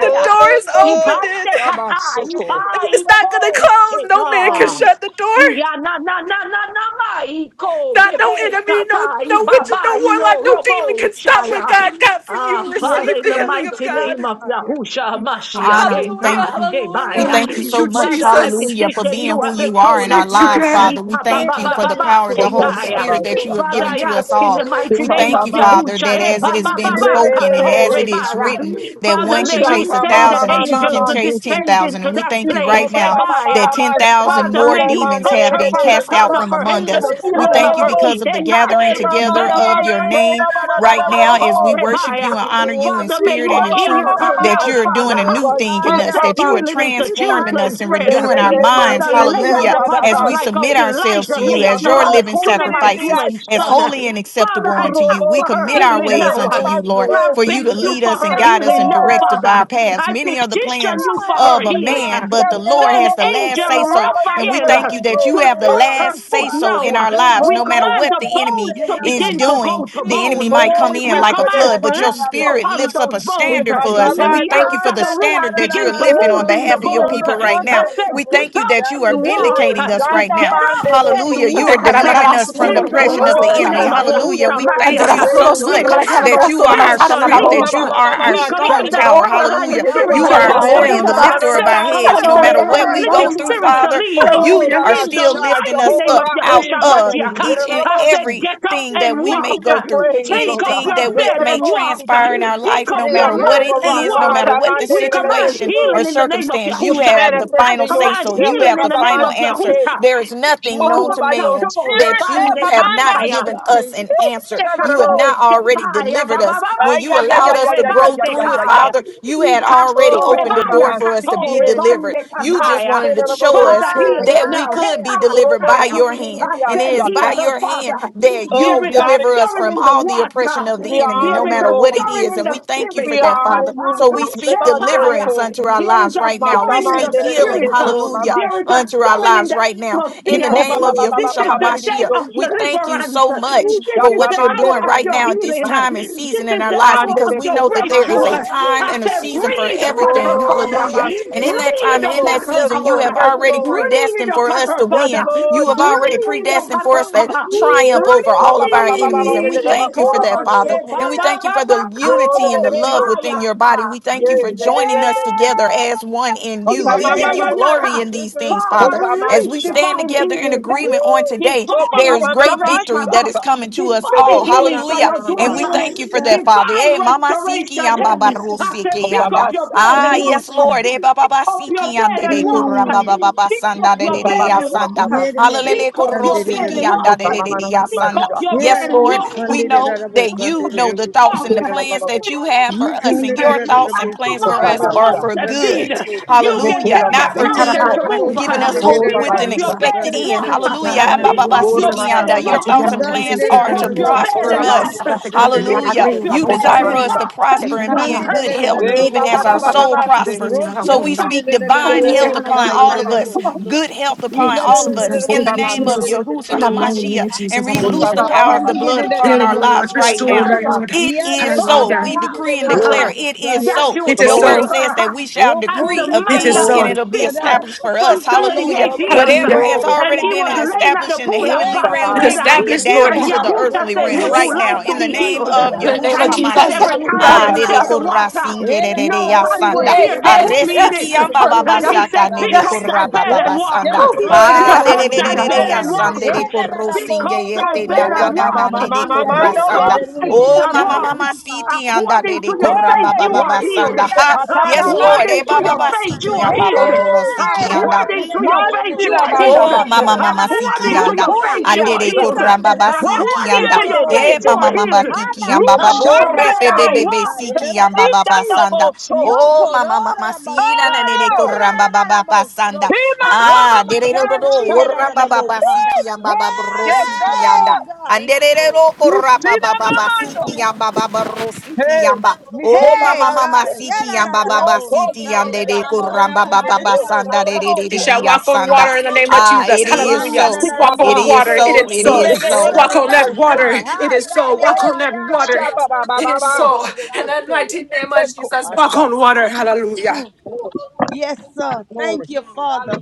E: The door is opening.
H: Ibande kata iba
G: Rabasoko.
E: And it's not going to
H: iko
E: close. No man can
H: sheka.
E: shut the door.
H: Iya na na na na na ma iko
E: Not no
H: bebe
E: enemy, no
H: kata i
E: no witch,
H: baba
E: no warlock,
H: io
E: no demon
H: robo
E: can stop what
H: chaya.
E: God got for
H: Ah,
E: you.
I: Yes,
H: Father,
E: Receive
H: in
E: the
H: the
I: that's
E: healing of
I: the
H: mighty
E: God.
I: most
H: name of
I: higher.
H: Yahusha Mashiach,
F: Honor,
H: eh,
F: we
E: Hallelujah,
H: ah,
F: thank you. We
E: hallelujah.
H: Shemaya.
F: thank you
E: Thank
F: so
E: you,
F: much,
H: Father, I
E: Jesus.
F: hallelujah, for
H: petition
F: being
H: you at
F: who
H: the
F: you are in
H: throne of
F: our
E: Thank you,
F: lives,
E: God.
H: mercy.
F: Father. We
H: Ika ba
F: thank
H: ba
F: you
H: ba
F: for the power of the Holy Spirit that you
G: Kotatabasha.
F: have
H: Father,
F: given
H: I
F: to us
H: ask in
F: all.
H: the mighty
F: We
H: name
F: thank
H: of
F: you, Father,
H: Yahushua.
F: that
H: eh,
F: as
H: ba
F: it
H: ba
G: Yes,
H: ba
F: is
H: ba,
F: spoken and
H: kato
F: as it is written, that
H: Father,
F: one can
H: may you
F: chase a
H: send the
F: thousand and two
H: angels to descend into that place,
F: now that
H: ebaya.
F: 10,000
H: Father,
F: more
H: may you
F: demons
H: touch
F: have
H: her
F: been
H: from the
F: cast out
H: crown of
F: from
H: her head
F: among
H: to
F: us.
H: the
F: We
H: sole
F: thank
H: of
F: you
H: her
F: because
H: feet,
F: of the gathering together of your
H: eka.
F: name right now as we worship you
H: Atorebaya.
F: and honor you in
H: Father, may
F: spirit
H: you
F: and in
H: heal
F: truth,
H: her
F: that
H: now,
F: you're doing
H: Father.
F: a new thing and
H: You say
F: you are
H: healing is the
F: transforming us
H: children's
F: and
H: bread.
F: renewing our minds.
H: Father, lay out
F: Hallelujah.
H: upon
F: As
H: her
F: we
H: like how
F: submit
H: Elijah
F: you
H: lay out
F: as your
H: upon the
F: living
H: Shunammite
F: sacrifices,
H: woman's
F: as
H: son.
F: holy and acceptable
H: Father, I
F: unto you.
H: ask
F: We
H: for her
F: commit our
H: healing
F: ways
H: now. I
F: unto you, Lord, for you
H: beg
F: to
H: you
F: lead
H: for
F: us and
H: her
F: guide us
H: healing
F: and
H: now,
F: direct
G: Lord.
I: Yes,
F: of
H: Father.
F: our paths.
H: I
F: Many are the
H: petition
F: plans
I: Oh
H: you for
I: my
H: her
F: of a
H: healing.
I: God.
F: man, but
G: Yes,
F: the Lord
H: Send
F: has
G: Lord.
I: Yes.
F: the
I: Lord.
F: last say
H: angel
F: so. And
I: Yes.
F: we thank
H: Raphael
F: you that
G: Oh,
F: you
H: to
F: have the
H: touch
G: Evan.
H: her
F: last say
H: foot
F: so
H: now.
F: in
I: Father,
F: our lives,
H: We
G: Oh,
F: no matter
H: command
F: what
H: the
I: yes.
F: the enemy
H: bones
I: Pray
H: to
G: Jesus.
F: is
I: about
H: begin to
I: my
F: doing.
H: go to
F: The enemy
H: bones.
I: feet.
F: might
G: Oh,
F: come
I: Yes.
G: we
F: in
H: We
G: bless
F: like a
G: your
H: command
I: God, da,
F: flood,
G: name,
I: da,
F: but
I: da,
F: your
H: flesh
I: da,
G: Jesus.
F: spirit
I: most
H: upon
F: lifts up
H: those
F: a
I: high.
H: bones.
F: standard for us.
H: And
F: And
I: Yes.
F: we
H: we
G: Yekatamande.
F: thank you
H: ask
I: God,
F: for
H: that
F: the
H: the
I: da, da, da,
H: Ruach
F: standard that you're
H: begin to
F: lifting
G: Oh,
F: on
H: move in the
F: behalf of your
H: bones.
F: people right
I: da, da,
H: I
F: now.
I: da, da, most high. Yeah, da,
G: Sikiyamamande.
I: da, da, da,
H: said,
I: da,
F: We
H: get
F: thank you
I: most yeah,
H: up
F: that you
H: and
F: are
I: Da, da, da, da,
H: walk.
I: da,
G: Oh,
F: vindicating
I: da,
F: us
I: most
F: right now.
H: Get
I: high.
H: up
G: Shandamande
H: and
F: Hallelujah.
G: Beko.
F: You
E: Te
F: are
H: walk.
I: Yeah,
E: caramba,
I: da,
E: la
F: delivering
I: da, da,
F: us
E: hostia, no
F: from
H: In
F: the
E: por
H: the
E: culo,
F: oppression
I: most high.
F: of
E: esto de
I: Oh,
F: the
G: Oh,
H: mighty
E: cara
I: da,
F: enemy.
G: your
H: name
E: la
H: of
I: da,
G: grace,
E: hostia.
F: Hallelujah.
G: your
H: Yahushua
F: We
G: grace,
E: Ante
G: your
F: thank
H: Mashiach,
E: la
F: you
E: mano,
G: grace,
F: so
E: los
I: most
G: your
H: we
E: tornos,
F: much
E: la
G: grace.
H: command
E: cara, no,
F: that
H: that
E: los
I: high.
F: you
I: Yeah,
E: tornos,
F: are
E: la
I: da, da, most high. Yeah, da,
F: our
H: spirit
E: osta
I: most
E: de
H: to
E: mara cara,
H: to
G: You
E: nada,
F: strength,
I: high. Da, da, da, da,
G: call
H: leave.
G: my
F: that
E: los
F: you
E: tornos.
G: mama,
F: are
G: mama,
I: da,
F: our
H: We
G: mama,
I: most
H: command
F: strong
E: Entre los
I: high.
H: that
G: shata.
E: dos,
F: tower.
E: para los
H: paralyzed
F: Hallelujah.
E: tornos,
I: Yeah,
E: bien,
G: The
H: spirit
F: You
H: to
F: are
E: cara,
G: great
F: our
I: Baka,
E: los
G: I
H: go.
E: tornos,
F: glory
I: yeah,
F: and
G: am.
E: mira,
F: the
G: Na,
H: I
E: da.
G: na,
I: da.
G: na,
F: lifter
G: na,
F: of
H: said,
G: na,
H: I
F: our
G: na,
E: Cara,
F: heads.
H: command
F: No
E: no,
H: that
F: matter
G: Sike.
E: no, no, no,
F: what we
I: Yeah,
E: no,
F: go
H: paralytic
E: no,
I: yeah,
F: through,
H: spirit
E: no.
I: Baka.
H: to
F: Father,
H: leave.
G: Oh,
F: you
E: Hallelujah.
F: are
H: In the
F: still
G: Rabashah,
F: lifting
H: mighty
F: us
G: Jehovah
H: name of
F: up
G: Rapha
F: out
H: Yahusha
G: is your
F: of
H: Mashiach,
F: each and
H: I
G: name.
H: said, get up
F: everything that
H: and
F: we
G: We
F: may
H: walk.
G: give you
F: go through,
G: praise,
H: Take
G: oh
H: up
G: God.
F: anything
H: your
F: that we,
H: bed
F: may
H: and walk.
F: transpire in our
H: Pick
F: life, no
H: up your
I: Hey,
F: matter
I: yeah, yeah,
F: what
H: mat
F: it
G: Jehovah
I: yeah,
H: and
F: is,
G: Rapha,
F: no
H: walk.
I: yeah,
F: matter what the
H: We command
F: situation or
H: healing
G: Ramandelelelelesho.
H: in the name of
F: circumstance,
G: You
F: you
H: Yahusha.
F: have the
H: I
F: final
G: manifested
F: say
H: command
F: so.
G: yourself.
F: You
H: healing
F: have
H: in
F: the
H: the name
F: final
H: of
F: answer.
G: Ekadamanshike.
H: Yahusha.
F: There is nothing known
G: Move
F: to
G: by your
F: man
H: Babakato
G: spirit.
F: that you
H: rebande
F: have
I: yeah,
F: not
I: yeah,
H: kataya.
F: given
G: Ebamamasha.
I: yeah,
F: us
I: yeah.
F: an
G: Eh,
F: answer. You have
H: Kato
G: Shandararo.
F: not already
H: tepaya
F: delivered
H: baba
F: us.
H: baba
F: When
G: Ay,
F: you
G: ay, ay,
F: allowed
G: ay,
H: kato
F: us
G: ay,
F: to
G: ay, ay,
F: grow
G: ay,
H: rebande
G: ay,
F: through it,
G: ay, ay.
H: kaya.
F: Father, you had already
H: Ikasto
F: already opened the
G: Oh,
H: rebaya
F: door for us to
H: kato
F: be
G: Rabasikie.
F: delivered.
H: rebande
F: You just
H: kataya.
F: wanted to show
H: Father,
F: us
H: heal
I: Hi,
G: Masterabosco.
H: her
F: that
I: yeah,
F: we
H: now.
I: yeah,
F: could be
I: yeah,
F: delivered by
H: Hepataya. I
F: your
G: Robokuni.
F: hand. And it
H: said,
F: is by
H: heal her,
F: your hand
H: Father.
F: that
G: Oh,
H: There
F: you
G: we
H: is a
G: honor
F: deliver
G: you,
F: us
G: Father.
H: stirring
F: from
H: in the
F: all the
H: water.
F: oppression of
G: We
F: the enemy,
H: There
F: no
G: honor
H: is
G: you,
F: matter
H: a
F: what
G: Lord.
F: it
H: stirring
F: is.
H: in
F: And
H: the
F: we thank you for
H: spirit.
G: We
F: that,
G: are
F: Father.
G: in you,
F: So we
G: Lord.
F: speak
G: Rebande
H: Akashepaya.
F: deliverance
G: ko.
F: unto our
H: There is
F: lives
H: a
F: right now. We
H: stirring in
I: yeah. Hey,
H: the
F: speak
G: Matamande
I: that boy.
F: healing,
G: lelele
H: spirit.
I: Hi,
G: ko
F: hallelujah,
H: There is a
G: rabasha.
F: unto our
H: stirring in
F: lives
H: the
F: right now.
H: must
F: In the
H: fear.
G: Yikoba
F: name
G: ba
F: of
G: ba ba ba
H: This
G: ba
F: Yahushua
G: ba
I: yeah,
H: is
G: ba ba
H: the
G: di di di
H: day
F: HaMashiach,
H: of
F: we
G: osha.
F: thank you thank you
H: deliverance.
F: so much
H: This
G: Usha
F: for
H: is
F: what
H: the
F: you're
G: tamande
H: hour
F: doing
H: of
G: lelele
F: right
G: di
H: your
G: di
F: now at this
H: healing.
G: osha.
F: time and
H: This
F: season in
H: is
F: our
H: the
F: lives
H: hour
G: Ande
F: because
H: of
G: de
F: we
H: your
F: know
G: ko
F: that there is
G: ramando.
H: breakthrough.
F: a
I: yeah,
G: oso.
F: time
H: I
F: and a
I: yeah,
H: said,
F: season for
H: breathe upon
F: everything.
H: her,
G: Oh,
H: Father.
F: Hallelujah.
G: rabash.
F: And in that
G: Yes,
F: time
H: Breathe
F: and in that
G: Lord.
H: upon her,
G: Yes,
F: season, you
H: Abba.
G: Lord.
F: have
G: Yes,
F: already
G: Lord.
H: Breathe
F: predestined for
H: upon
F: us
H: her,
F: to
G: Yes,
H: Father.
F: win.
G: Lord
F: You have
G: Jesus.
F: already
H: Breathe
F: predestined
H: upon
F: for
H: her,
F: us to
H: Abba.
F: triumph
G: Ooh,
F: over all
G: shaba
F: of
G: ba
F: our
G: ba ba ba ba
F: enemies. And
G: de
F: we
G: de
H: Breathe.
G: de ba
F: thank you
H: Eko
G: ko
F: for that,
H: she
F: Father.
G: ramando.
F: And we
H: baba
F: thank you for
H: baba
F: the
G: Oh, de
F: unity
G: de
F: and
H: kato
G: de
F: the
G: di di
F: love
H: rebaya.
F: within
G: osha.
F: your body. We thank you
G: Yeah,
F: for
G: yeah,
H: Eh.
G: yeah,
F: joining
G: yeah,
F: us
G: yeah,
F: together
G: yeah.
F: together as one in you.
H: Yeah,
G: Kota
F: We
H: yeah, yeah,
F: give
G: mama,
F: you
H: yeah, yeah. Ha.
F: glory in these things,
I: yeah,
H: Father,
F: Father.
G: kota
I: yeah,
F: As
H: release
F: we
G: masha.
F: stand
H: divine
F: together in
H: healing, eh,
F: agreement on
G: Oh,
F: today,
H: divine
F: there
G: mama,
F: is
G: mama,
F: great
G: mama,
H: restoration,
F: victory that
H: ha.
F: is coming to us
H: divine
F: all.
H: healing
G: Rebekora, na,
H: for
G: na,
F: Hallelujah.
G: na,
H: your
G: na, na,
F: And we
H: daughter,
G: masha.
F: thank
I: Yes,
F: you for
I: God.
F: that, Father.
H: divine
F: Eh, mama siki
H: restoration.
F: amba
H: eh.
I: Yes,
F: baru
H: I
I: God.
H: said,
F: siki
H: pick
F: anda.
H: up your
G: Kotabasha,
I: Yes, God.
H: bed
F: Ah,
H: and walk.
I: Yes,
F: yes,
I: God.
F: Lord. Eh, ba, ba,
H: Pick up your
F: siki
H: bed
F: ande
H: and
F: de
H: walk.
F: kurra ba, ba,
I: Mm.
F: ba, ba,
H: Pick
F: sanda
H: up your bed
G: kotababa, na,
H: and
G: na, na,
H: walk.
I: Yeah,
F: Hallelujah.
H: Pick up
F: Kurro
H: your bed and
F: siki
I: that
G: masha.
F: anda
H: walk.
F: de
I: boy.
F: de
G: Kotababa,
F: de de
G: na, na,
F: ya
G: na,
F: sanda.
H: Pick up
G: masha.
H: your
I: Yeah,
F: Yes,
H: bed
I: that
H: and
F: Lord,
I: about
F: we
I: Sunday, that
H: walk.
F: know
I: that about
F: that
I: Sunday,
F: you know
I: that
F: the
I: about
F: thoughts and
I: Sunday.
F: the
G: Kere, na, na,
F: plans
G: na,
F: that you have for
I: You
F: us,
I: can do
F: and
I: that
F: your
I: that
F: thoughts
H: As
F: and plans
I: so
F: for
H: Small as
F: us
I: sorrow
H: a
I: that
F: are
G: kotabasha.
I: about
F: for
H: mustard
I: Sunday,
F: good.
H: seed,
I: that that about
H: you
I: Sunday.
H: can
F: Hallelujah,
G: Nekera,
H: tell
F: not
H: that
G: manda,
F: for
I: You
G: ma.
I: can
E: cara,
I: do
H: mountain
E: va,
H: to
I: that
F: evil.
E: cara,
H: move.
I: about
E: bien,
F: Giving
E: cara,
F: us
I: Sunday,
E: no,
I: that
F: hope
I: that
E: porque,
G: Ora,
H: Pick
I: that that
F: with
E: cara,
H: up
F: an
E: no,
G: basha.
H: your
I: about
E: no.
H: bed
I: Sunday,
F: expected
H: and
F: end.
H: walk.
E: you,
F: Hallelujah.
E: God,
I: that
H: Pick
E: hallelujah,
H: up
G: Ora,
H: your
G: ma,
E: Jesus.
G: na, na,
H: bed
G: na,
F: Amababasikianda.
H: and
F: Your
E: Thank
H: walk.
E: you,
F: thoughts
E: God,
G: masha.
F: and
E: hallelujah,
F: plans
E: Jesus.
H: Pick
F: are
I: that
H: up
E: Thank
F: to
E: you,
H: your
I: about
H: bed
F: prosper
H: and
I: Sunday,
E: you,
H: walk.
F: us.
G: Kotabasha,
E: God, thank you, God, be like
H: Pick
E: I
I: that
F: Hallelujah.
H: up
E: pray,
I: that
H: your
E: like I
F: You
I: about
E: would,
H: bed
E: that's
F: desire
E: in
F: for
I: Sunday.
H: and
F: us
E: the
G: kotabasha.
F: to
H: walk.
E: Take
F: prosper
E: me,
I: You
F: and
E: yeah.
F: be
I: can do
F: in
I: that
F: good
E: Thank
I: that that
F: health,
E: you, God, hallelujah,
G: Eh,
E: hallelujah.
F: even
G: ba,
I: about
G: ba,
F: as
G: ba,
F: our
E: Oh,
G: ba,
E: but I
G: ba,
I: Sunday, that
F: soul
E: can't, that's
G: se.
F: prospers.
E: me, yeah,
I: about
F: So we
I: Sunday,
E: hallelujah.
F: speak
I: that that
F: divine
I: that that about Sunday. You can do that that that that about Sunday. Roshan did that that that that
E: Hallelujah,
G: Eh,
F: health
I: about
G: na, na,
F: upon
G: na, na,
I: Sunday,
G: na,
F: all
E: hallelujah,
I: that
F: of
I: that
G: masha.
F: us,
I: about
E: hallelujah.
I: Sunday.
F: good health
I: You
F: upon
E: Thank
I: that
E: you,
I: that
F: all of
I: that
F: us
I: that
E: Jesus.
F: in
I: about
F: the
E: Thank you,
I: Sunday,
F: name of
G: Kotabasha.
E: Jesus.
F: Yahushua
E: In the mighty
F: HaMashiach
E: name of Jesus,
F: and release
I: yeah,
E: hallelujah.
F: the
I: my
G: Kotababa,
F: power
G: ba,
F: of
G: ba,
F: the
I: candy
G: ba.
F: blood
I: did it at
F: upon
I: the
E: Dear
F: our
E: Lord,
F: lives right
I: most.
E: restore
F: now.
G: Ora,
E: her,
G: basha.
E: Lord.
F: It is
I: Yariye
F: so.
H: Father, I
E: Hallelujah.
F: We
I: basangi de
F: decree and
I: bebero
F: declare
G: Glory,
H: ask
F: it is
H: that
I: kusaye.
F: so.
E: It
H: you
E: is
F: Your word
G: glory,
H: heal
E: so.
F: says that
H: her.
F: we shall
H: as the
F: decree a
I: Rokundi de
H: man
E: It is
F: thing
H: that
F: and
E: so.
H: was
G: glory,
F: it'll
I: basangi
F: be
I: de
H: sick
I: de
H: uh,
I: de
F: established for
H: for
F: us.
I: basiki de de
F: Hallelujah.
I: de
H: 38 years. uh,
I: bosko
F: Whatever
E: Hallelujah.
F: has
I: toru
G: glory.
I: de
H: And
F: already
H: he
F: been
H: was
F: and
I: bakaya.
H: laying at
F: established
H: the
F: in the
H: pool
I: Ye
H: of
F: heavenly
I: na
F: realm,
E: It
I: na
E: is
F: we
H: Bethesda.
G: Tabash,
F: bring it
E: established,
I: siki
F: down
E: Lord.
H: And
I: de
F: into
I: de
F: the
I: de
H: Yahusha
F: earthly
H: said,
I: boko
F: realm
H: would you
I: toru
F: right
E: Yes.
I: de
H: like
F: now
H: to
F: in the
H: be
I: bakanda
F: name
H: healed?
I: de
F: of
I: de
E: In the
I: de de
E: name
F: Yahushua
H: And
E: of
H: he said,
I: bakanda
E: Jesus,
I: de
F: HaMashiach.
H: every
I: de de
E: hallelujah,
I: de
H: time they
F: Ah, de de
E: hallelujah.
H: stirred the
I: boska.
F: corra
H: water,
F: sin, de
I: Ye
F: de
I: la la la
H: nobody was
I: bongo
E: Yes,
H: there
I: de
H: to
E: yes,
H: put me in
I: bosangi
F: Aresiki
H: it.
E: yes.
I: de de
F: yamba
I: de de
F: baba
I: de
H: And
E: Hallelujah.
H: he
F: sata
H: said, pick
F: nene
I: boskaya.
H: up
E: Yes.
H: thy
F: korra
H: bed
F: baba
H: and walk.
F: basanda.
E: Oh,
I: Rokundi de
E: glory to
I: de de
F: Ah,
E: God,
H: Pick
F: de de
H: up
F: de
H: thy
F: de
E: hallelujah.
F: de de
H: bed
I: boska.
F: ya
H: and walk.
F: sande
I: Ye
F: de
I: la la
F: korro
I: la
H: Pick
F: singe
H: up thy
I: bosko
F: yete
I: ya
F: na
H: bed
F: na
H: and
G: Ora
I: na
G: ba
F: na
G: ba
F: na
G: ba
H: walk.
G: ba
F: nene
G: ba
I: bakandi de
G: ba
F: korra
G: no bo.
I: de
F: sanda.
H: Because
I: de de
H: I
G: Hey,
H: do
F: Oh,
H: not
F: mama
H: walk
I: boskaya.
F: mama siti anda de
H: according to
F: de
H: your
F: korra
H: faith,
I: Hey,
F: baba
H: you are
F: baba
H: healed.
F: sanda.
G: the
F: Ha,
G: katada
F: yes Lord,
G: mande.
H: According
F: eh
H: to
F: baba
H: your
F: baba
H: faith, you
F: siki
H: are
F: yamba
H: healed.
F: baba
G: Ooh,
F: siki yanda.
H: According to your faith,
G: Masti
H: you
G: la
H: are
G: banda
H: healed.
F: Oh, mama
G: bako.
F: mama siki
H: According to
F: yanda
H: your faith, you are
G: Rukunias.
F: andere
H: healed.
F: kuramba basiki
H: According to
F: yanda
G: Rastie de
H: your
G: de de
H: faith,
F: eh
G: de
H: you
F: mama
H: are
G: de.
F: mama
H: healed.
F: siki yamba
H: Pick up your
G: Rushanda
F: babore
H: bed
F: bebe
G: dai.
H: and
F: bebe
H: walk.
F: siki yamba
G: Inda
F: baba
G: no
F: sanda
G: so.
F: oh mama mama sina nene ne
G: Oh,
F: kuramba baba basanda
G: he mama mama
F: ah
G: mama
F: dere do do do,
G: mama.
F: kuramba baba
G: Hey,
F: siki yamba baba ro
G: yes
F: siki
G: sir.
F: yanda
I: God.
F: andere do
G: You
F: kuramba
G: see that
F: baba
G: mamando.
F: basiki yamba baba siki
G: Hey,
F: yamba
G: Niko
F: oh
I: Hey
F: mama
G: baba
F: mama
I: God,
G: say.
F: siki
I: yeah, da da
F: yamba
I: da da
F: baba
G: Roko de
F: siki
G: de de
I: Mosiah,
F: yande
G: de.
F: de
I: da
F: kuramba
I: Mosande,
F: baba
I: da
G: Yes, the
F: basanda de
I: Mosa,
F: de de
E: You
F: de
G: baba
F: de,
E: shall
F: ya
E: walk on water in the name of
F: Ah,
E: Jesus.
F: it is
I: run da
E: Hallelujah.
I: da
F: so.
I: da da
E: Walk
F: It
E: on
G: Papa,
F: is
E: water. It
I: Mosoya,
F: so.
E: is
F: It
E: so.
F: is
I: run da
F: so.
E: Walk
I: da
E: on that
I: Mosa,
E: water.
G: Rebedebedebedosha.
E: It
I: ha,
E: is
I: yeah,
E: so.
I: yeah,
E: Walk
G: Eh,
E: on
I: yeah,
E: that
I: yeah, yeah,
E: water.
I: yeah,
E: It is
I: Mosande,
G: Shabababababa.
I: da
E: so.
I: da da
E: In the
I: Mosoya.
E: mighty name of
G: Eko
E: Jesus. Walk
G: Asha.
E: on water. Hallelujah.
G: Oh,
I: Yes, sir.
G: Glory,
I: Thank you, Father.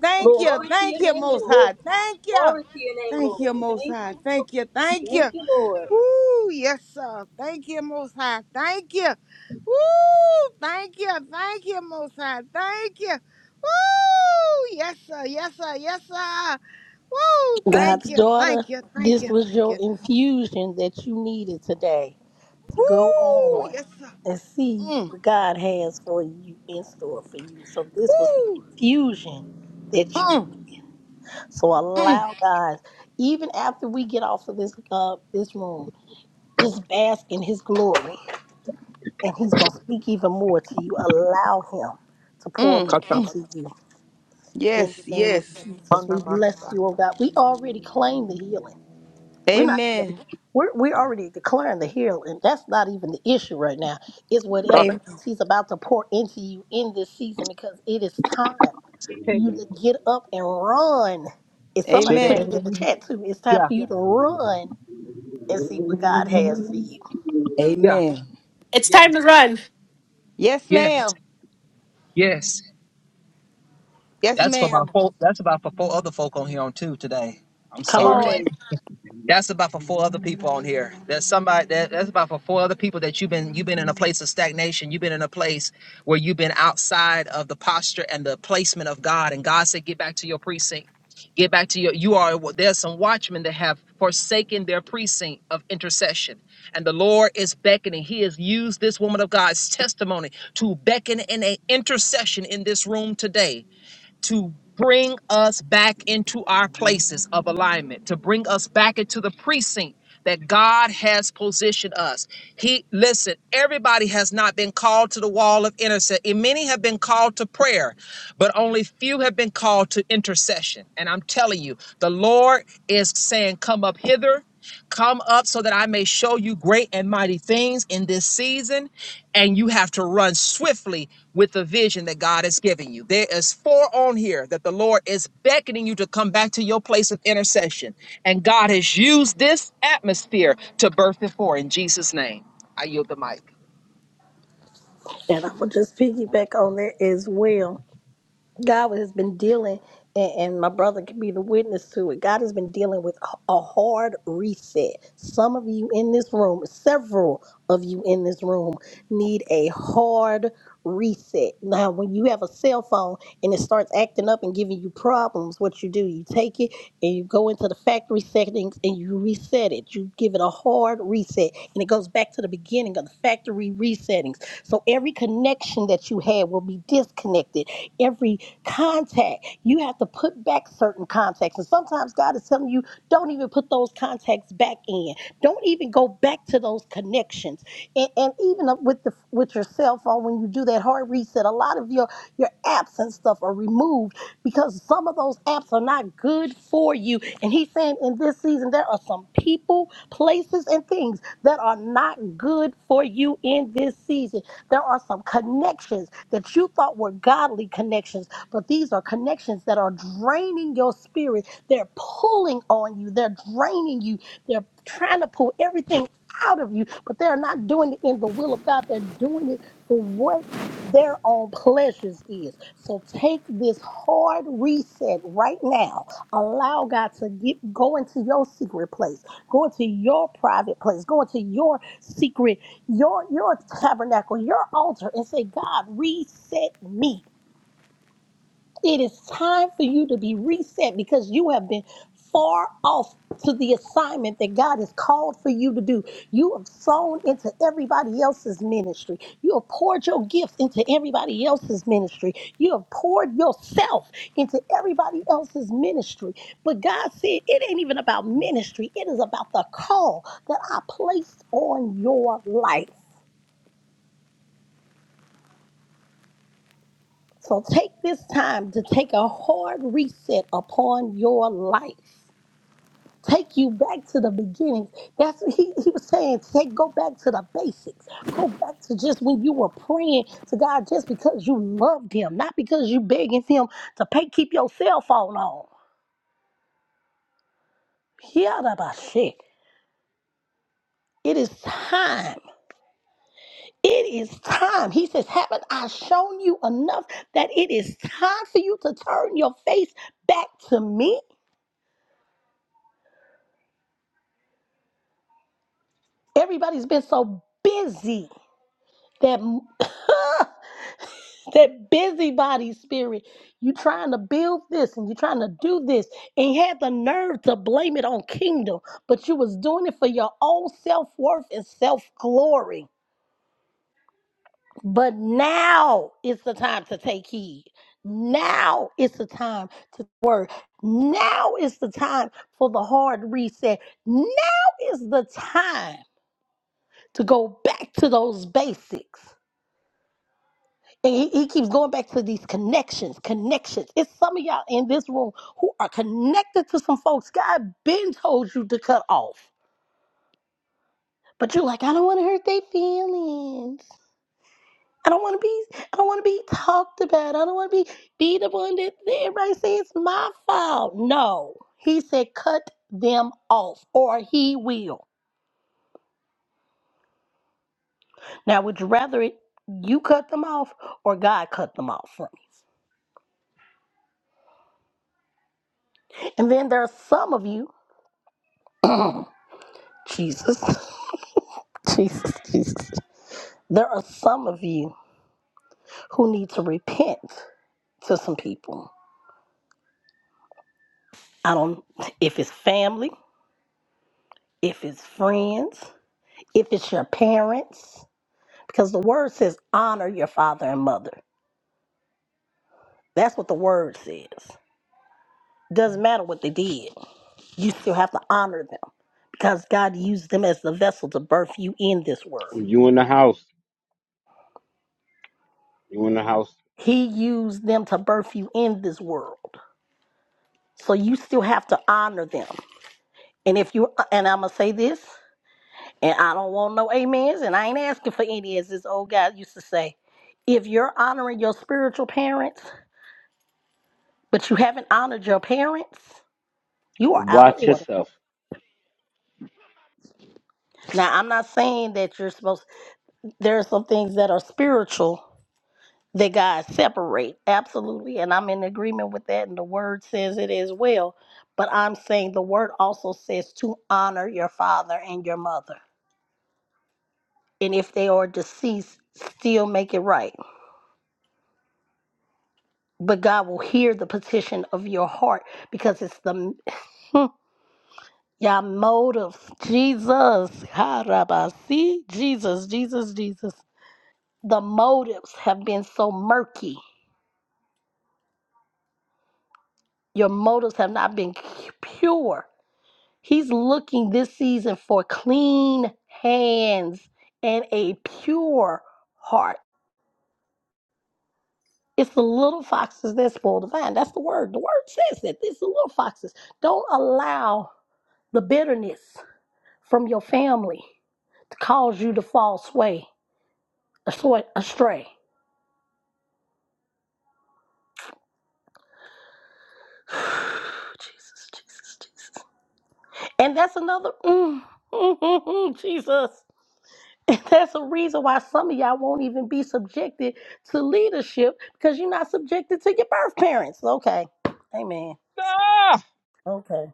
I: Thank
G: glory,
I: you, thank you, Most
G: glory.
I: High. Thank you. Thank you, Most High. Thank you. Thank you. Woo, yes, sir. Thank you, Most High. Thank you. Woo, thank you. Thank you, Most High. Thank you. Woo, yes, sir. Yes, sir. Yes, sir. Woo, thank
C: God's
I: you.
C: daughter,
I: Thank you. Thank
C: this
I: you.
C: was
I: Thank
C: your
I: you.
C: infusion that you needed today to go
I: Woo,
C: on
I: yes, sir.
C: and see
I: Mm.
C: what God has for you in store for you. So, this was the
I: Woo.
C: infusion that you
I: Mm,
C: needed. So,
I: mm,
C: allow God, even after we get off of this, uh, this room. Just bask in his glory, and he's going to speak even more to you. Allow him to pour more
I: mm.
G: Kata
C: into you. In
I: Yes,
C: the name of
I: yes.
C: Jesus, we bless
G: Panamasa.
C: you, oh God. We already claim the healing. We're not even,
I: Amen.
C: we're, we're already declaring the healing. That's not even the issue right now. It's whatever
I: Amen.
C: else he's about to pour into you in this season because it is time for you
G: Kate.
C: to get up and run. If somebody put
I: Amen.
C: it in the
G: Shedebedebede.
C: chat too, it's time
G: Yeah.
C: for you to run and see what God has for you.
G: Yeah.
I: Amen.
E: It's
G: Yes.
E: time to run.
I: Yes,
G: Yeah.
I: ma'am.
G: Yes.
I: Yes,
G: That's for my
I: ma'am.
G: folk. That's about for four other folk on here on too today. I'm
C: Come
G: sorry.
C: on.
I: Amen.
G: That's about for four other people on here. There's somebody that that's about for four other people that you've been you've been in a place of stagnation. You've been in a place where you've been outside of the posture and the placement of God. And God said, "Get back to your precinct. Get back to your. You are there's some watchmen that have forsaken their precinct of intercession, and the Lord is beckoning. He has used this woman of God's testimony to beckon in an intercession in this room today to bring us back into our places of alignment, to bring us back into the precinct that God has positioned us. He listen, everybody has not been called to the wall of intercession. Many have been called to prayer, but only few have been called to intercession. And I'm telling you, the Lord is saying, "Come up hither." Come up so that I may show you great and mighty things in this season, and you have to run swiftly with the vision that God is giving you. There is four on here that the Lord is beckoning you to come back to your place of intercession. And God has used this atmosphere to birth it for in Jesus' name. I yield the mic.
C: And I'm going to just piggyback on that as well. God has been dealing, and, and my brother can be the witness to it. God has been dealing with a a hard reset. Some of you in this room, several of you in this room, need a hard reset. Now, when you have a cell phone and it starts acting up and giving you problems, what you do, you take it and you go into the factory settings and you reset it. You give it a hard reset, and it goes back to the beginning of the factory resettings. So every connection that you had will be disconnected every Contact. You have to put back certain contacts. And sometimes God is telling you, don't even put those contacts back in. Don't even go back to those connections. And, and even with the with your cell phone, when you do that hard reset, a lot of your your apps and stuff are removed because some of those apps are not good for you. And he's saying in this season there are some people, places, and things that are not good for you in this season. There are some connections that you thought were godly connections but these are connections that are draining your spirit. They're pulling on you, they're draining you, they're trying to pull everything out of you, but they're not doing it in the will of God. They're doing it for what their own pleasures is. So take this hard reset right now. Allow God to get go into your secret place. Go into your private place. Go into your secret, your your tabernacle, your altar and say, God, reset me. It is time for you to be reset because you have been far off to the assignment that God has called for you to do. You have sown into everybody else's ministry. You have poured your gifts into everybody else's ministry. You have poured yourself into everybody else's ministry. But God said it ain't even about ministry, it is about the call that I placed on your life. So take this time to take a hard reset upon your life take you back to the beginnings. That's what he, he was saying. Take go back to the basics. Go back to just when you were praying to God just because you loved him, not because you begging him to pay keep your cell phone on. Yeah, that about shit. It is time. It is time. He says, Haven't I shown you enough that it is time for you to turn your face back to me? Everybody's been so busy that that busybody spirit. you trying to build this and you're trying to do this and you had the nerve to blame it on kingdom, but you was doing it for your own self-worth and self-glory. But now is the time to take heed. Now is the time to work. Now is the time for the hard reset. Now is the time to go back to those basics. And he, he keeps going back to these connections, connections. It's some of y'all in this room who are connected to some folks God been told you to cut off. But you're like, I don't want to hurt their feelings. I don't want to be, I don't want to be talked about. I don't want to be, be the one that that everybody says it's my fault. No. He said, cut them off or he will. Now, would you rather it, you cut them off or God cut them off from you? And then there are some of you, Jesus. Jesus, Jesus. There are some of you who need to repent to some people. I don't, if it's family, if it's friends, if it's your parents, because the word says honor your father and mother. That's what the word says. Doesn't matter what they did, you still have to honor them because God used them as the vessel to birth you in this world.
B: You in the house. You in the house.
C: He used them to birth you in this world. So you still have to honor them. And if you, and I'm going to say this And I don't want no amens, and I ain't asking for any, as this old guy used to say. If you're honoring your spiritual parents, but you haven't honored your parents, you are out of
B: Watch
C: order.
B: yourself.
C: Now, I'm not saying that you're supposed, there are some things that are spiritual that God separate, absolutely, and I'm in agreement with that, and the word says it as well. But I'm saying the word also says to honor your father and your mother. And if they are deceased, still make it right. but God will hear the petition of your heart because it's the your motives. Jesus, Harabasi, Jesus, Jesus, Jesus. The motives have been so murky. Your motives have not been c- pure. He's looking this season for clean hands and a pure heart. It's the little foxes that spoil the vine. That's the word. The word says that. It's the little foxes. Don't allow the bitterness from your family to cause you to fall sway, astray. Jesus, Jesus, Jesus. And that's another, mm, mm, mm, mm, Jesus. And that's a reason why some of y'all won't even be subjected to leadership because you're not subjected to your birth parents. Okay. Amen.
G: Ah,
C: Okay.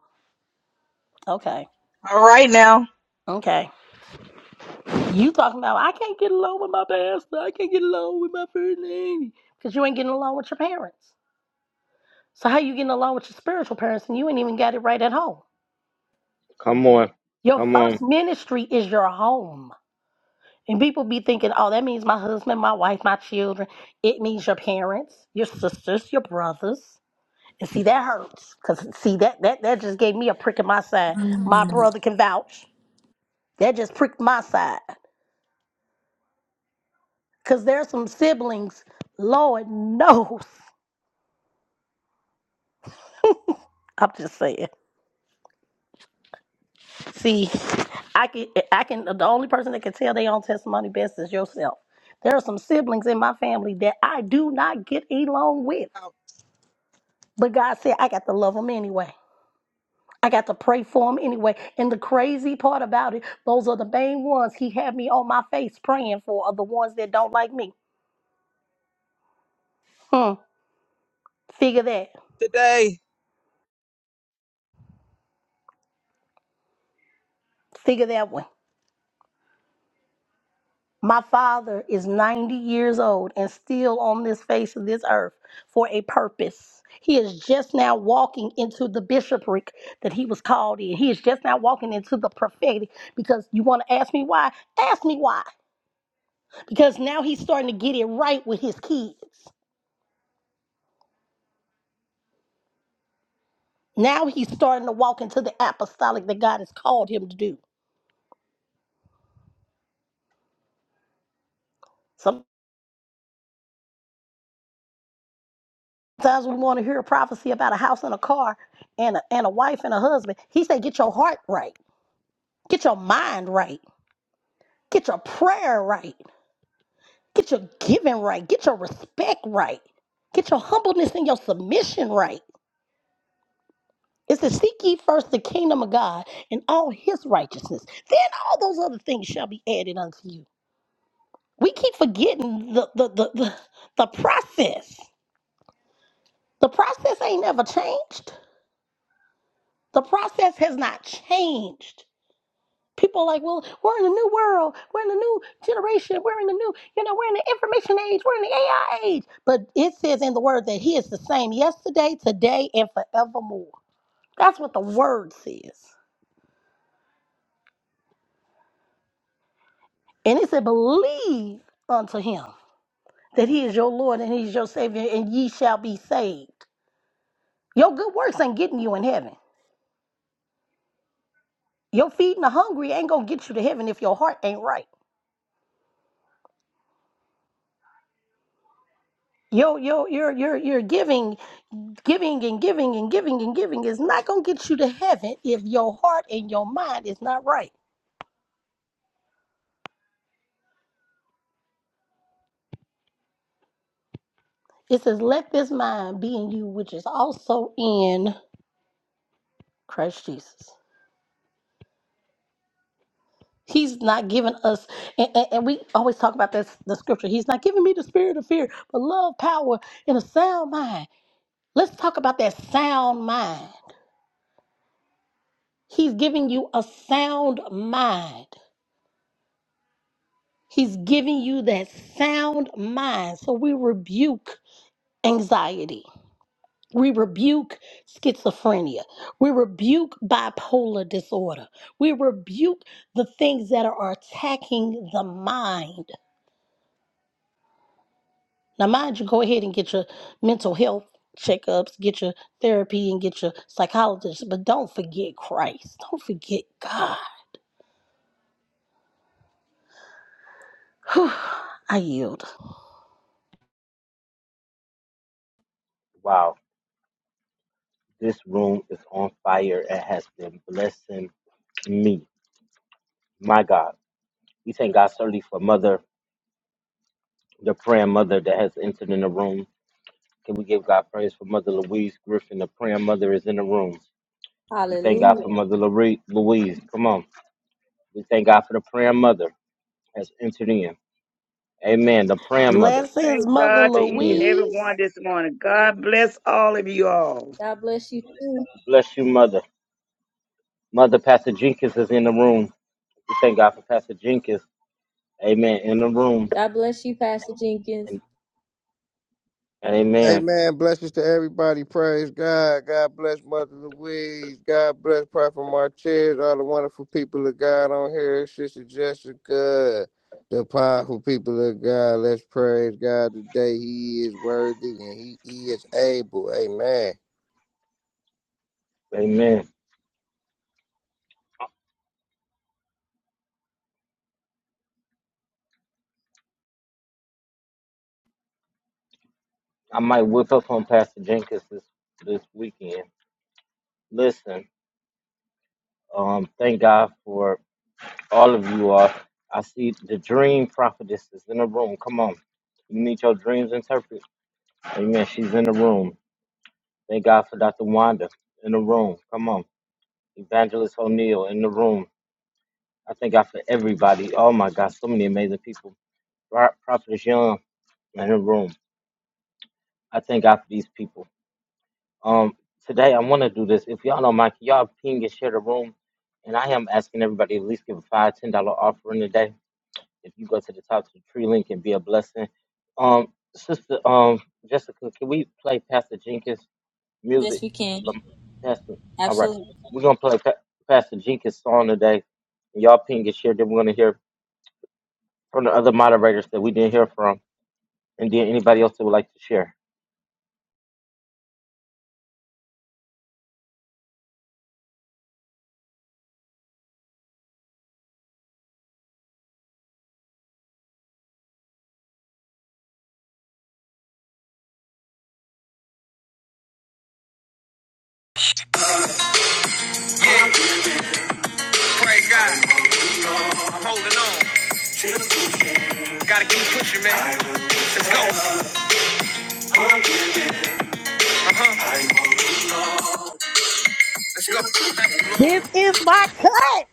C: Okay.
F: All right now.
C: Okay. You talking about, I can't get along with my pastor. I can't get along with my first lady. Because you ain't getting along with your parents. So how you getting along with your spiritual parents and you ain't even got it right at home?
B: Come on.
C: Your
B: Come on.
C: first ministry is your home. And people be thinking, oh, that means my husband, my wife, my children. It means your parents, your sisters, your brothers. And see, that hurts. Because, see, that, that, that just gave me a prick in my side. My
K: Mm.
C: brother can vouch. That just pricked my side. Because there's some siblings, Lord knows. I'm just saying. See, I can, I can. The only person that can tell their own testimony best is yourself. There are some siblings in my family that I do not get along with, but God said I got to love them anyway. I got to pray for them anyway. And the crazy part about it, those are the main ones He had me on my face praying for are the ones that don't like me. Hmm. Figure that.
G: today.
C: Figure that one. My father is 90 years old and still on this face of this earth for a purpose. He is just now walking into the bishopric that he was called in. He is just now walking into the prophetic because you want to ask me why? Ask me why. Because now he's starting to get it right with his kids. Now he's starting to walk into the apostolic that God has called him to do. Sometimes we want to hear a prophecy about a house and a car and a, and a wife and a husband. He said, Get your heart right, get your mind right Get your prayer right. Get your giving right. Get your respect right. Get your humbleness and your submission right. It's to seek ye first the kingdom of God and all his righteousness. Then all those other things shall be added unto you. We keep forgetting the the the, the, the process. The process ain't never changed. The process has not changed. People are like, well, we're in a new world. We're in a new generation. We're in a new, you know, we're in the information age. We're in the AI age. But it says in the word that he is the same yesterday, today, and forevermore. That's what the word says. And it said, believe unto him that he is your Lord and he's your Savior, and ye shall be saved. Your good works ain't getting you in heaven. Your feeding the hungry ain't gonna get you to heaven if your heart ain't right. Your your your your your giving Giving and giving and giving and giving is not going to get you to heaven if your heart and your mind is not right. It says, Let this mind be in you, which is also in Christ Jesus. He's not giving us, and, and- and we always talk about this, the scripture. He's not giving me the spirit of fear, but love, power, and a sound mind. Let's talk about that sound mind. He's giving you a sound mind. He's giving you that sound mind. So we rebuke anxiety. We rebuke schizophrenia. We rebuke bipolar disorder. We rebuke the things that are attacking the mind. Now, mind you, go ahead and get your mental health checkups, get your therapy, and get your psychologist, but don't forget Christ. Don't forget God. Whew, I yield.
B: Wow. This room is on fire. It has been blessing me. My God. We thank God certainly for Mother, the prayer mother that has entered in the room. Can we give God praise for Mother Louise Griffin? The prayer mother is in the room. We thank God for Mother Lore- Louise. Come on. We thank God for the prayer mother has entered in. Amen. The prayer mother
C: Blessings,
L: Praise
C: Mother
B: has
L: God to
B: entered
L: each and
B: in.
L: every
C: Louise.
L: one this morning. God bless all of you all.
B: Bless you, Mother. Mother Pastor Jenkins is in the room. We thank God for Pastor Jenkins. Amen. In the room. And- Amen.
M: Amen. Blessings to everybody. Praise God. God bless Mother Louise. God bless Prophet Martez. All the wonderful people of God on here. Sister Jessica. The powerful people of God. Let's praise God today. He is worthy and he he is able. Amen.
B: Amen. I might whip up on Pastor Jenkins this, this weekend. Listen. Um, thank God for all of you all. I see the dream prophetess is in the room. Come on. You need your dreams interpreted. Amen. She's in the room. Thank God for Dr. Wanda in the room. Come on. Evangelist O'Neill in the room. I thank God for everybody. Oh my God, so many amazing people. Pro- Prophetess Young in the room. I thank God for these people. Um, today I want to do this. If y'all don't mind, can y'all ping and share the room. And I am asking everybody to at least give a five, ten dollar offering today If you go to the top to the tree link and be a blessing. Um, sister, um, Jessica, can we play Pastor Jenkins
D: Yes,
B: music?
D: we can.
B: Lam- Pastor, all right,
D: Absolutely.
B: we're gonna play pa- Pastor Jenkins song today. And y'all ping and share. Then we're gonna hear from the other moderators that we didn't hear from, and then anybody else that would like to share.
D: Praise God. I'm holding on. Gotta keep pushing, man. Let's go. Uh huh. Let's go. Thank you, Lord.
C: This is my cut.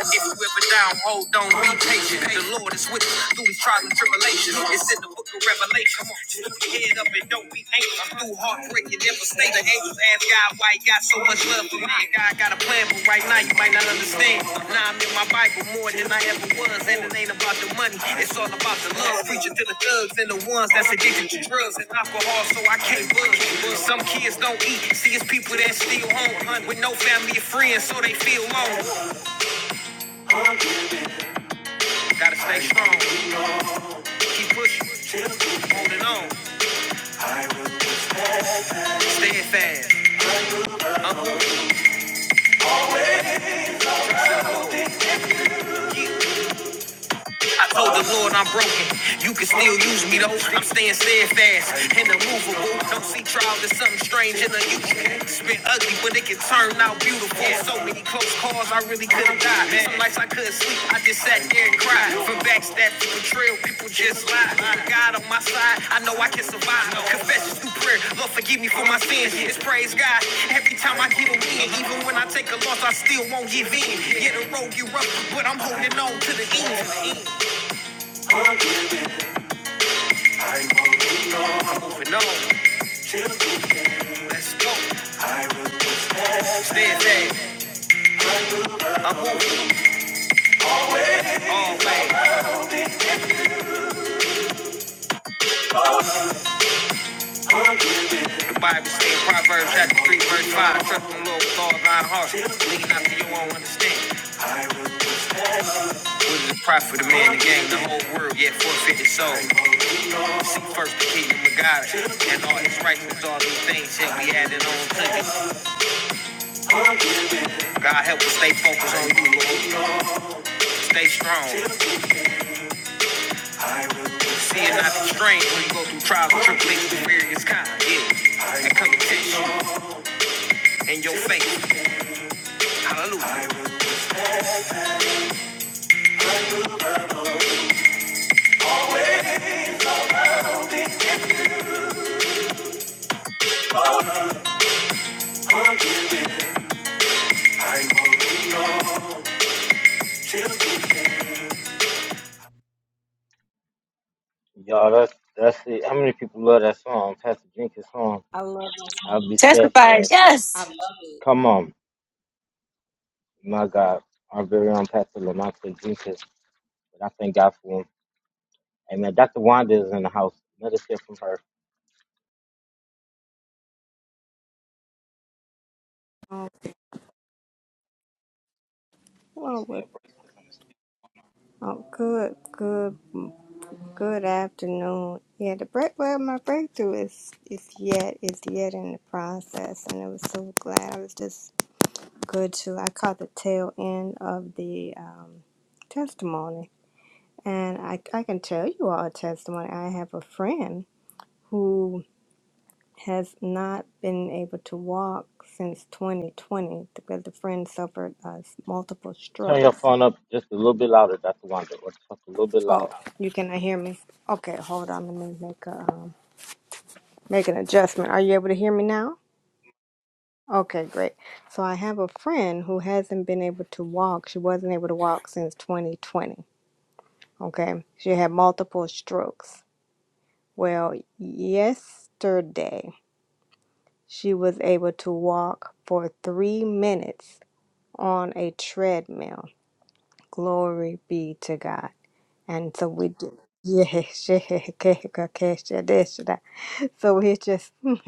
D: If you ever down, hold on, be patient. The Lord is with you through these trials and tribulations. It's in the book of Revelation. Just lift your head up and don't be anxious. I'm through heartbreak, and devastation. The angels ask God why he got so much love for me. God got a plan, but right now you might not understand. Now I'm in my Bible more than I ever was, and it ain't about the money. It's all about the love. Preaching to the thugs and the ones that's addicted to drugs and alcohol, so I can't budge. Some kids don't eat. See, it's people that still home with no family or friends, so they feel alone. Gotta stay strong, keep pushing, holding on, staying fast. I'm who you get, I told the Lord I'm broken. You can still use me though. I'm staying steadfast and immovable. Don't see trials as something strange and unusual. It's been ugly, but it can turn out beautiful. So many close calls, I really couldn't die. Some nights I couldn't sleep, I just sat there and cried. From backstab to betrayal, people just lie. God on my side, I know I can survive. Confessions through prayer, Lord forgive me for my sins. It's praise God. Every time I give a win, even when I take a loss, I still won't give in. Yeah, the road get rough, but I'm holding on to the end. moving on. Let's go. Stand there. I'm moving all way. The Bible says Proverbs chapter 3, verse 5. Trust in the Lord with all thine heart. Lean not to your own understanding. What is the profit of man to gain the whole world, yet forfeit his soul? And Seek first the kingdom of God and all his righteousness, all these things shall be added on to you. God help us stay focused on you, Lord. Stay strong. See it not the strain when you go through trials and tribulations of various kinds. Yeah. And come to you in your faith. Hallelujah. I,
B: Um, I guess,
E: Yes.
B: come on, my God, I've been out to Jenkins, and I think um, Amen. House, another
J: Um, well, we- oh, good, good, good afternoon. Yeah, the break. Well, my breakthrough is is yet is yet in the process, and I was so glad. I was just good to. I caught the tail end of the um, testimony, and I I can tell you all a testimony. I have a friend. who has not been able to walk since 2020 because the friend suffered uh, multiple strokes.
B: phone up, Wanda. What's
J: Oh,
B: loud?
J: you cannot hear me? Okay, hold on. Let me make a um, make an adjustment. Are you able to hear me now? Okay, great. So I have a friend who hasn't been able to walk. She wasn't able to walk since 2020. Okay, she had multiple strokes. Well, yesterday she was able to walk for three minutes on a treadmill. Glory be to God. And so we do. Yes, yeah, yeah, yeah, yeah, yeah, yeah, yeah, yeah. so we just we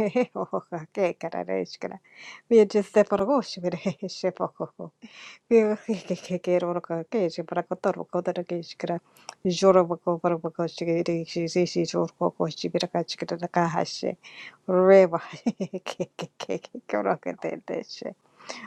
J: just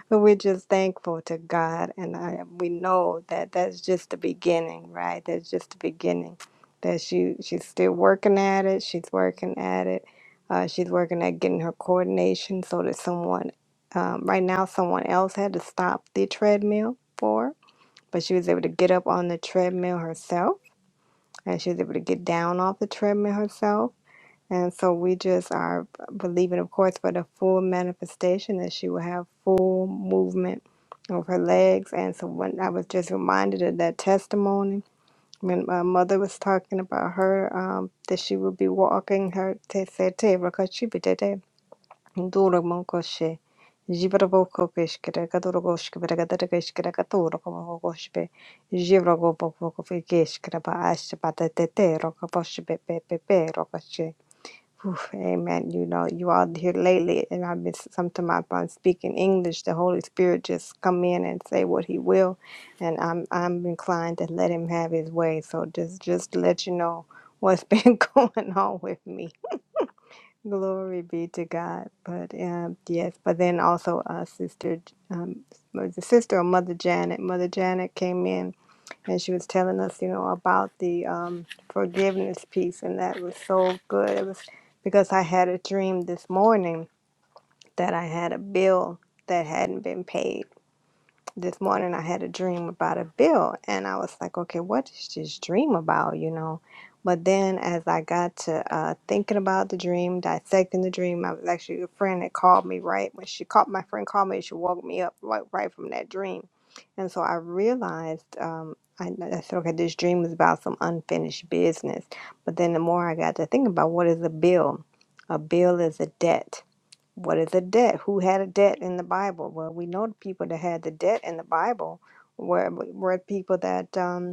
J: But we're just thankful to God, and I, we know that that's just the beginning, right? That's just the beginning. That she she's still working at it. She's working at it. Uh, she's working at getting her coordination so that someone, um, right now, someone else had to stop the treadmill for her. But she was able to get up on the treadmill herself, and she was able to get down off the treadmill herself and so we just are believing, of course, for the full manifestation that she will have full movement of her legs. And so when I was just reminded of that testimony, when my mother was talking about her, um, that she would be walking her, they said, "Te rakashibitete, nduramonkoshe, jibarabokokoshkirakadorokoshkirakadorokoshkirakadorokomokoshbe, jibrakobokokofekeshkirabaashbatatete, rokoboshbepepepe, rokoshe." Oof, amen. You know, you all here lately, and I've been sometimes if I'm speaking English. The Holy Spirit just come in and say what He will, and I'm I'm inclined to let Him have His way. So just just to let you know what's been going on with me. Glory be to God. But um, yes, but then also uh, sister, um, was it sister or mother Janet. Mother Janet came in and she was telling us, you know, about the um, forgiveness piece, and that was so good. It was because I had a dream this morning that I had a bill that hadn't been paid this morning I had a dream about a bill and I was like, okay, what is this dream about, you know? But then as I got to uh, thinking about the dream, dissecting the dream, I was actually a friend that called me right when she called my friend called me, she woke me up right, right from that dream. And so I realized um, I, I said, okay, this dream is about some unfinished business. But then the more I got to think about what is a bill, a bill is a debt what is a debt? Who had a debt in the Bible? Well, we know the people that had the debt in the Bible were were people that um,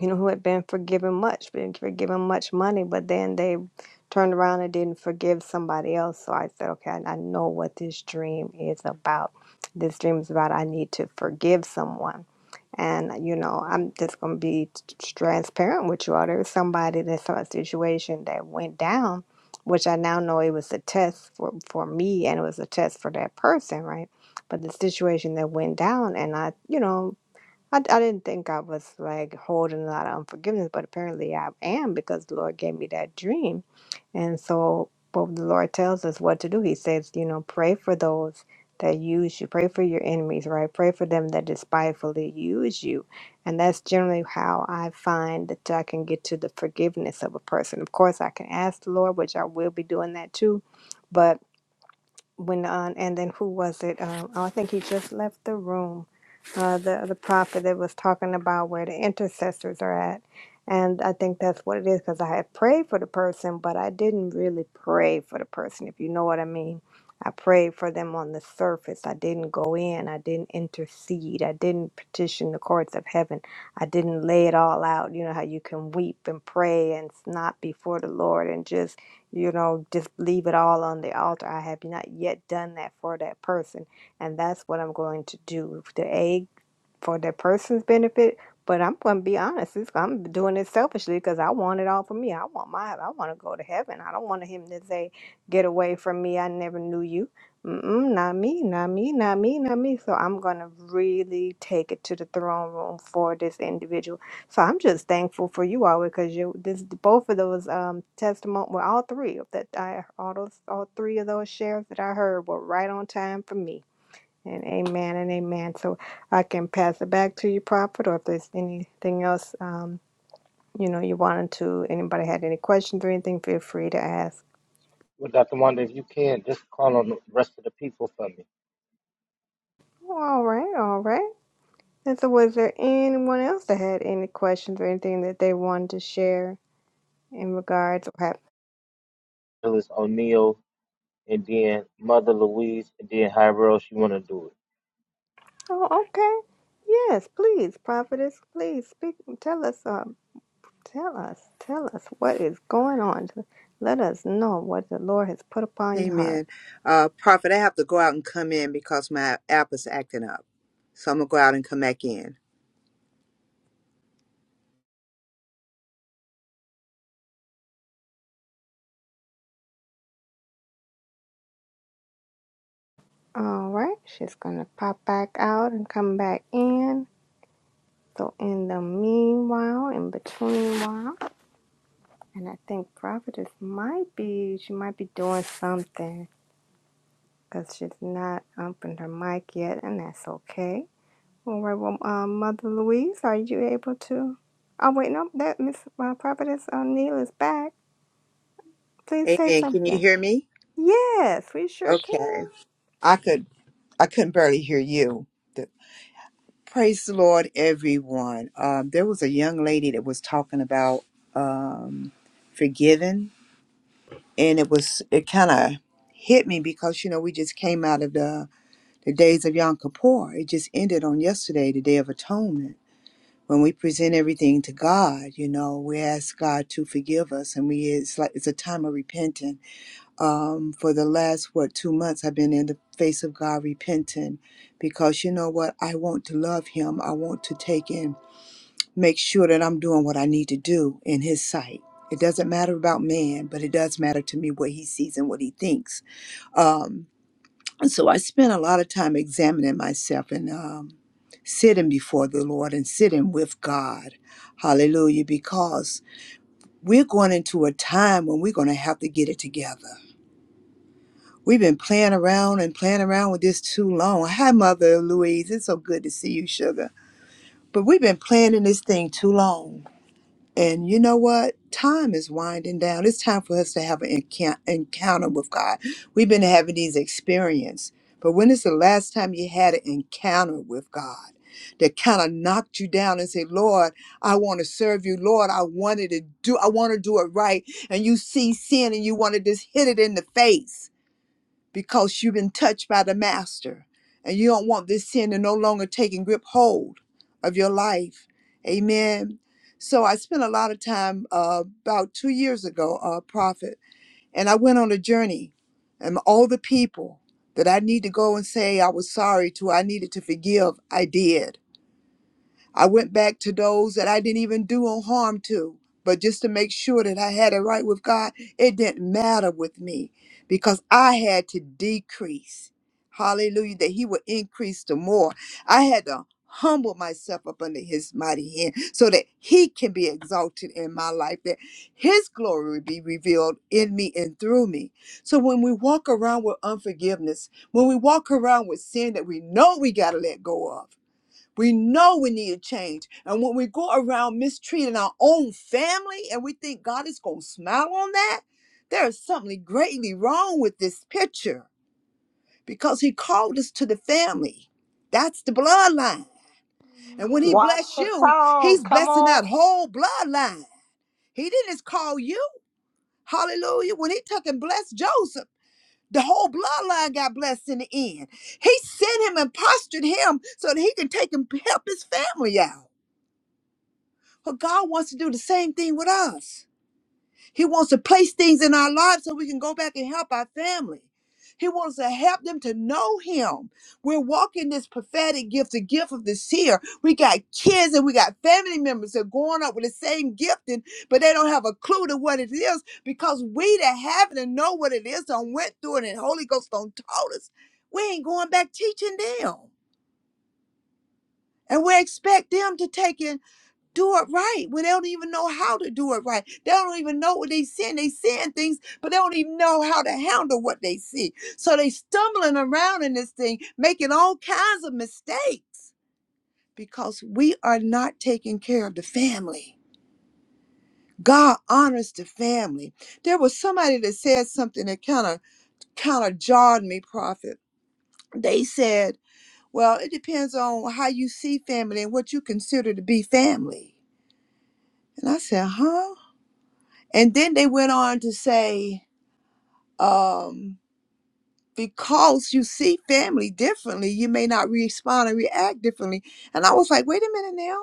J: you know, who had been forgiven much, been forgiven much money, but then they turned around and didn't forgive somebody else. So I said, okay, I I know what this dream is about. This dream is about I need to forgive someone. And, you know, I'm just going to be t- t- transparent with you all. There was somebody that saw a situation that went down, which I now know it was a test for, for me and it was a test for that person, right? But the situation that went down, and I, you know, I, I didn't think I was like holding a lot of unforgiveness, but apparently I am because the Lord gave me that dream. And so, what the Lord tells us what to do, He says, you know, pray for those that use you, pray for your enemies, right? Pray for them that despitefully use you. And that's generally how I find that I can get to the forgiveness of a person. Of course, I can ask the Lord, which I will be doing that too. But went on, and then who was it? Um, oh, I think he just left the room. Uh, the the prophet that was talking about where the intercessors are at, and I think that's what it is because I had prayed for the person, but I didn't really pray for the person, if you know what I mean. I prayed for them on the surface. I didn't go in. I didn't intercede. I didn't petition the courts of heaven. I didn't lay it all out. You know how you can weep and pray and not before the Lord and just you know, just leave it all on the altar. I have not yet done that for that person, and that's what I'm going to do. The egg for that person's benefit. But I'm gonna be honest. It's, I'm doing it selfishly because I want it all for me. I want my. I want to go to heaven. I don't want him to say, "Get away from me. I never knew you." Mm-mm, not me. Not me. Not me. Not me. So I'm gonna really take it to the throne room for this individual. So I'm just thankful for you all because you this both of those um testimony. Well, all three of that I all those all three of those shares that I heard were right on time for me and amen and amen. So I can pass it back to you, Prophet, or if there's anything else, um, you know, you wanted to, anybody had any questions or anything, feel free to ask.
B: What Dr. Wanda on me?
J: All right, all right. And so was there anyone else that had any questions or anything that they wanted to share in regards or have?
B: Phyllis O'Neill. and then Mother Louise, and then however else you want to do
J: Oh, okay. Yes, please, prophetess, please speak. Tell us, um, tell us, tell us what is going on. Let us know what the Lord has put upon your heart.
K: Amen. Uh, Prophet, I have to go out and come in because my app is acting up. So I'm gonna go out and come back in.
J: All right, she's gonna pop back out and come back in. So in the meanwhile, in between while, and I think Providence might be she might be doing something because she's not opened her mic yet, and that's okay. All right, well, um, Mother Louise, are you able to? Oh wait, no, that Miss uh, Providence O'Neill is back. Please say
K: Amen. Can you
J: something.
K: hear me?
J: Yes, we sure can.
K: Okay. I could I couldn't barely hear you. The- Praise the Lord, everyone. Um, there was a young lady that was talking about um, forgiving, and it was it kind of hit me because you know we just came out of the the days of Yom Kippur. It just ended on yesterday, the Day of Atonement when we present everything to God, you know, we ask God to forgive us, and we it's like it's a time of repenting. Um, for the last what two months, I've been in the face of God repenting, because you know what, I want to love Him. I want to take in, make sure that I'm doing what I need to do in His sight. It doesn't matter about man, but it does matter to me what He sees and what He thinks. Um, and so I spent a lot of time examining myself and um, sitting before the Lord and sitting with God. Hallelujah. Because we're going into a time when we're going to have to get it together. We've been playing around and playing around with this too long. Hi, Mother Louise. It's so good to see you, sugar. But we've been planning this thing too long. And you know what? Time is winding down. It's time for us to have an encou- encounter with God. We've been having these experiences, but when is the last time you had an encounter with God that kind of knocked you down and said, Lord, I want to serve you. Lord, I wanted to do, I want to do it right. And you see sin and you want to just hit it in the face because you've been touched by the master and you don't want this sin to no longer take and grip hold of your life amen so i spent a lot of time uh, about two years ago uh, prophet and i went on a journey and all the people that i need to go and say i was sorry to i needed to forgive i did I went back to those that I didn't even do no harm to, but just to make sure that I had it right with God, it didn't matter with me because I had to decrease. Hallelujah, that He would increase the more. I had to humble myself up under His mighty hand so that He can be exalted in my life, that His glory would be revealed in me and through me. So when we walk around with unforgiveness, when we walk around with sin that we know we got to let go of, we know we need a change. And when we go around mistreating our own family and we think God is going to smile on that, there is something greatly wrong with this picture because He called us to the family. That's the bloodline. And when He
C: Watch
K: bless
C: your
K: you,
C: tongue.
K: He's
C: Come
K: blessing
C: on.
K: that whole bloodline. He didn't just call you. Hallelujah. When He took and blessed Joseph, the whole bloodline got blessed in the end. He sent him and postured him so that he could take and help his family out. But God wants to do the same thing with us. He wants to place things in our lives so we can go back and help our family. He wants to help them to know Him. We're walking this prophetic gift, the gift of the seer. We got kids and we got family members that are growing up with the same gifting, but they don't have a clue to what it is because we that have it and know what it is don't went through it and Holy Ghost don't taught us. We ain't going back teaching them. And we expect them to take it do it right when they don't even know how to do it right. They don't even know what they sin. They sin things, but they don't even know how to handle what they see. So they stumbling around in this thing, making all kinds of mistakes because we are not taking care of the family. God honors the family. There was somebody that said something that kind of kind of jarred me, prophet. They said, "Well, it depends on how you see family and what you consider to be family." And I said, "Huh?" And then they went on to say, um, because you see family differently, you may not respond and react differently. And I was like, wait a minute now.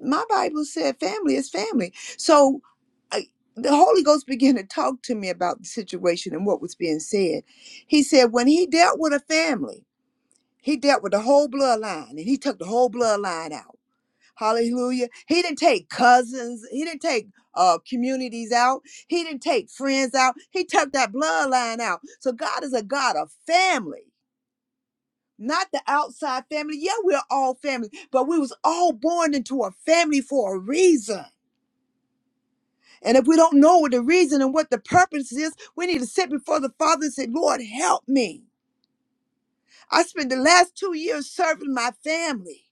K: My Bible said family is family. So I, the Holy Ghost began to talk to me about the situation and what was being said. He said, when he dealt with a family, he dealt with the whole bloodline and he took the whole bloodline out. Hallelujah. He didn't take cousins. He didn't take uh, communities out. He didn't take friends out. He took that bloodline out. So God is a God of family, not the outside family. Yeah, we're all family, but we was all born into a family for a reason. And if we don't know what the reason and what the purpose is, we need to sit before the Father and say, Lord, help me. I spent the last two years serving my family.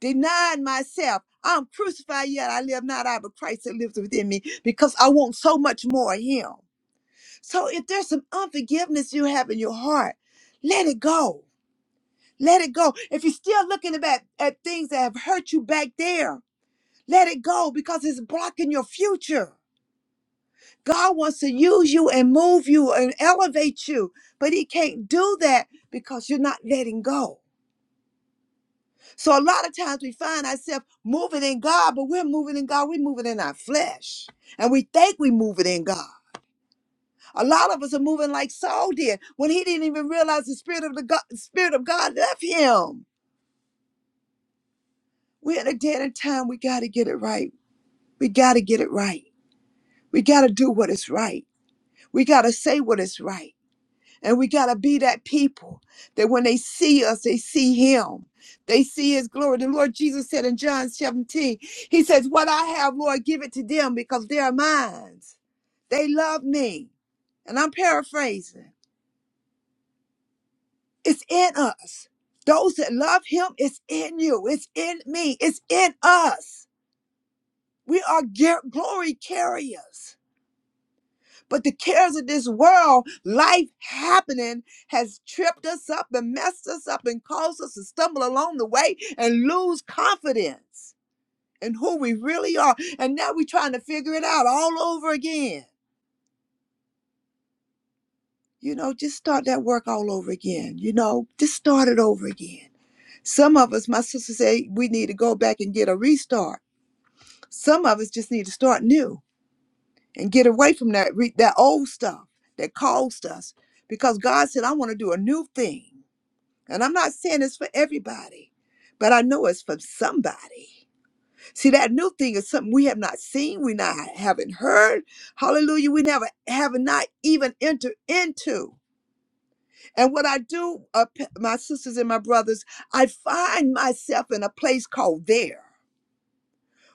K: Denying myself, I'm crucified yet I live not I, but Christ that lives within me because I want so much more of Him. So if there's some unforgiveness you have in your heart, let it go. Let it go. If you're still looking back at things that have hurt you back there, let it go because it's blocking your future. God wants to use you and move you and elevate you, but He can't do that because you're not letting go. So a lot of times we find ourselves moving in God, but we're moving in God, we're moving in our flesh. And we think we're moving in God. A lot of us are moving like Saul did when he didn't even realize the spirit of the God, spirit of God left him. We're in a dead end time. We got to get it right. We got to get it right. We got to do what is right. We got to say what is right. And we got to be that people that when they see us, they see him. They see his glory. The Lord Jesus said in John 17, he says, What I have, Lord, give it to them because they are mine. They love me. And I'm paraphrasing. It's in us. Those that love him, it's in you. It's in me. It's in us. We are ge- glory carriers. But the cares of this world, life happening, has tripped us up and messed us up and caused us to stumble along the way and lose confidence in who we really are. And now we're trying to figure it out all over again. You know, just start that work all over again. You know, just start it over again. Some of us, my sister said, we need to go back and get a restart. Some of us just need to start new and get away from that re- that old stuff that caused us because God said I want to do a new thing. And I'm not saying it's for everybody, but I know it's for somebody. See, that new thing is something we have not seen, we not haven't heard. Hallelujah, we never have not even entered into. And what I do, uh, p- my sisters and my brothers, I find myself in a place called there.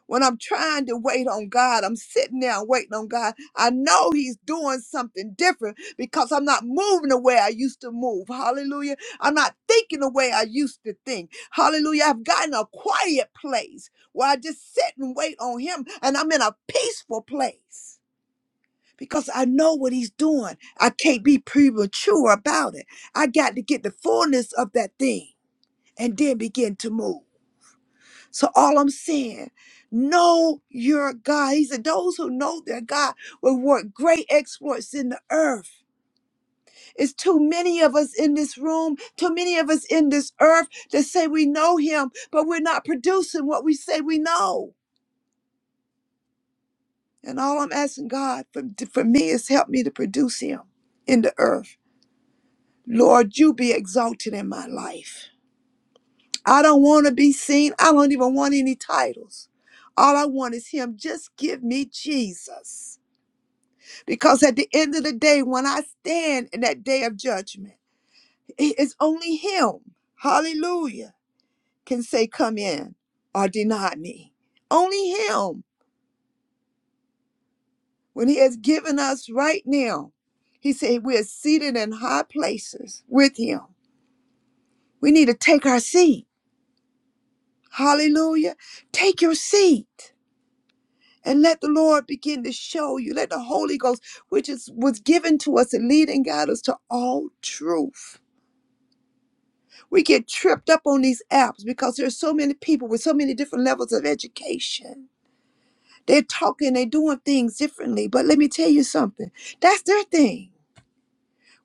K: When I'm trying to wait on God, I'm sitting there waiting on God. I know He's doing something different because I'm not moving the way I used to move. Hallelujah. I'm not thinking the way I used to think. Hallelujah. I've gotten a quiet place where I just sit and wait on Him, and I'm in a peaceful place because I know what He's doing. I can't be premature about it. I got to get the fullness of that thing and then begin to move. So all I'm saying, know your God. He said, those who know their God will work great exploits in the earth. It's too many of us in this room, too many of us in this earth that say we know him, but we're not producing what we say we know. And all I'm asking God for, for me is help me to produce him in the earth. Lord, you be exalted in my life. I don't want to be seen. I don't even want any titles. All I want is him. Just give me Jesus. Because at the end of the day, when I stand in that day of judgment, it is only Him, hallelujah, can say, Come in or deny me. Only Him, when He has given us right now, He said, We're seated in high places with Him. We need to take our seat. Hallelujah. Take your seat and let the Lord begin to show you. Let the Holy Ghost, which is was given to us and lead and guide us to all truth. We get tripped up on these apps because there's so many people with so many different levels of education. They're talking, they're doing things differently. But let me tell you something that's their thing.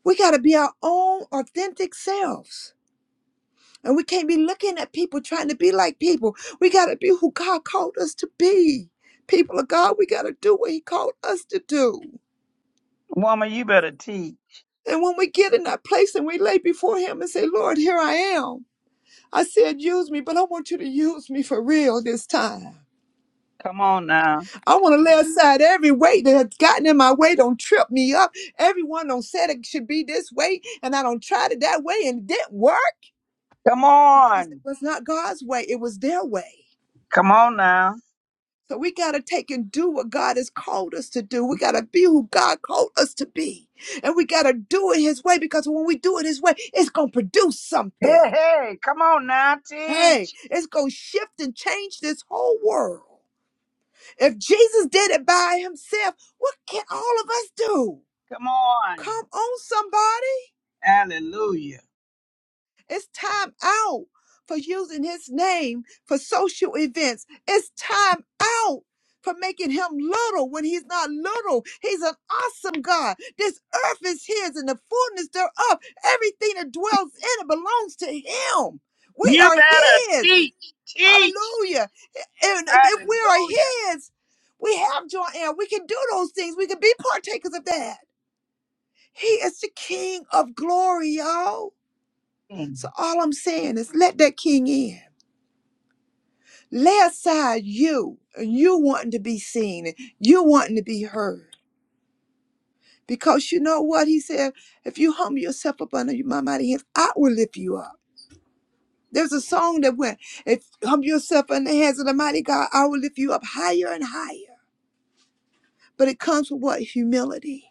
K: We got to be our own authentic selves. And we can't be looking at people trying to be like people. We got to be who God called us to be. People of God, we got to do what He called us to do.
L: Woman, you better teach.
K: And when we get in that place and we lay before Him and say, Lord, here I am. I said, use me, but I want you to use me for real this time.
L: Come on now.
K: I want to lay aside every weight that has gotten in my way. Don't trip me up. Everyone don't said it should be this way, and I don't tried it that way, and it didn't work
L: Come
K: because it
L: on.
K: was not God's way. It was their way.
L: Come on now.
K: So we got to take and do what God has called us to do. We got to be who God called us to be. And we got to do it His way because when we do it His way, it's going to produce
L: Hey,
K: something.
L: hey, come on now.
K: Hey,
L: Teach.
K: it's going to shift and change this whole world. If Jesus did it by Himself, what can all of us do?
L: Come on.
K: Come on, somebody.
L: Hallelujah.
K: It's time out for using his name for social events. It's time out for making him little when he's not little. He's an awesome God. This earth is his and the fullness thereof. Everything that dwells in it belongs to him. We
L: You
K: are
L: better
K: his.
L: teach. Teach.
K: Hallelujah. And if if we
L: Hallelujah.
K: are his, we have joy and we can do those things. We can be partakers of that. He is the King of glory, y'all.
L: Hallelujah.
K: So all I'm saying is let that king in. Lay aside you and you wanting to be seen and you wanting to be heard. Because you know what? He said, if you humble yourself up under my mighty hands, I will lift you up. There's a song that went, if you humble yourself under the hands of the mighty God, I will lift you up higher and higher. But it comes with what? Humility.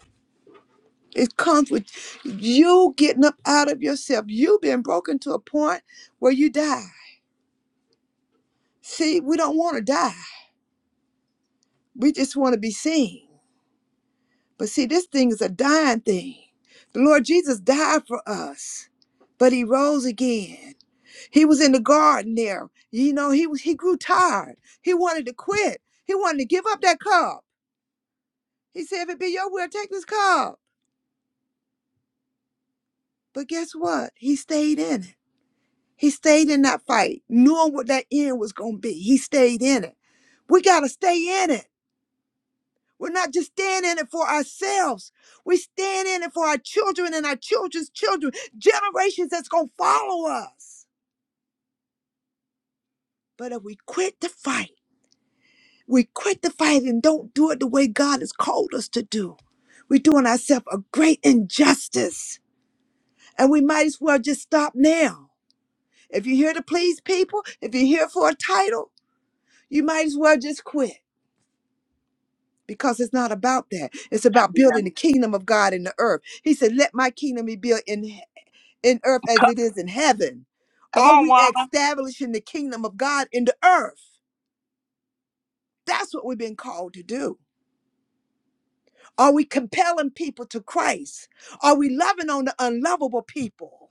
K: It comes with you getting up out of yourself. You've been broken to a point where you die. See, we don't want to die. We just want to be seen. But see, this thing is a dying thing. The Lord Jesus died for us, but he rose again. He was in the garden there. You know, he was he grew tired. He wanted to quit. He wanted to give up that cup. He said, if it be your will, take this cup. But guess what? He stayed in it. He stayed in that fight, knowing what that end was gonna be. He stayed in it. We gotta stay in it. We're not just staying in it for ourselves. We stand in it for our children and our children's children, generations that's going to follow us. But if we quit the fight, we quit the fight and don't do it the way God has called us to do, we're doing ourselves a great injustice. And we might as well just stop now. If you're here to please people, if you're here for a title, you might as well just quit because it's not about that. It's about building the kingdom of God in the earth. He said, Let my kingdom be built in in earth as
L: Come,
K: it is in heaven?
L: come
K: Are
L: on,
K: we
L: woman.
K: establishing the kingdom of God in the earth? That's what we've been called to do. Are we compelling people to Christ? Are we loving on the unlovable people?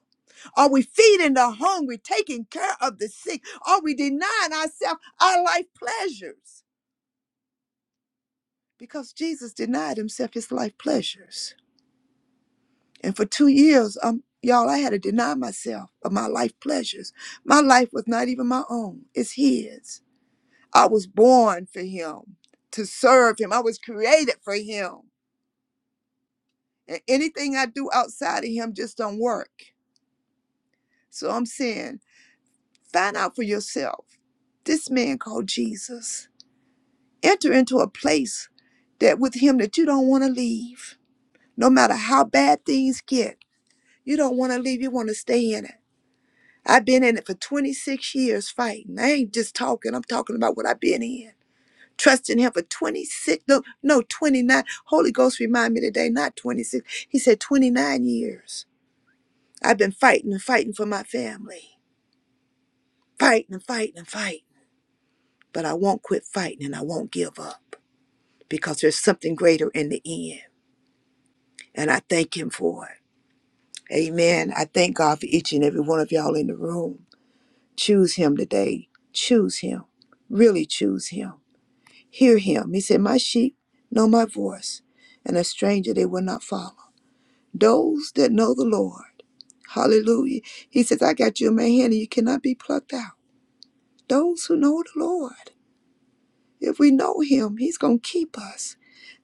K: Are we feeding the hungry, taking care of the sick? Are we denying ourselves our life pleasures? Because Jesus denied himself his life pleasures. And for two years, um, y'all, I had to deny myself of my life pleasures. My life was not even my own, it's his. I was born for him, to serve him. I was created for him. And anything I do outside of him just don't work. So I'm saying, find out for yourself. This man called Jesus. Enter into a place that with him that you don't want to leave. No matter how bad things get, you don't want to leave. You want to stay in it. I've been in it for 26 years fighting. I ain't just talking. I'm talking about what I've been in. Trust in him for 26, no, no, 29. Holy Ghost remind me today, not 26. He said 29 years. I've been fighting and fighting for my family, fighting and fighting and fighting. But I won't quit fighting and I won't give up because there's something greater in the end. And I thank him for it. Amen. I thank God for each and every one of y'all in the room. Choose him today. Choose him. Really choose him. Hear him. He said, My sheep know my voice, and a stranger they will not follow. Those that know the Lord. Hallelujah. He says, I got you in my hand and you cannot be plucked out. Those who know the Lord. If we know him, he's going to keep us.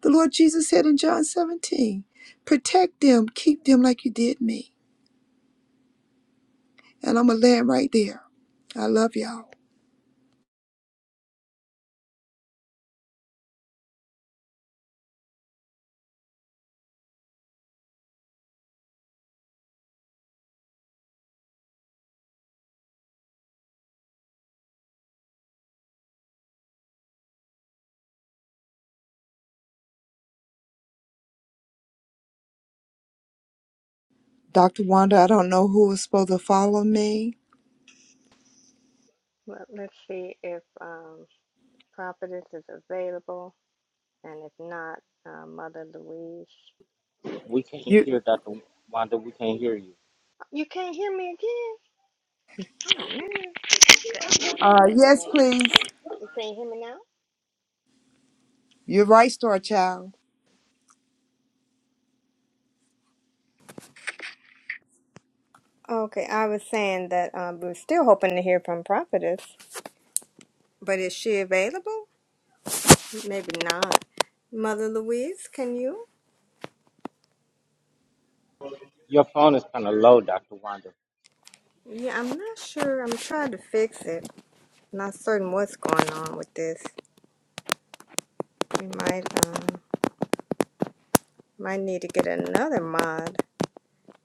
K: The Lord Jesus said in John 17, protect them, keep them like you did me. And I'm going to land right there. I love y'all. Dr. Wanda, I don't know who is supposed to follow me.
J: Let, let's see if um, Providence is available. And if not, uh, Mother Louise.
B: it. We can't
K: You,
B: hear Dr. Wanda. We can't hear you.
J: You can't hear me again? Oh, man. Okay, I'm not sure
K: uh,
J: what's
K: yes,
J: going on.
K: please.
J: You can't hear me now?
K: You're right, Star Child.
J: Okay, I was saying that um, we're still hoping to hear from Prophetess. But is she available? Maybe not. Mother Louise, can you?
B: Your phone is kind of low, Dr. Wanda.
J: Yeah, I'm not sure. I'm trying to fix it. Not certain what's going on with this. We might um, might need to get another mod.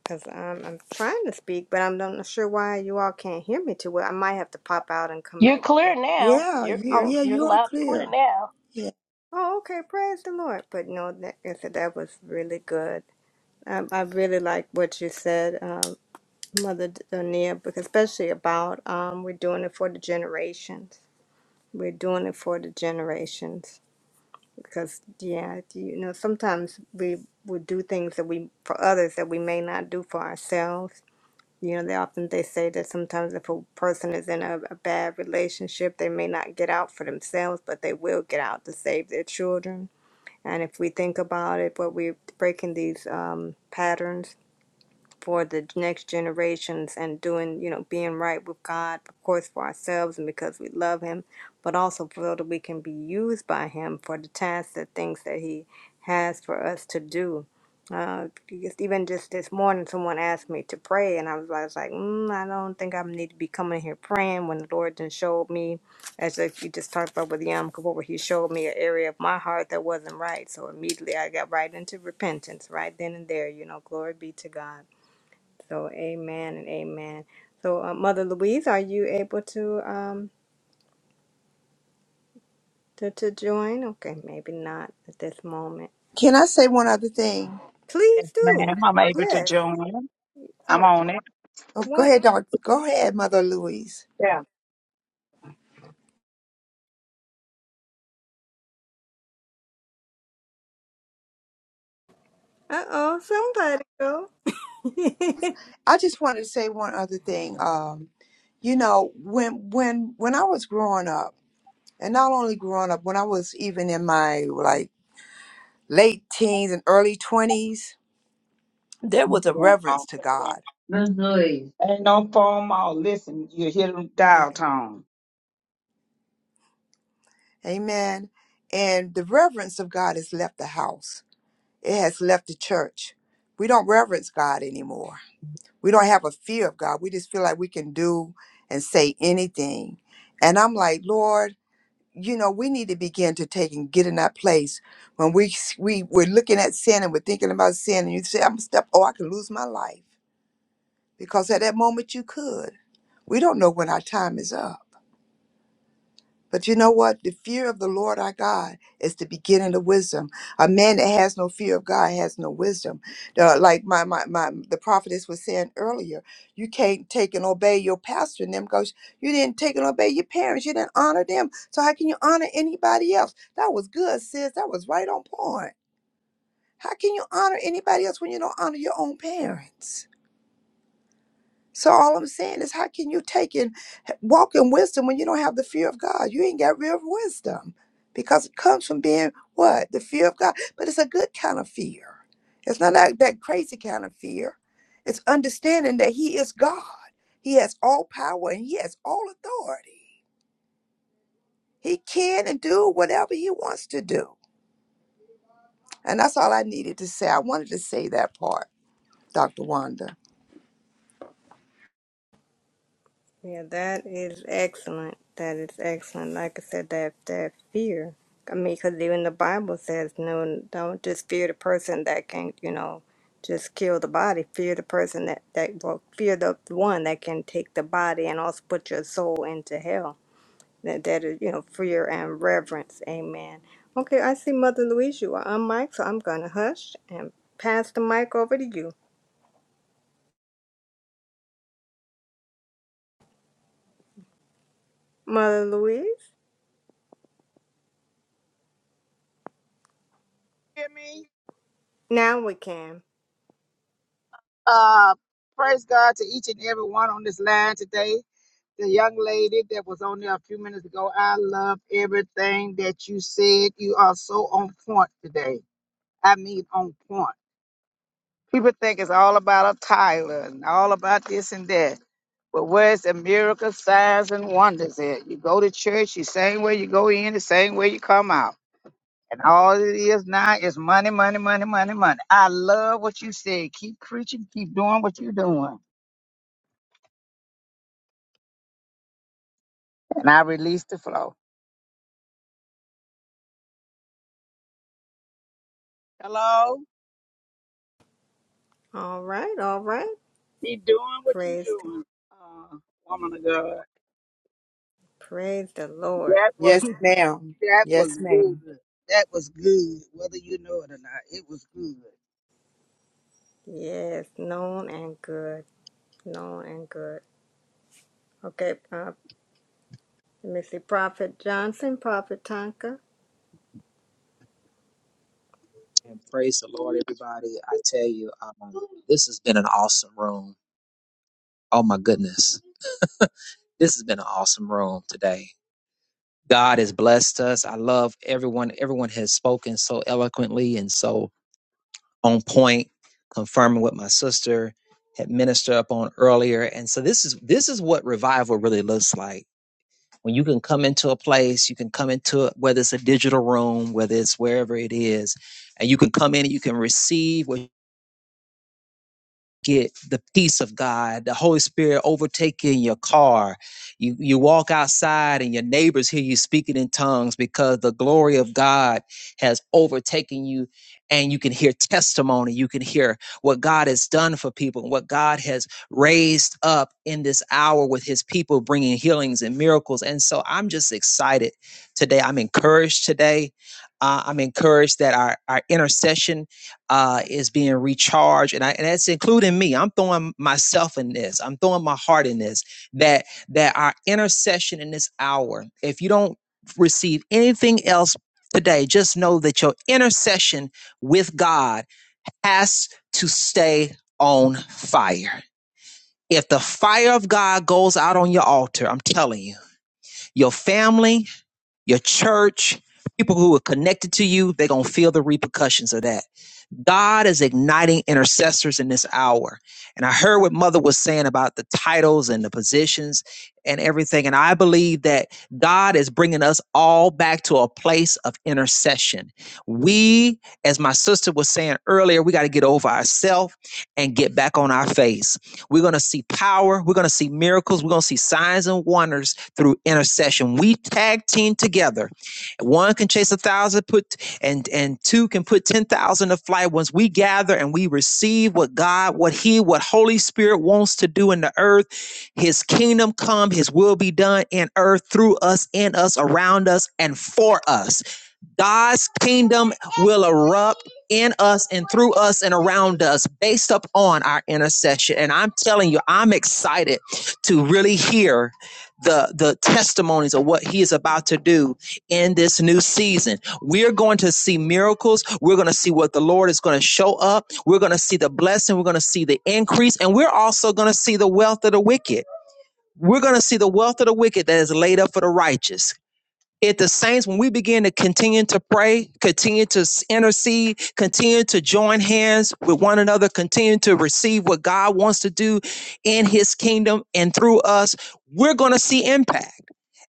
J: Because I'm, I'm trying to speak, but I'm not sure why you all can't hear me too well. I might have to pop out and come
C: You're
J: back.
C: clear now.
K: Yeah,
C: You're
K: you,
C: you're
J: Oh,
K: yeah,
C: you're
K: you are
C: loud and clear
K: clear.
C: now.
K: Yeah.
J: oh, okay. Praise the Lord. But no, that, I said that was really good. I, I really like what you said, um, Mother Donia, because especially about um, we're doing it for the generations. We're doing it for the generations. Because, yeah, you know, sometimes we will do things that we, for others, that we may not do for ourselves You know, they often they say that sometimes if a person is in a, a bad relationship, they may not get out for themselves, but they will get out to save their children. And if we think about it, what we're breaking these um, patterns for the next generations and doing, you know, being right with God, of course, for ourselves and because we love Him, but also for so that we can be used by Him for the tasks, the things that He has for us to do. Uh, because even just this morning, someone asked me to pray, and I was, I was like, mm, I don't think I need to be coming here praying when the Lord then showed me, as if you just talked about with Yom Kippur, He showed me an area of my heart that wasn't right. So immediately I got right into repentance right then and there, you know, glory be to God so amen and amen. So uh, Mother Louise, are you able to um to, to join? Okay, maybe not at this moment.
K: Can I say one other thing?
J: Please do.
L: Man, I'm able to
J: Yes.
L: join. I'm
J: Oh,
L: on it.
K: Oh, go
J: one.
K: ahead, Doc. Go ahead, Mother Louise.
L: Yeah.
J: Uh oh, somebody go.
K: I just wanted to say one other thing. Um, you know, when when when I was growing up, and not only growing up, when I was even in my like late teens and early twenties, there was a reverence to God.
L: Ain't no phone. Listen, you hear them dial tone.
K: Amen. And the reverence of God has left the house. It has left the church. We don't reverence God anymore. We don't have a fear of God. We just feel like we can do and say anything. And I'm like, Lord. you know we need to begin to take and get in that place when we we we're looking at sin and we're thinking about sin and you say i'm a step oh i could lose my life because at that moment you could we don't know when our time is up but you know what? The fear of the Lord our God is the beginning of wisdom. A man that has no fear of God has no wisdom. Uh, like my, my my the prophetess was saying earlier, you can't take and obey your pastor and them because you didn't take and obey your parents. You didn't honor them. So how can you honor anybody else? That was good, sis. That was right on point. How can you honor anybody else when you don't honor your own parents? So all I'm saying is, how can you take and walk in wisdom when you don't have the fear of God? You ain't got real wisdom because it comes from being what the fear of God. But it's a good kind of fear. It's not that, that crazy kind of fear. It's understanding that He is God. He has all power and He has all authority. He can and do whatever He wants to do. And that's all I needed to say. I wanted to say that part, Dr. Wanda.
J: Yeah, that is excellent. That is excellent. Like I said, that that fear. I mean, because even the Bible says, "No, don't just fear the person that can, you know, just kill the body. Fear the person that that well, fear the one that can take the body and also put your soul into hell." That that is, you know, fear and reverence. Amen. Okay, I see Mother Louise. You are on mic, so I'm gonna hush and pass the mic over to you, Mother Louise.
L: hear me.
J: Now we can.
L: Uh, praise God to each and every one on this line today. The young lady that was on there a few minutes ago, I love everything that you said. You are so on point today. I mean, on point. People think it's all about a Tyler and all about this and that. But where's the miracle signs and wonders at? You go to church, you same way you go in, the same way you come out. And all it is now is money, money, money, money, money. I love what you said. Keep preaching, keep doing what you're doing. And I release the flow. Hello?
J: All right. All right.
L: Keep doing what you're
J: Praise
L: doing. Uh, woman of God.
J: Praise the Lord.
L: That was
K: Yes, ma'am.
L: that
K: Yes,
L: was
K: ma'am.
L: good. That was good, whether you know it or not. It was good.
J: Yes, known and good. Known and good. Okay, uh, let me see. Prophet Johnson, Prophet Tonka.
G: And praise the Lord, everybody. I tell you, um, this has been an awesome room. Oh my goodness. This has been an awesome room today. God has blessed us. I love everyone. Everyone has spoken so eloquently and so on point, confirming what my sister had ministered upon earlier. And so this is this is what revival really looks like. When you can come into a place, you can come into it, whether it's a digital room, whether it's wherever it is, and you can come in and you can receive what get the peace of God, the Holy Spirit overtaking your car. You you walk outside and your neighbors hear you speaking in tongues because the glory of God has overtaken you and you can hear testimony, you can hear what God has done for people, and what God has raised up in this hour with his people bringing healings and miracles. And so I'm just excited today. I'm encouraged today. Uh, I'm encouraged that our our intercession uh, is being recharged, and I and that's including me. I'm throwing myself in this. I'm throwing my heart in this. That that our intercession in this hour. If you don't receive anything else today, just know that your intercession with God has to stay on fire. If the fire of God goes out on your altar, I'm telling you, your family your church, people who are connected to you, they're going to feel the repercussions of that. God is igniting intercessors in this hour. And I heard what Mother was saying about the titles and the positions and everything. And I believe that God is bringing us all back to a place of intercession. We, as my sister was saying earlier, we got to get over ourselves and get back on our face. We're going to see power. We're going to see miracles. We're going to see signs and wonders through intercession. We tag team together. One can chase a thousand, put and and two can put ten thousand to flight. Once we gather and we receive what God, what He, what Holy Spirit wants to do in the earth, His kingdom come, His will be done in earth through us, in us, around us, and for us. God's kingdom will erupt in us and through us and around us based upon our intercession. And I'm telling you, I'm excited to really hear the the testimonies of what he is about to do in this new season. We're going to see miracles. We're going to see what the Lord is going to show up. We're going to see the blessing. We're going to see the increase, and we're also going to see the wealth of the wicked. We're going to see the wealth of the wicked that is laid up for the righteous if the saints, when we begin to continue to pray, continue to intercede, continue to join hands with one another, continue to receive what God wants to do in his kingdom and through us, we're going to see impact.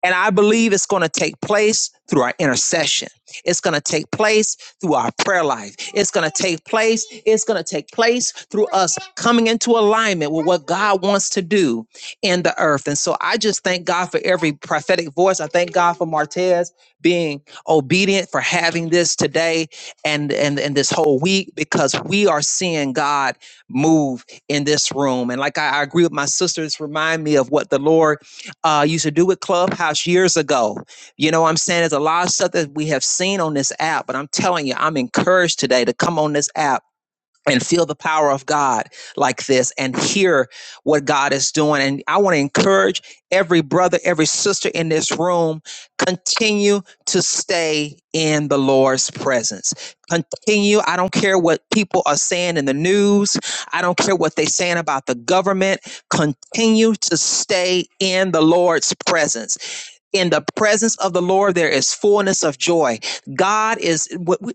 G: And I believe it's going to take place through our intercession. It's going to take place through our prayer life. It's going to take place. It's going to take place through us coming into alignment with what God wants to do in the earth. And so I just thank God for every prophetic voice. I thank God for Martez being obedient for having this today and, and, and this whole week because we are seeing God move in this room. And like I, I agree with my sisters, remind me of what the Lord uh, used to do with Clubhouse years ago. You know what I'm saying? There's a lot of stuff that we have seen on this app, but I'm telling you, I'm encouraged today to come on this app and feel the power of God like this and hear what God is doing. And I want to encourage every brother, every sister in this room, continue to stay in the Lord's presence. Continue. I don't care what people are saying in the news. I don't care what they're saying about the government. Continue to stay in the Lord's presence in the presence of the Lord, there is fullness of joy. God is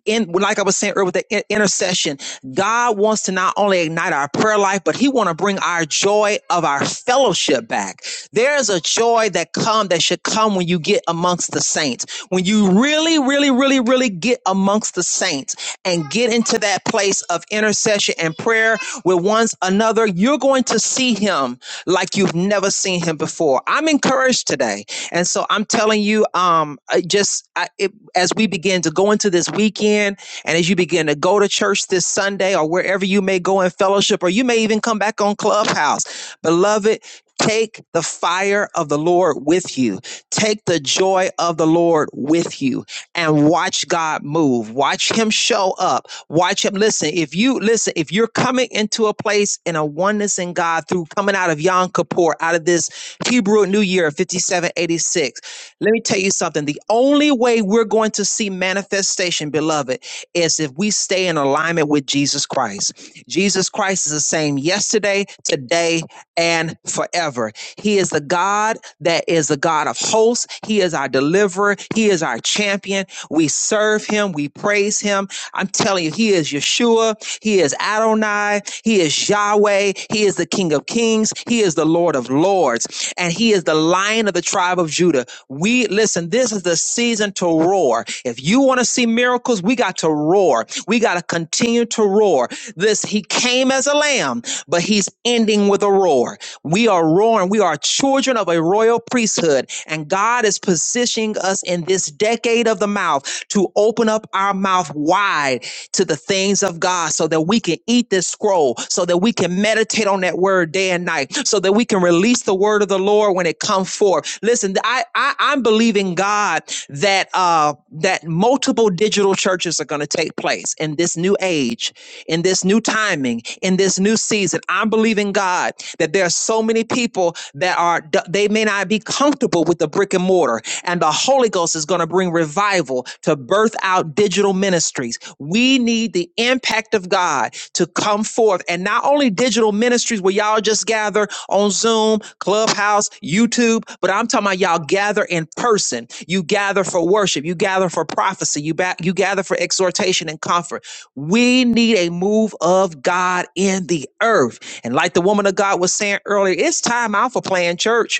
G: in, like I was saying earlier with the intercession. God wants to not only ignite our prayer life, but He want to bring our joy of our fellowship back. There's a joy that come that should come when you get amongst the saints. When you really, really, really, really get amongst the saints and get into that place of intercession and prayer with one another, you're going to see Him like you've never seen him before. I'm encouraged today. And so I'm telling you, um, uh, just I, it, as we begin to go into this weekend and as you begin to go to church this Sunday or wherever you may go in fellowship, or you may even come back on Clubhouse, beloved, Take the fire of the Lord with you. Take the joy of the Lord with you and watch God move. Watch him show up. Watch him listen. If you listen, if you're coming into a place in a oneness in God through coming out of Yom Kippur, out of this Hebrew New Year 5786, let me tell you something. The only way we're going to see manifestation, beloved, is if we stay in alignment with Jesus Christ. Jesus Christ is the same yesterday, today today and forever. He is the God that is the God of hosts. He is our deliverer. He is our champion. We serve him. We praise him. I'm telling you, he is Yeshua. He is Adonai. He is Yahweh. He is the King of Kings. He is the Lord of Lords. And he is the lion of the tribe of Judah. We listen, this is the season to roar. If you want to see miracles, we got to roar. We got to continue to roar. This he came as a lamb lamb, but he's ending with a roar. We are roaring. We are children of a royal priesthood, and God is positioning us in this decade of the mouth to open up our mouth wide to the things of God so that we can eat this scroll, so that we can meditate on that word day and night, so that we can release the word of the Lord when it comes forth. Listen, I, I I'm believing God that uh that multiple digital churches are going to take place in this new age In in this new timing, in this new season. I'm believing God that there are so many people that are they may not be comfortable with the brick and mortar, and the Holy Ghost is going to bring revival to birth out digital ministries. We need the impact of God to come forth, and not only digital ministries where y'all just gather on Zoom, Clubhouse, YouTube, but I'm talking about y'all gather in person. You gather for worship, you gather for prophecy, you ba- you gather for exhortation and comfort. We need a move of God in the earth. And like the woman of God was saying earlier, it's time out for playing church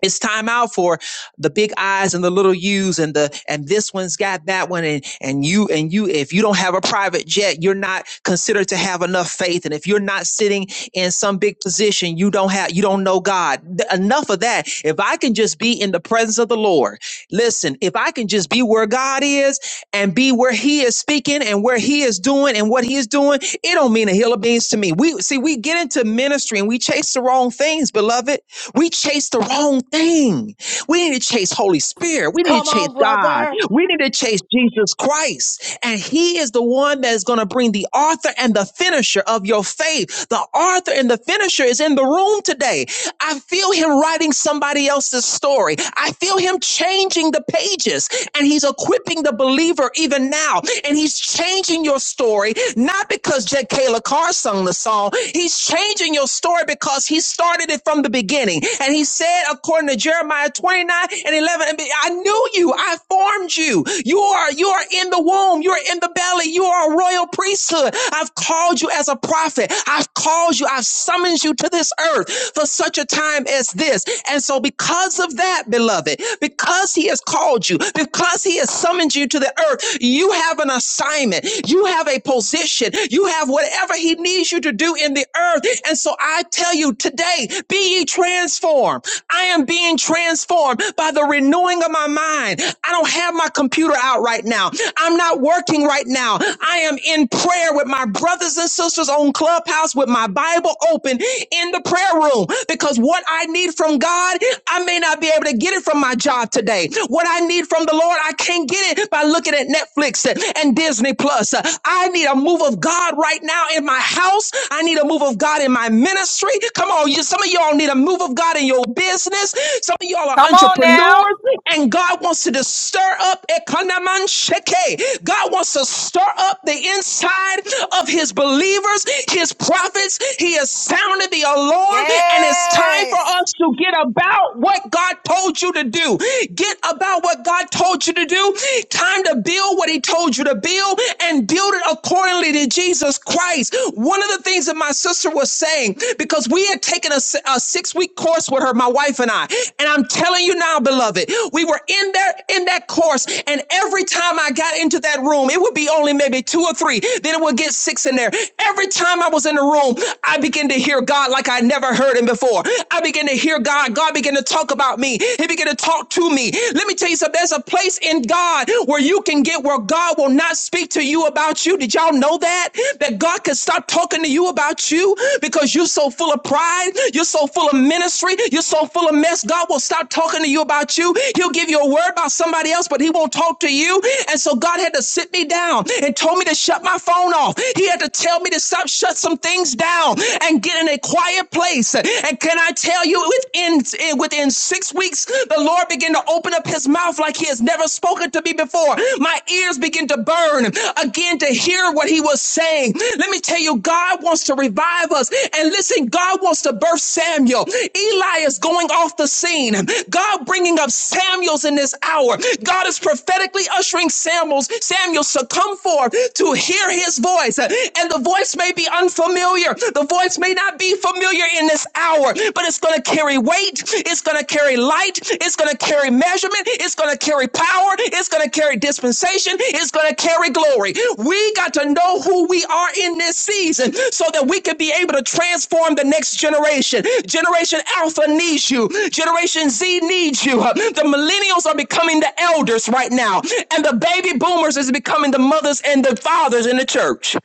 G: it's time out for the big eyes and the little U's and the and this one's got that one and and you and you if you don't have a private jet you're not considered to have enough faith and if you're not sitting in some big position you don't have you don't know God Th- enough of that if I can just be in the presence of the Lord listen if I can just be where God is and be where He is speaking and where He is doing and what He is doing it don't mean a hill of beans to me we see we get into ministry and we chase the wrong things beloved we chase the wrong thing. We need to chase Holy Spirit. We need
C: Come
G: to chase
C: on,
G: God.
C: brother.
G: We need to chase Jesus Christ. And He is the one that is going to bring the author and the finisher of your faith. The author and the finisher is in the room today. I feel Him writing somebody else's story. I feel Him changing the pages. And He's equipping the believer even now. And He's changing your story, not because J. Kayla Carr sung the song. He's changing changing your story because he started it from the beginning. And he said, according to Jeremiah 29 and 11, I knew you. I formed you. You are, you are in the womb. You are in the belly. You are a royal priesthood. I've called you as a prophet. I've called you. I've summoned you to this earth for such a time as this. And so because of that, beloved, because he has called you, because he has summoned you to the earth, you have an assignment. You have a position. You have have whatever He needs you to do in the earth. And so I tell you today, be ye transformed. I am being transformed by the renewing of my mind. I don't have my computer out right now. I'm not working right now. I am in prayer with my brothers and sisters on Clubhouse with my Bible open in the prayer room because what I need from God, I may not be able to get it from my job today. What I need from the Lord, I can't get it by looking at Netflix and and Disney Plus. Uh, I need a move of God right now in my house. I need a move of God in my ministry. Come on, you, some of y'all need a move of God in your business. Some of y'all are
F: Come on now.
G: entrepreneurs, and God wants to just stir up Ekonaman Sheke. God wants to stir up the inside of his believers, his prophets. He has sounded the alarm, and it's time for
F: Yes.
G: us to get about what God told you to do. Get about what God told you told you to do. Time to build what he told you to build and build it accordingly to Jesus Christ. One of the things that my sister was saying, because we had taken a, a six week course with her, my wife and I, and I'm telling you now, beloved, we were in that, in that course. And every time I got into that room, it would be only maybe two or three. Then it would get six in there. Every time I was in the room, I began to hear God like I never heard him before. I began to hear God. God began to talk about me. He began to talk to me. Let me tell you something. There's a place in God where you can get where God will not speak to you about you. Did y'all know that? That God can stop talking to you about you because you're so full of pride. You're so full of ministry. You're so full of mess. God will stop talking to you about you. He'll give you a word about somebody else, but he won't talk to you. And so God had to sit me down and told me to shut my phone off. He had to tell me to stop, shut some things down and get in a quiet place. And can I I tell you, within within six weeks, the Lord began to open up His mouth like He has never spoken to me before. My ears begin to burn again to hear what He was saying. Let me tell you, God wants to revive us. And listen, God wants to birth Samuel. Eli is going off the scene. God bringing up Samuel's in this hour. God is prophetically ushering Samuel's Samuel's to come forth to hear His voice, and the voice may be unfamiliar. The voice may not be familiar in this hour, but it's going to carry weight. It's going to carry light. It's going to carry measurement. It's going to carry power. It's going to carry dispensation. It's going to carry glory. We got to know who we are in this season so that we can be able to transform the next generation. Generation Alpha needs you. Generation Z needs you. The millennials are becoming the elders right now, and the baby boomers is becoming the mothers and the fathers in the church.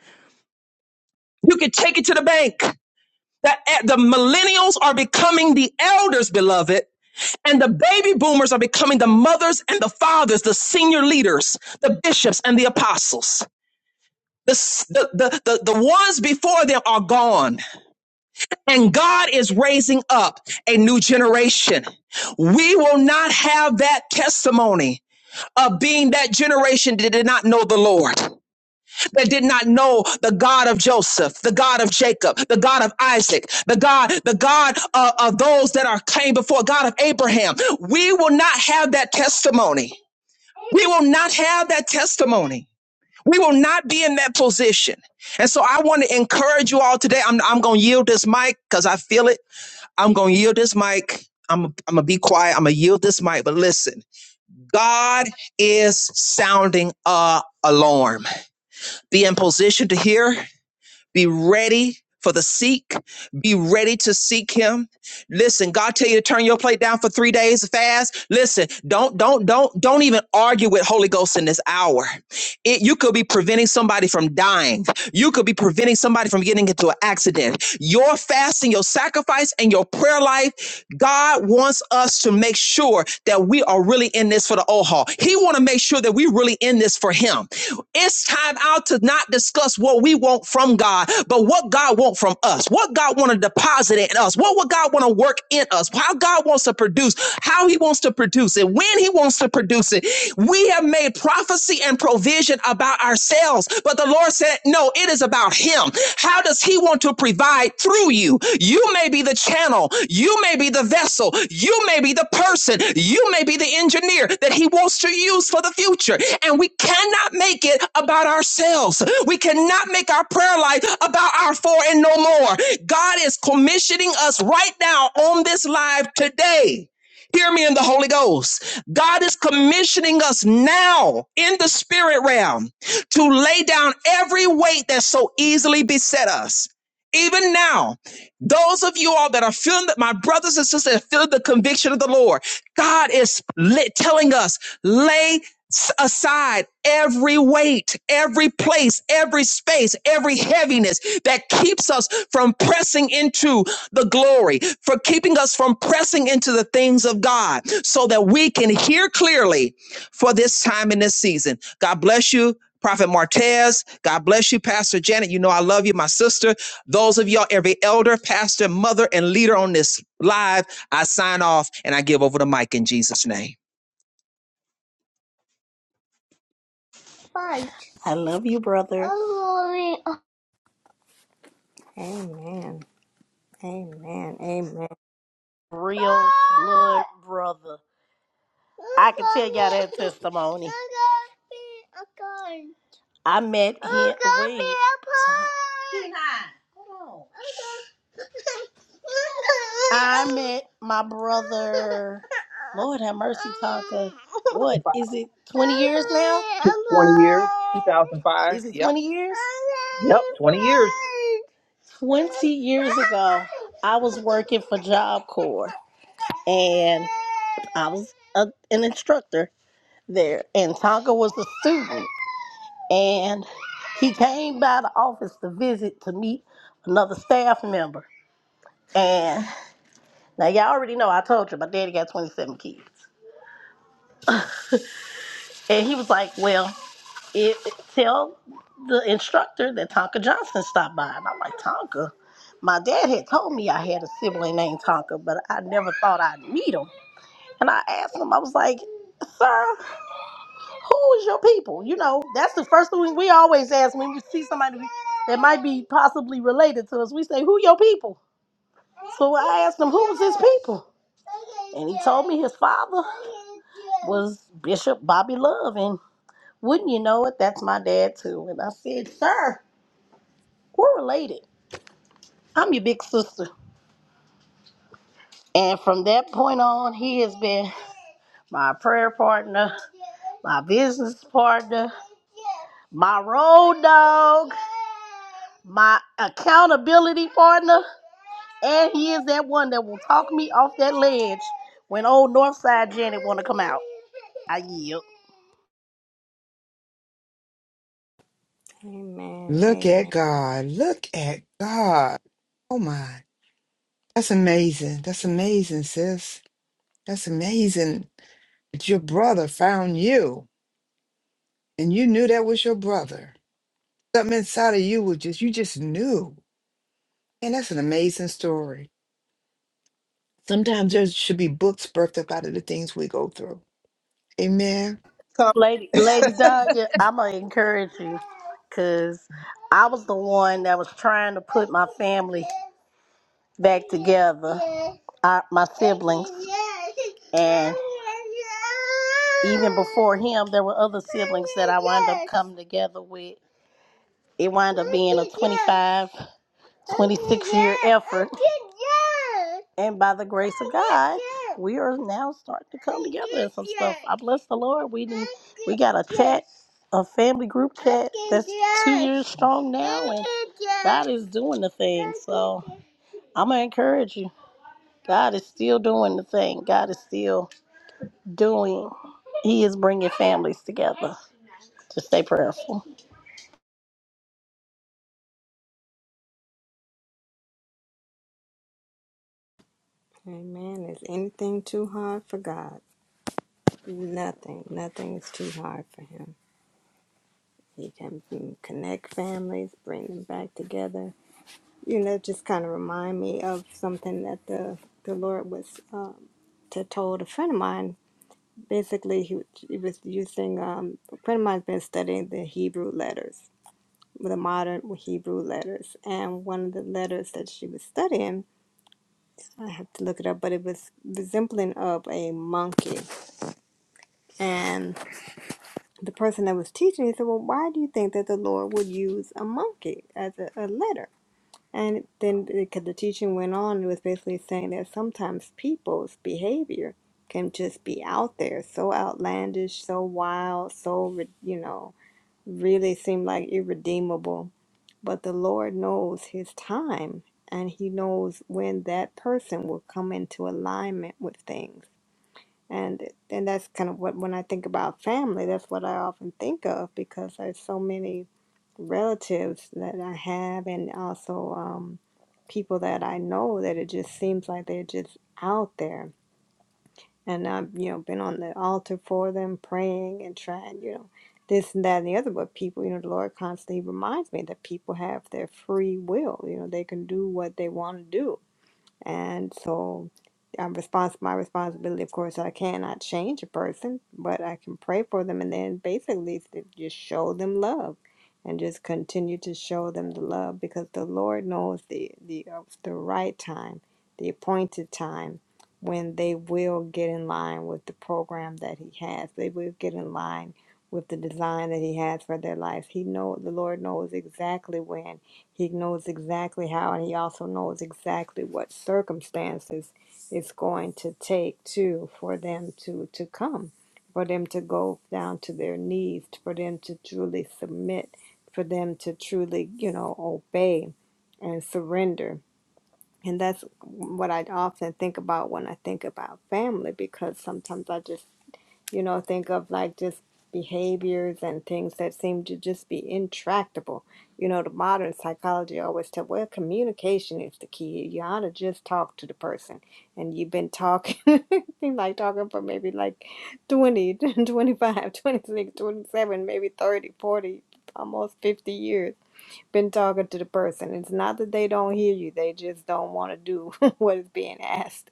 G: You can take it to the bank that e- the millennials are becoming the elders, beloved, and the baby boomers are becoming the mothers and the fathers, the senior leaders, the bishops and the apostles. The, the, the, the, the ones before them are gone, and God is raising up a new generation. We will not have that testimony of being that generation that did not know the Lord that did not know the God of Joseph, the God of Jacob, the God of Isaac, the God, the God uh, of those that are came before God of Abraham. We will not have that testimony. We will not have that testimony. We will not be in that position. And so I want to encourage you all today. I'm, I'm going to yield this mic because I feel it. I'm going to yield this mic. I'm, I'm going to be quiet. I'm going to yield this mic. But listen, God is sounding a alarm. Be in position to hear be ready for the seek. Be ready to seek him. Listen, God tell you to turn your plate down for three days fast. Listen, don't, don't, don't, don't even argue with Holy Ghost in this hour. It, you could be preventing somebody from dying. You could be preventing somebody from getting into an accident. Your fasting, your sacrifice, and your prayer life God wants us to make sure that we are really in this for the oh haul. He want to make sure that we really in this for him. It's time out to not discuss what we want from God, but what God wants from us. What God want to deposit in us. What would God want to work in us? How God wants to produce, how he wants to produce it, when he wants to produce it. We have made prophecy and provision about ourselves, but but the Lord said, no, it is about him. How does he want to provide through you? You may be the channel. You may be the vessel. You may be the person. You may be the engineer that he wants to use for the future. And we cannot make it about ourselves. We cannot make our prayer life about our four and no more. God is commissioning us right now on this live today. Hear me in the Holy Ghost. God is commissioning us now in the spirit realm to lay down every weight that so easily beset us even now, those of you all that are feeling that, my brothers and sisters, that feel the conviction of the Lord, God is lit, telling us, lay aside every weight, every place, every space, every heaviness that keeps us from pressing into the glory, for keeping us from pressing into the things of God, so that we can hear clearly for this time in this season. God bless you. Prophet Martez, God bless you, Pastor Janet. You know I love you, my sister. Those of y'all, every elder, pastor, mother, and leader on this live, I sign off and I give over the mic in Jesus' name.
C: Fight. I love you, brother. Oh,
J: Amen. Amen. Amen.
C: Real blood brother. I can tell y'all that testimony. I met him. Wait. hold on. I met my brother. Lord have mercy, Tonka. What is it? Twenty years now?
G: 20 years.
C: Is it twenty years?
G: Yep.
C: Twenty years ago, I was working for Job Corps and I was a, an instructor there, and Tonka was a student. And he came by the office to visit to meet another staff member. And now y'all already know I told you my daddy got 27 kids. And he was like, Well, it, it- tell the instructor that Tonka Johnson stopped by. And I'm like, Tonka, my dad had told me I had a sibling named Tonka, but I never thought I'd meet him. And I asked him, I was like, Sir, who is your people? You know, that's the first thing we always ask when we see somebody that might be possibly related to us. We say, who your people? So I asked him, who's his people? And he told me his father was Bishop Bobby Love. And wouldn't you know it, that's my dad too. And I said, sir, we're related. I'm your big sister. And from that point on, he has been my prayer partner, my business partner, my road dog. my accountability partner, and he is that one that will talk me off that ledge when old Northside Janet want to come out. I yield.
J: Amen.
K: Look at
J: Amen.
K: God. Look at God. Oh my. That's amazing. That's amazing, sis. That's amazing. That your brother found you and you knew that was your brother. Something inside of you was just, you just knew. And that's an amazing story. Sometimes there should be books birthed up out of the things we go through. Amen.
C: Lady, Lady Danya, I'm going to encourage you because I was the one that was trying to put my family back together, uh, my siblings. And even before him, there were other siblings that I wound up coming together with. It wound up being a 25. 26 year effort. And by the grace of God, we are now starting to come together and some stuff. I bless the Lord. We did, we got a chat, a family group chat that's two years strong now, and God is doing the thing. So I'm gonna encourage you. God is still doing the thing. God is still doing. He is bringing families together. To stay prayerful.
J: Amen. Is anything too hard for God? Nothing. Nothing is too hard for Him. He can mm, connect families, bring them back together. You know, just kind of remind me of something that the the Lord was um, to told a friend of mine basically he, w- he was using um, a friend of mine's been studying the hebrew letters the modern hebrew letters and one of the letters that she was studying i have to look it up but it was resembling of a monkey and the person that was teaching he said well why do you think that the lord would use a monkey as a, a letter and then because the teaching went on it was basically saying that sometimes people's behavior can just be out there so outlandish so wild so ri- you know really seemed like irredeemable. But the Lord knows his time and he knows when that person will come into alignment with things. And and that's kind of what when I think about family, that's what I often think of because there's so many relatives that I have and also um, people that I know that it just seems like they're just out there and I've you know been on the altar for them, praying and trying, you know, this and that and the other. But people, you know, the Lord constantly reminds me that people have their free will. You know, they can do what they want to do and so I'm respons- my responsibility, of course, I cannot change a person, but I can pray for them and then basically s- just show them love and just continue to show them the love because the Lord knows the, the, uh, the right time, the appointed time when they will get in line with the program that He has. They will get in line with the design that He has for their life. He know the Lord knows exactly when he knows exactly how, and he also knows exactly what circumstances it's going to take to for them to to come, for them to go down to their knees, for them to truly submit, for them to truly, you know, obey and surrender. And that's what I often think about when I think about family, because sometimes I just you know, think of like just behaviors and things that seem to just be intractable. You know, the modern psychology always tell, well, communication is the key. You ought to just talk to the person. And you've been talking, seem like talking for maybe like 20, 25, 26, 27, maybe 30, 40, almost 50 years. Been talking to the person. It's not that they don't hear you, they just don't want to do what is being asked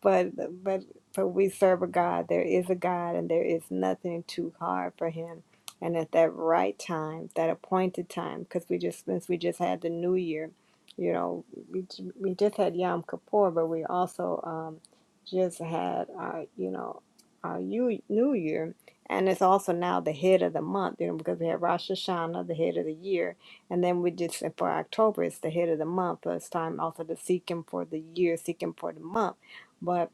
J: but but but we serve a God. There is a God, and there is nothing too hard for Him. And at that right time, that appointed time, because we just since we just had the New Year, you know, we j- we just had Yom Kippur, but we also um, just had our you know our Yu- New Year, and it's also now the head of the month, you know, because we had Rosh Hashanah, the head of the year, and then we just for October, it's the head of the month. But it's time also to seek Him for the year, seek Him for the month but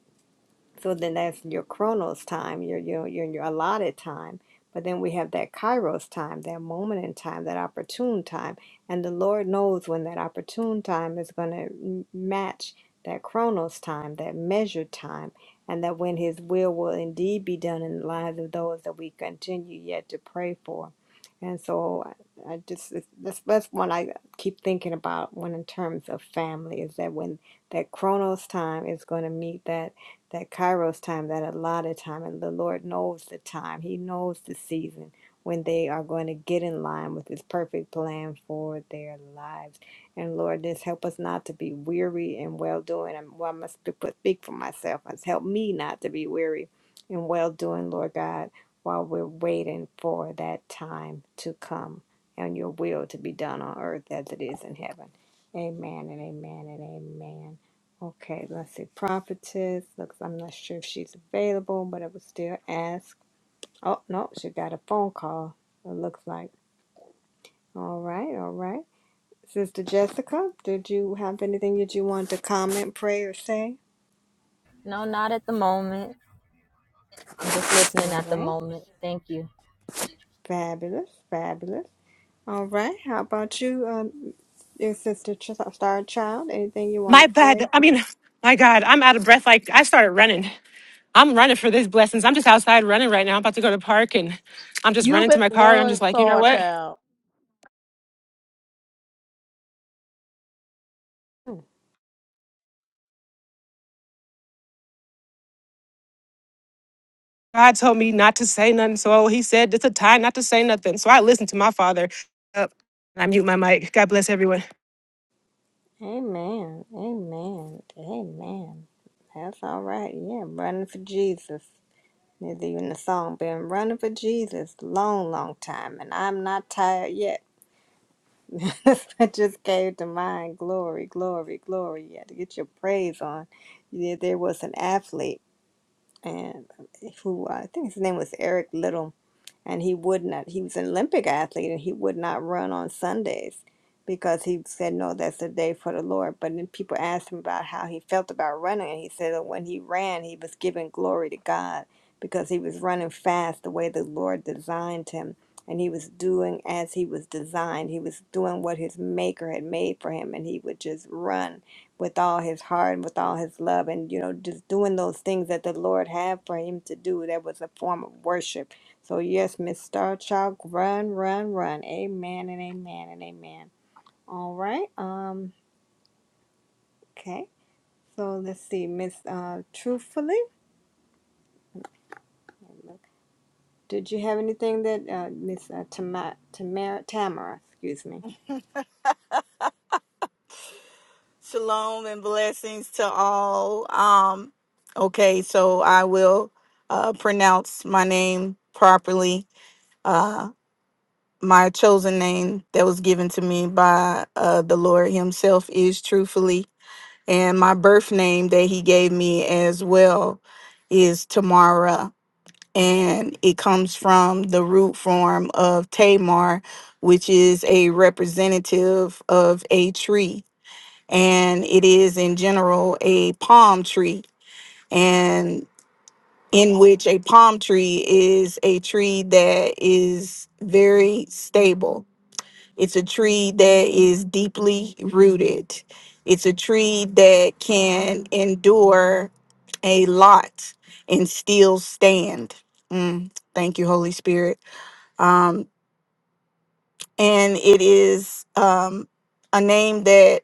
J: so then that's your chronos time, your your your, your allotted time. But then we have that kairos time, that moment in time, that opportune time. And the Lord knows when that opportune time is going to match that chronos time, that measured time, and that when His will will indeed be done in the lives of those that we continue yet to pray for. And so I, I just, it's- that's, that's one I keep thinking about when in terms of family is that when that chronos time is going to meet that that kairos time, that allotted time, and the Lord knows the time. He knows the season when they are going to get in line with His perfect plan for their lives. And Lord, just help us not to be weary in well doing. And well, I must sp- put- speak for myself. Must help me not to be weary in well doing, Lord God, while we're waiting for that time to come and your will to be done on earth as it is in heaven. Amen and amen and amen. Okay, let's see. Prophetess. Looks, I'm not sure if she's available, but I will still ask. Oh, no, she got a phone call, it looks like. All right, all right. Sister Jessica, did you have anything that you wanted to comment, pray, or say?
D: no, not at the moment. I'm just listening
J: All
D: at the
J: right.
D: moment. Thank you.
J: Fabulous, fabulous. All right. How about you, um, your sister, Ch- Star Child? Anything you want
E: My
J: to
E: bad.
J: pray?
E: I mean, my God, I'm out of breath. Like I started running. I'm running for these blessings. I'm just outside running right now. I'm about to go to the park and I'm just
C: You
E: running to
C: better
E: my car. And I'm
C: run,
E: just like, you know
C: Star
E: what?
C: Child.
E: God told me not to say nothing. So he said it's a time not to say nothing. So I listened to my father. Uh, I mute my mic. God bless everyone.
J: Amen, amen, amen. That's all right. Yeah, running for Jesus. There's even a song been running for Jesus long, long time, and I'm not tired yet. that just came to mind. Glory, glory, glory. You had to get your praise on. Yeah, there was an athlete and who I think his name was Eric Little and he would not he was an olympic athlete and he would not run on sundays because he said no that's a day for the lord but then people asked him about how he felt about running and he said that when he ran he was giving glory to god because he was running fast the way the lord designed him and he was doing as he was designed he was doing what his maker had made for him and he would just run with all his heart and with all his love and you know just doing those things that the lord had for him to do that was a form of worship so yes, Miss Starchild, run, run, run. Amen and amen and amen. All right. Um. Okay. So let's see, Miss. Uh, truthfully, did you have anything that uh, Miss uh, Tamara, Tamara, Tamara, excuse me?
F: Shalom and blessings to all. Um, okay, so I will uh, pronounce my name properly. Uh, my chosen name that was given to me by uh, the Lord Himself is truthfully, and my birth name that He gave me as well is Tamara. and it comes from the root form of Tamar, which is a representative of a tree. And it is in general a palm tree, and in which a palm tree is a tree that is very stable. It's a tree that is deeply rooted. It's a tree that can endure a lot and still stand. Mm, thank you, Holy Spirit um, and it is um, a name that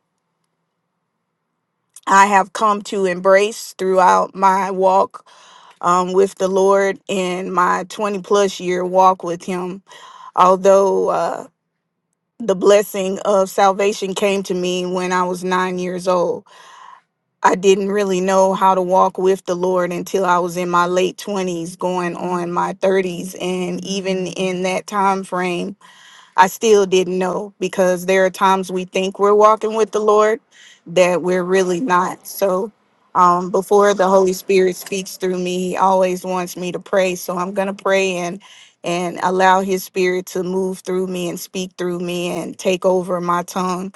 F: I have come to embrace throughout my walk um, with the Lord and my 20 plus year walk with Him. Although uh, the blessing of salvation came to me when I was nine years old, I didn't really know how to walk with the Lord until I was in my late 20s, going on my 30s. And even in that time frame, I still didn't know because there are times we think we're walking with the Lord that we're really not. So um, before the Holy Spirit speaks through me, He always wants me to pray. So I'm gonna pray and and allow His Spirit to move through me and speak through me and take over my tongue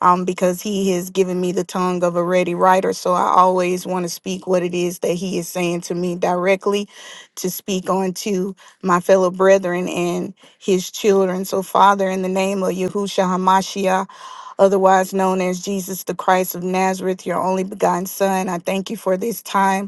F: um, because he has given me the tongue of a ready writer. So I always want to speak what it is that he is saying to me directly to speak on to my fellow brethren and his children. So, Father, in the name of Yahushua HaMashiach, otherwise known as Jesus the Christ of Nazareth, your only begotten Son, I thank you for this time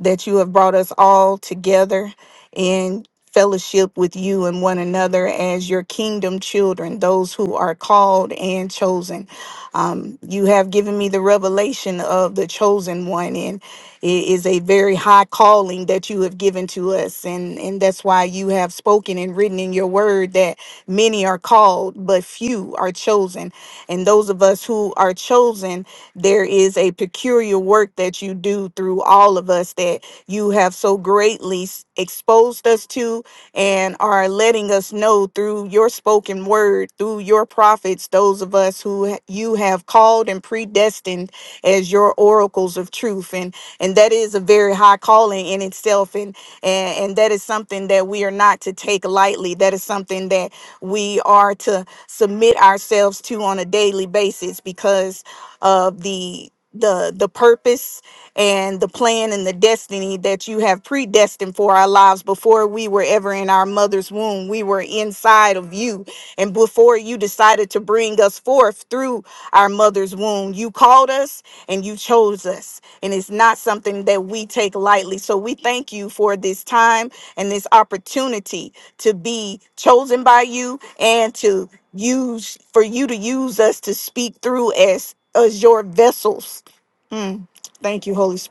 F: that you have brought us all together in fellowship with you and one another as your kingdom children, those who are called and chosen. Um, you have given me the revelation of the chosen one, and it is a very high calling that you have given to us. And, and that's why you have spoken and written in your word that many are called, but few are chosen. And those of us who are chosen, there is a peculiar work that you do through all of us that you have so greatly s- exposed us to and are letting us know through your spoken word, through your prophets, those of us who ha- you have called and predestined as your oracles of truth. And and that is a very high calling in itself. And and, and that is something that we are not to take lightly. That is something that we are to submit ourselves to on a daily basis because of the the the purpose and the plan and the destiny that you have predestined for our lives before we were ever in our mother's womb we were inside of you and before you decided to bring us forth through our mother's womb you called us and you chose us and it's not something that we take lightly so we thank you for this time and this opportunity to be chosen by you and to use for you to use us to speak through us as your vessels. Mm. Thank you, Holy Spirit.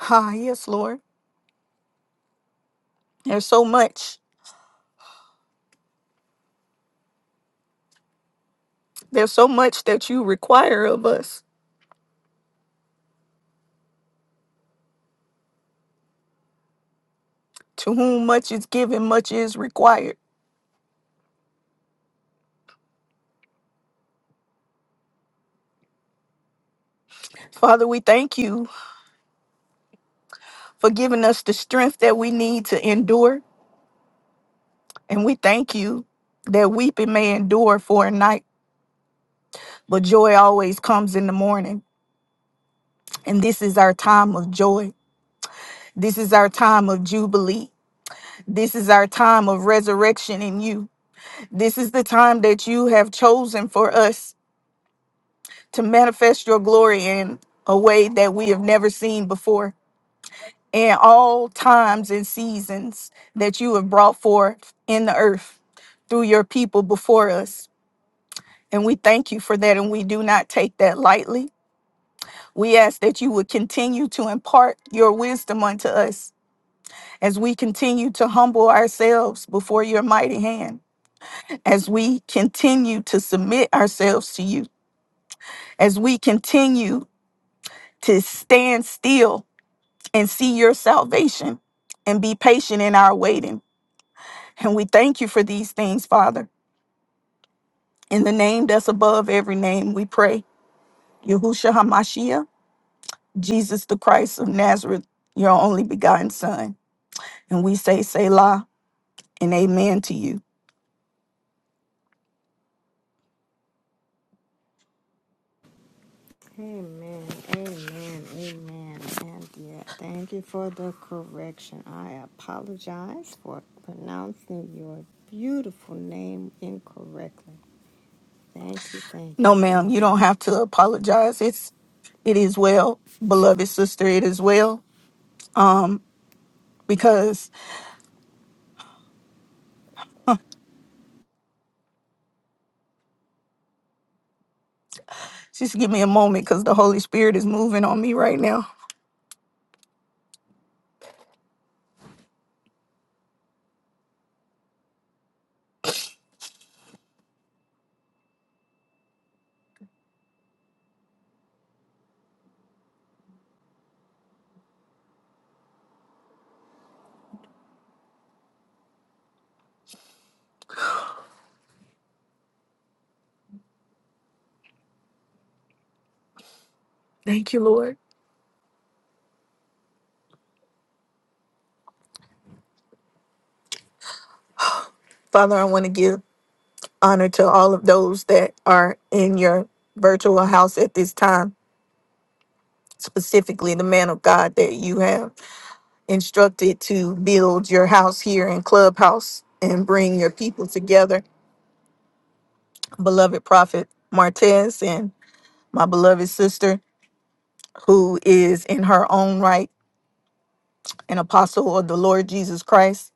F: Ah, yes, Lord. There's so much. There's so much that you require us. To whom much is given, much is required. Father, we thank you for giving us the strength that we need to endure and we you that night but and take that lightly. We ask that you would continue to impart your wisdom unto us as we continue to humble ourselves before your mighty hand, as we continue to submit ourselves to you as we continue to stand still and see your salvation and be patient in our waiting. And we thank you for these things, Father.
J: Amen. Amen. Amen. And yeah, thank you for the correction. I apologize for pronouncing your beautiful name incorrectly. Thank you. Thank you.
F: No, ma'am, you
J: Thank you.
F: don't have to apologize. It's it is well, beloved sister, it is well. Um, because just give me a moment because the Holy Spirit is moving on me right now. Thank you, Lord. Father, I want to give honor to all of those that are in your virtual house at this time, specifically the man of God that you have. instructed to build your house here in Clubhouse and bring your people together. Beloved Prophet Martez and my beloved sister, who is in her own right an apostle of the Lord Jesus Christ.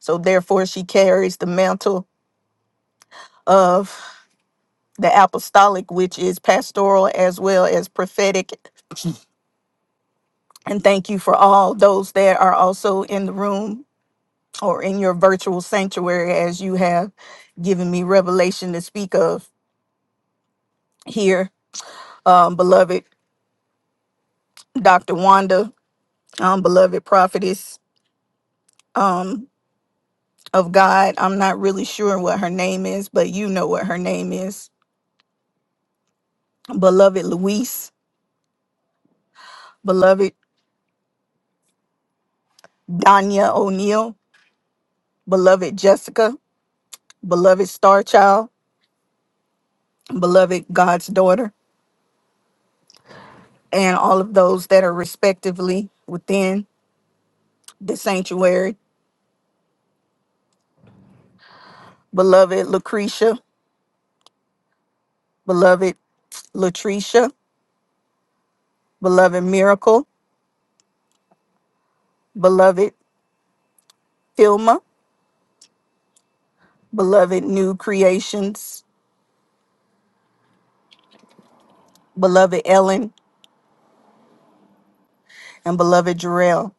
F: So therefore, she carries the mantle of the apostolic, which is pastoral as well as prophetic. And thank you for all those that are also in the room or in your virtual sanctuary as you have given me revelation to speak of here. um, beloved prophetess um, of God. I'm not really sure what her name. You know what her name is, beloved star child, beloved God's daughter, and all of those that are respectively within the sanctuary. Beloved Lucretia, beloved Latricia, beloved Miracle, beloved Filma, beloved New Creations. And oh,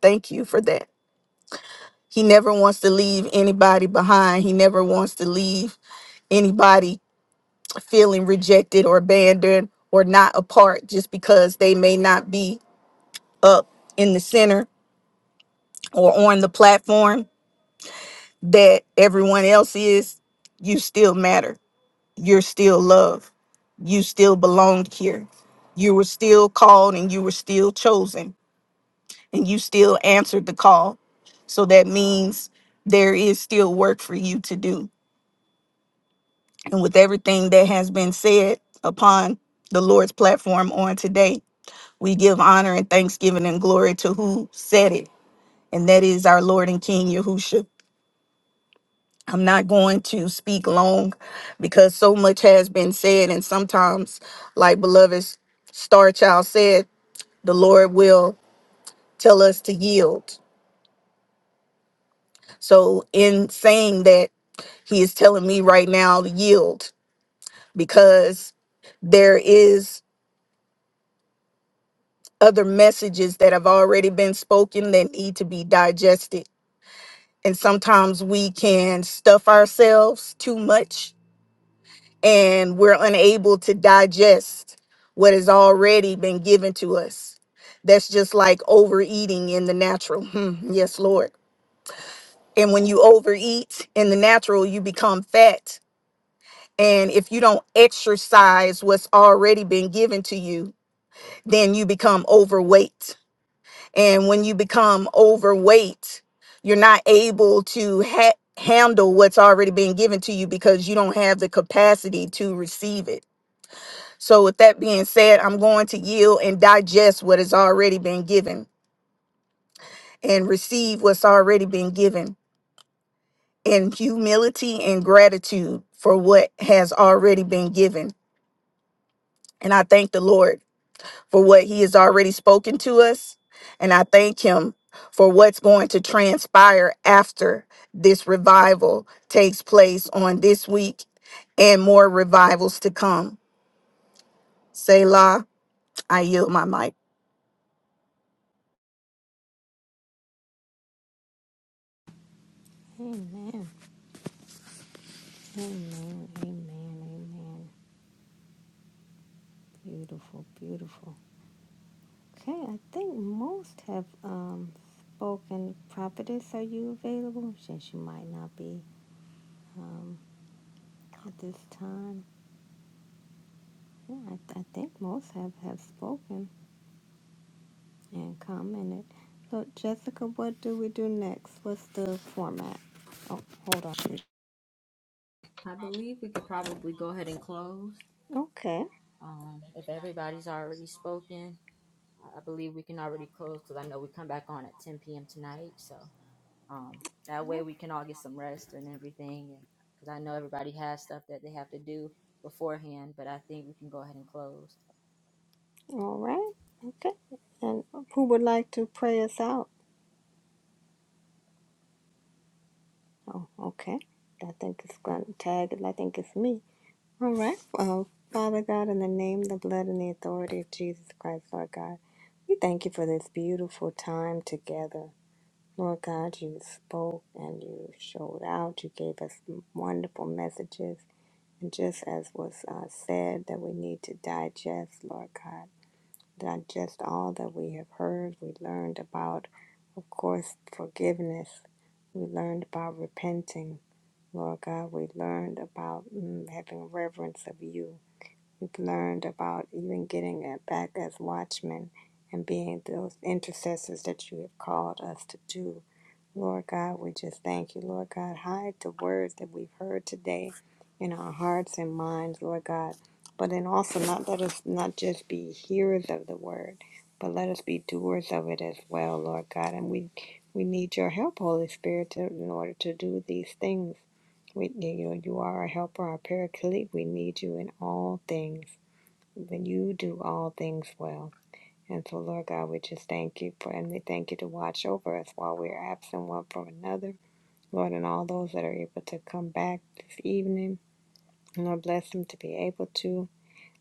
F: thank you for that. He never wants to leave anybody behind. He never wants to leave anybody feeling rejected or abandoned or not a part just because they may not be up in the center or on the platform that everyone else is, you still matter. You're still loved. You still belonged here. You were still called and you were still chosen to call. So that means there is still work for you to do. And with everything that has been said upon the Lord's platform on today, we give honor and thanksgiving and glory to who said it and that is our Lord and King Yahushua. I'm not going to speak long because so much has been said, and sometimes, like beloved Star Child said, the Lord will tell us to yield. So, in saying that, He is telling me right now to yield because there is other messages that have already been spoken that need to be digested. And sometimes we can stuff ourselves too much and we're unable to digest what has already been given to us. That's just like overeating in the natural. Hmm, yes, Lord. And when you overeat in the natural, you become fat. And if you don't exercise what's already been given to you, then you become overweight. And when you become overweight, you're not able to ha- handle what's already been given to you because you don't have the capacity to receive it. So, with that being said, I'm going to yield and digest what has already been given and receive what's already been given in humility and gratitude for what has already been given. And I thank the Lord for what He has already spoken to us. And I thank Him for what's going to transpire after this revival takes place on this week and more revivals to come. Selah, I yield my mic.
J: Amen. Amen, amen, amen. Beautiful, beautiful. Okay, I think most have um spoken. Prophetess, are you available? Since you might not be um at this time. Yeah, I, th- I think most have have spoken and commented. So, Jessica, what do we do next? What's the format? Oh, hold on.
D: I believe we could probably go ahead and close.
J: Okay,
D: Um, if everybody's already spoken, I believe we can already close because I know we come back on at 10 p.m. tonight. So um, that way we can all get some rest and everything. And because I know everybody has stuff that they have to do beforehand, but I think we can go ahead and close.
J: all right, okay. And who would like to pray us out? Oh, okay. I think it's going to tag, it. I think it's me. All right. Well, Father God, in the name, the blood, and the authority of Jesus Christ, Lord God, we thank you for this beautiful time together. Lord God, you spoke and you showed out. You gave us wonderful messages. And just as was uh, said, that we need to digest, Lord God, digest all that we have heard. We learned about, of course, forgiveness. We learned about repenting. Lord God, we learned about mm, having reverence of you. We've learned about even getting it back as watchmen and being those intercessors that you have called us to do. Lord God, we just thank you. Lord God, hide the words that we've heard today in our hearts and minds, Lord God. But then also not let us not just be hearers of the word, but let us be doers of it as well, Lord God. And we we need your help, Holy Spirit, to, in order to do these things. We, you know, you are a helper, our paraclete. We need you in all things. When you do all things well. And so, Lord God, we just thank you for, and we thank you to watch over us while we are absent one from another. Lord, and all those that are able to come back this evening, Lord, bless them to be able to.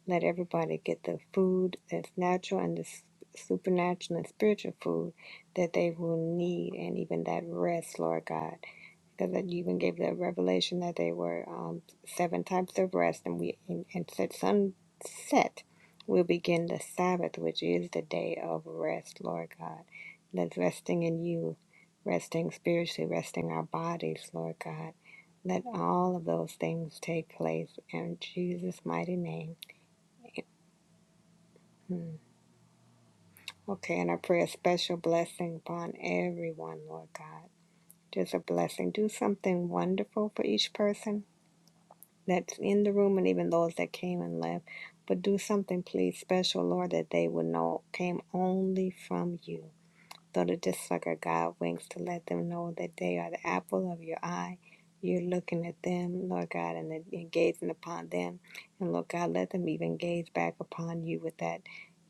J: Let everybody get the food that's natural and the s- supernatural and spiritual food that they will need, and even that rest, Lord God because that you even gave the revelation that they were um, seven types of rest, and we and, and said sunset will begin the Sabbath, which is the day of rest, Lord God. That's resting in you, resting spiritually, resting our bodies, Lord God. Let all of those things take place in Jesus' mighty name. Hmm. Okay, and I pray a special blessing upon everyone, Lord God. Just a blessing. Do something wonderful for each person that's in the room and even those that came and left. But do something, please, special, Lord, that they would know came only from you. Though the dissucker God winks to let them know that they are the apple of your eye. You're looking at them, Lord God, and, then- and gazing upon them. And Lord God, let them even gaze back upon you with that,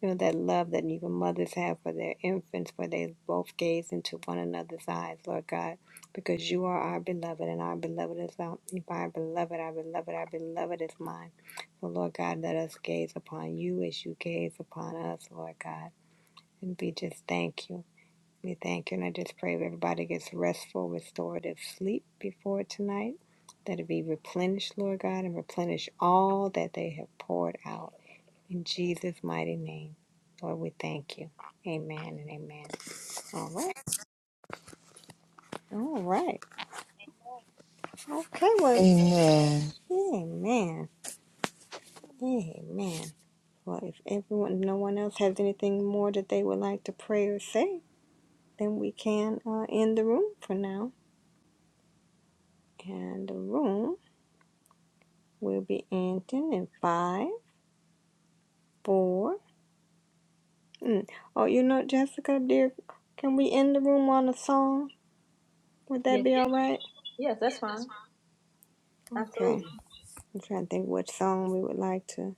J: you know, that love that even mothers have for their infants, for they both gaze into one another's eyes, Lord God, because you are our beloved, and our beloved is our, our beloved, our beloved, our beloved is mine. So Lord God, let us gaze upon you as you gaze upon us, Lord God. And we just thank you. We thank you, and I just pray that everybody gets restful, restorative sleep before tonight. That it be replenished, Lord God, and replenish all that they have poured out. In Jesus' mighty name, Lord, we thank you. Amen and amen. All right. All right. Okay, well,
K: Amen.
J: amen. Amen. Well, if everyone, no one else has anything more that they would like to pray or say, then we can uh, end the room for now. And the room will be ending in five. Four. Mm. Oh, you know, Jessica, dear, can we end the room on a song? Would that be all right? Okay. I'm trying to think what song we would like to.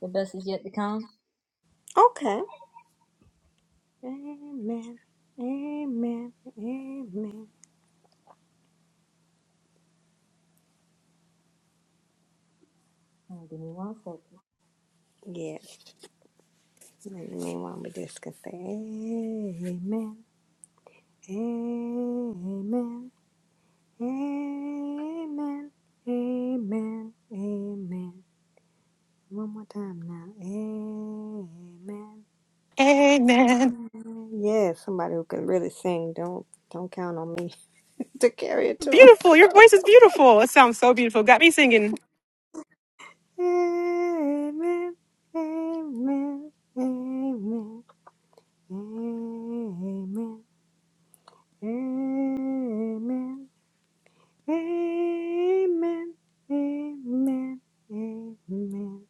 D: The best is yet to come.
J: Okay. Amen. Amen. Amen. Yes. And in the meanwhile, we just can say Amen. Amen. Amen. Amen. Amen. One more time now. Amen. Mm, Yeah, somebody who can really sing. Don't don't count on me to carry a tune. Amen. Amen. Amen. Amen. Amen. Amen. Amen. Amen.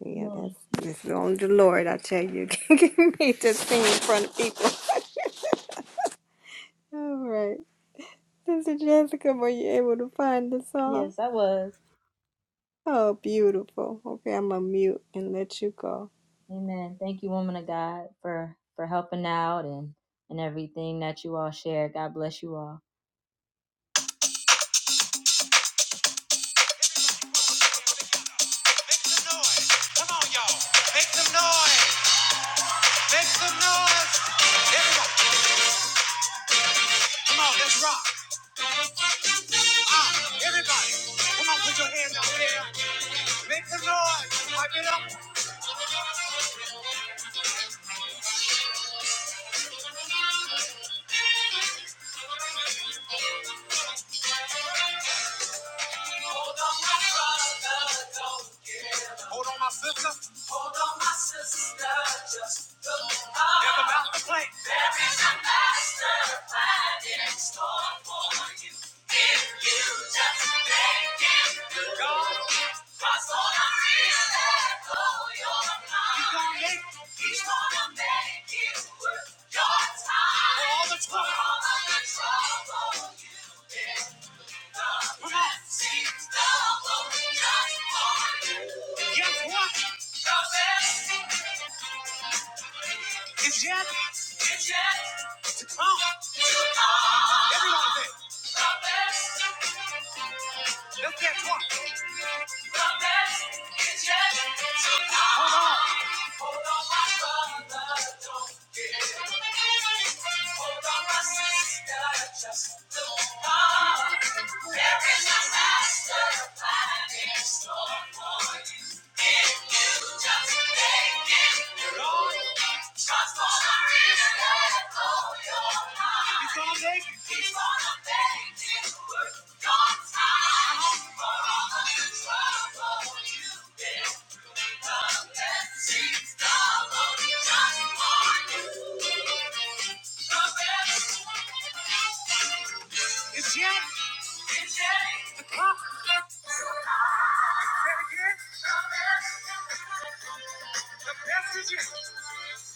J: Yeah, that's this is only the Lord, I tell you, can get me to sing in front of people. All right. Sister Jessica, were you able to find the song? Oh, beautiful. Okay, I'm gonna mute and let you go.
D: Amen. Thank you, woman of God, for for helping out and and everything that you all shared. God bless you all. Make some noise. Come on, y'all. Make some noise. Make some noise. Everybody, come on, let's rock. Ah, everybody. Come on, put your hands out there. Make some noise. Pipe it up. Hold on, my sister. There's about to play. Guess what? It's yet. It's yet. It's on. Everyone say, let's get one. It's just It's Jack. The The best is yet.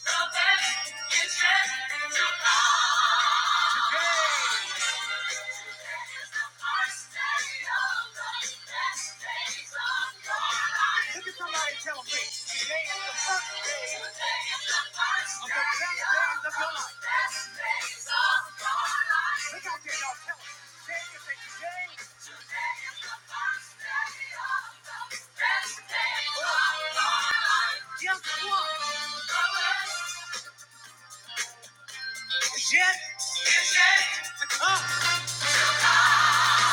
D: The best is yet to come. Look at somebody and tell "Hey, today is the first day of the best days of your life." Look out there, y'all. Tell 'em, "Today is a day. Guess what? Yet is yet to come." Say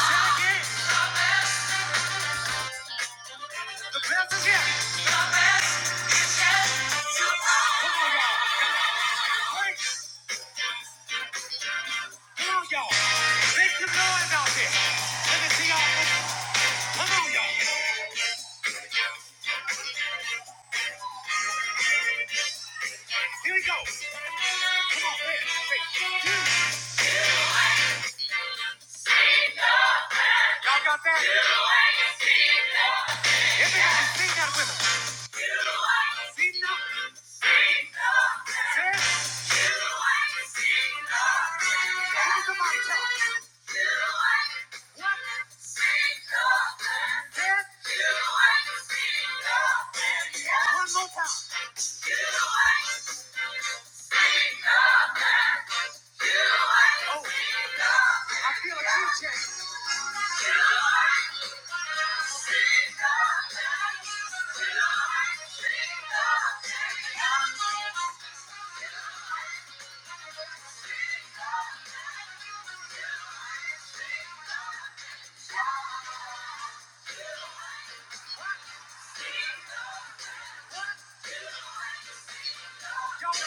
D: it again. The best is yet. Come on, y'all. Break. Come on, y'all. Make some noise out there. Let me see y'all. Come on, y'all. Here we go. Come on, baby. Y'all got that? If you haven't seen that with us. Oh, I feel a future. Y'all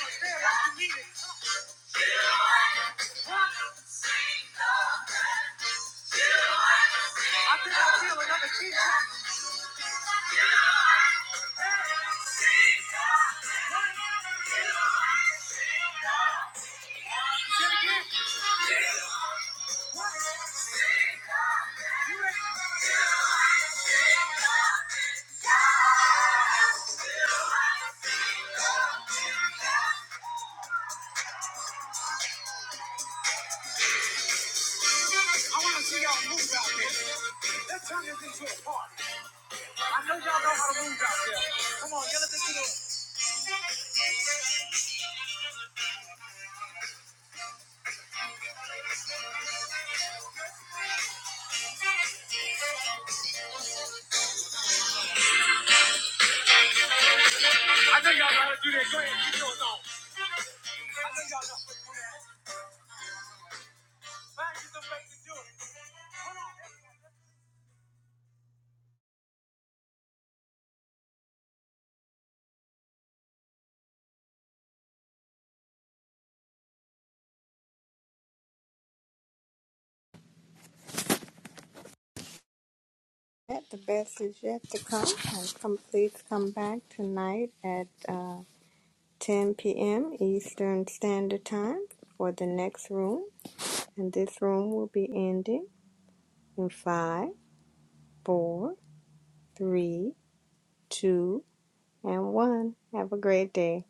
D: understand what you need I think I feel another key drop. I want to see y'all move out there. Let's turn this into a party. I know y'all know how to move out there. Come on, yell at this little. I know y'all know how to do that. Go ahead, keep yours on. I know y'all know. Man, you the way to do it.
J: Yeah, the best is yet to come. And come, please come back tonight at uh, 10 p.m. Eastern Standard Time for the next room. And this room will be ending in five, four, three, two, and one. Have a great day.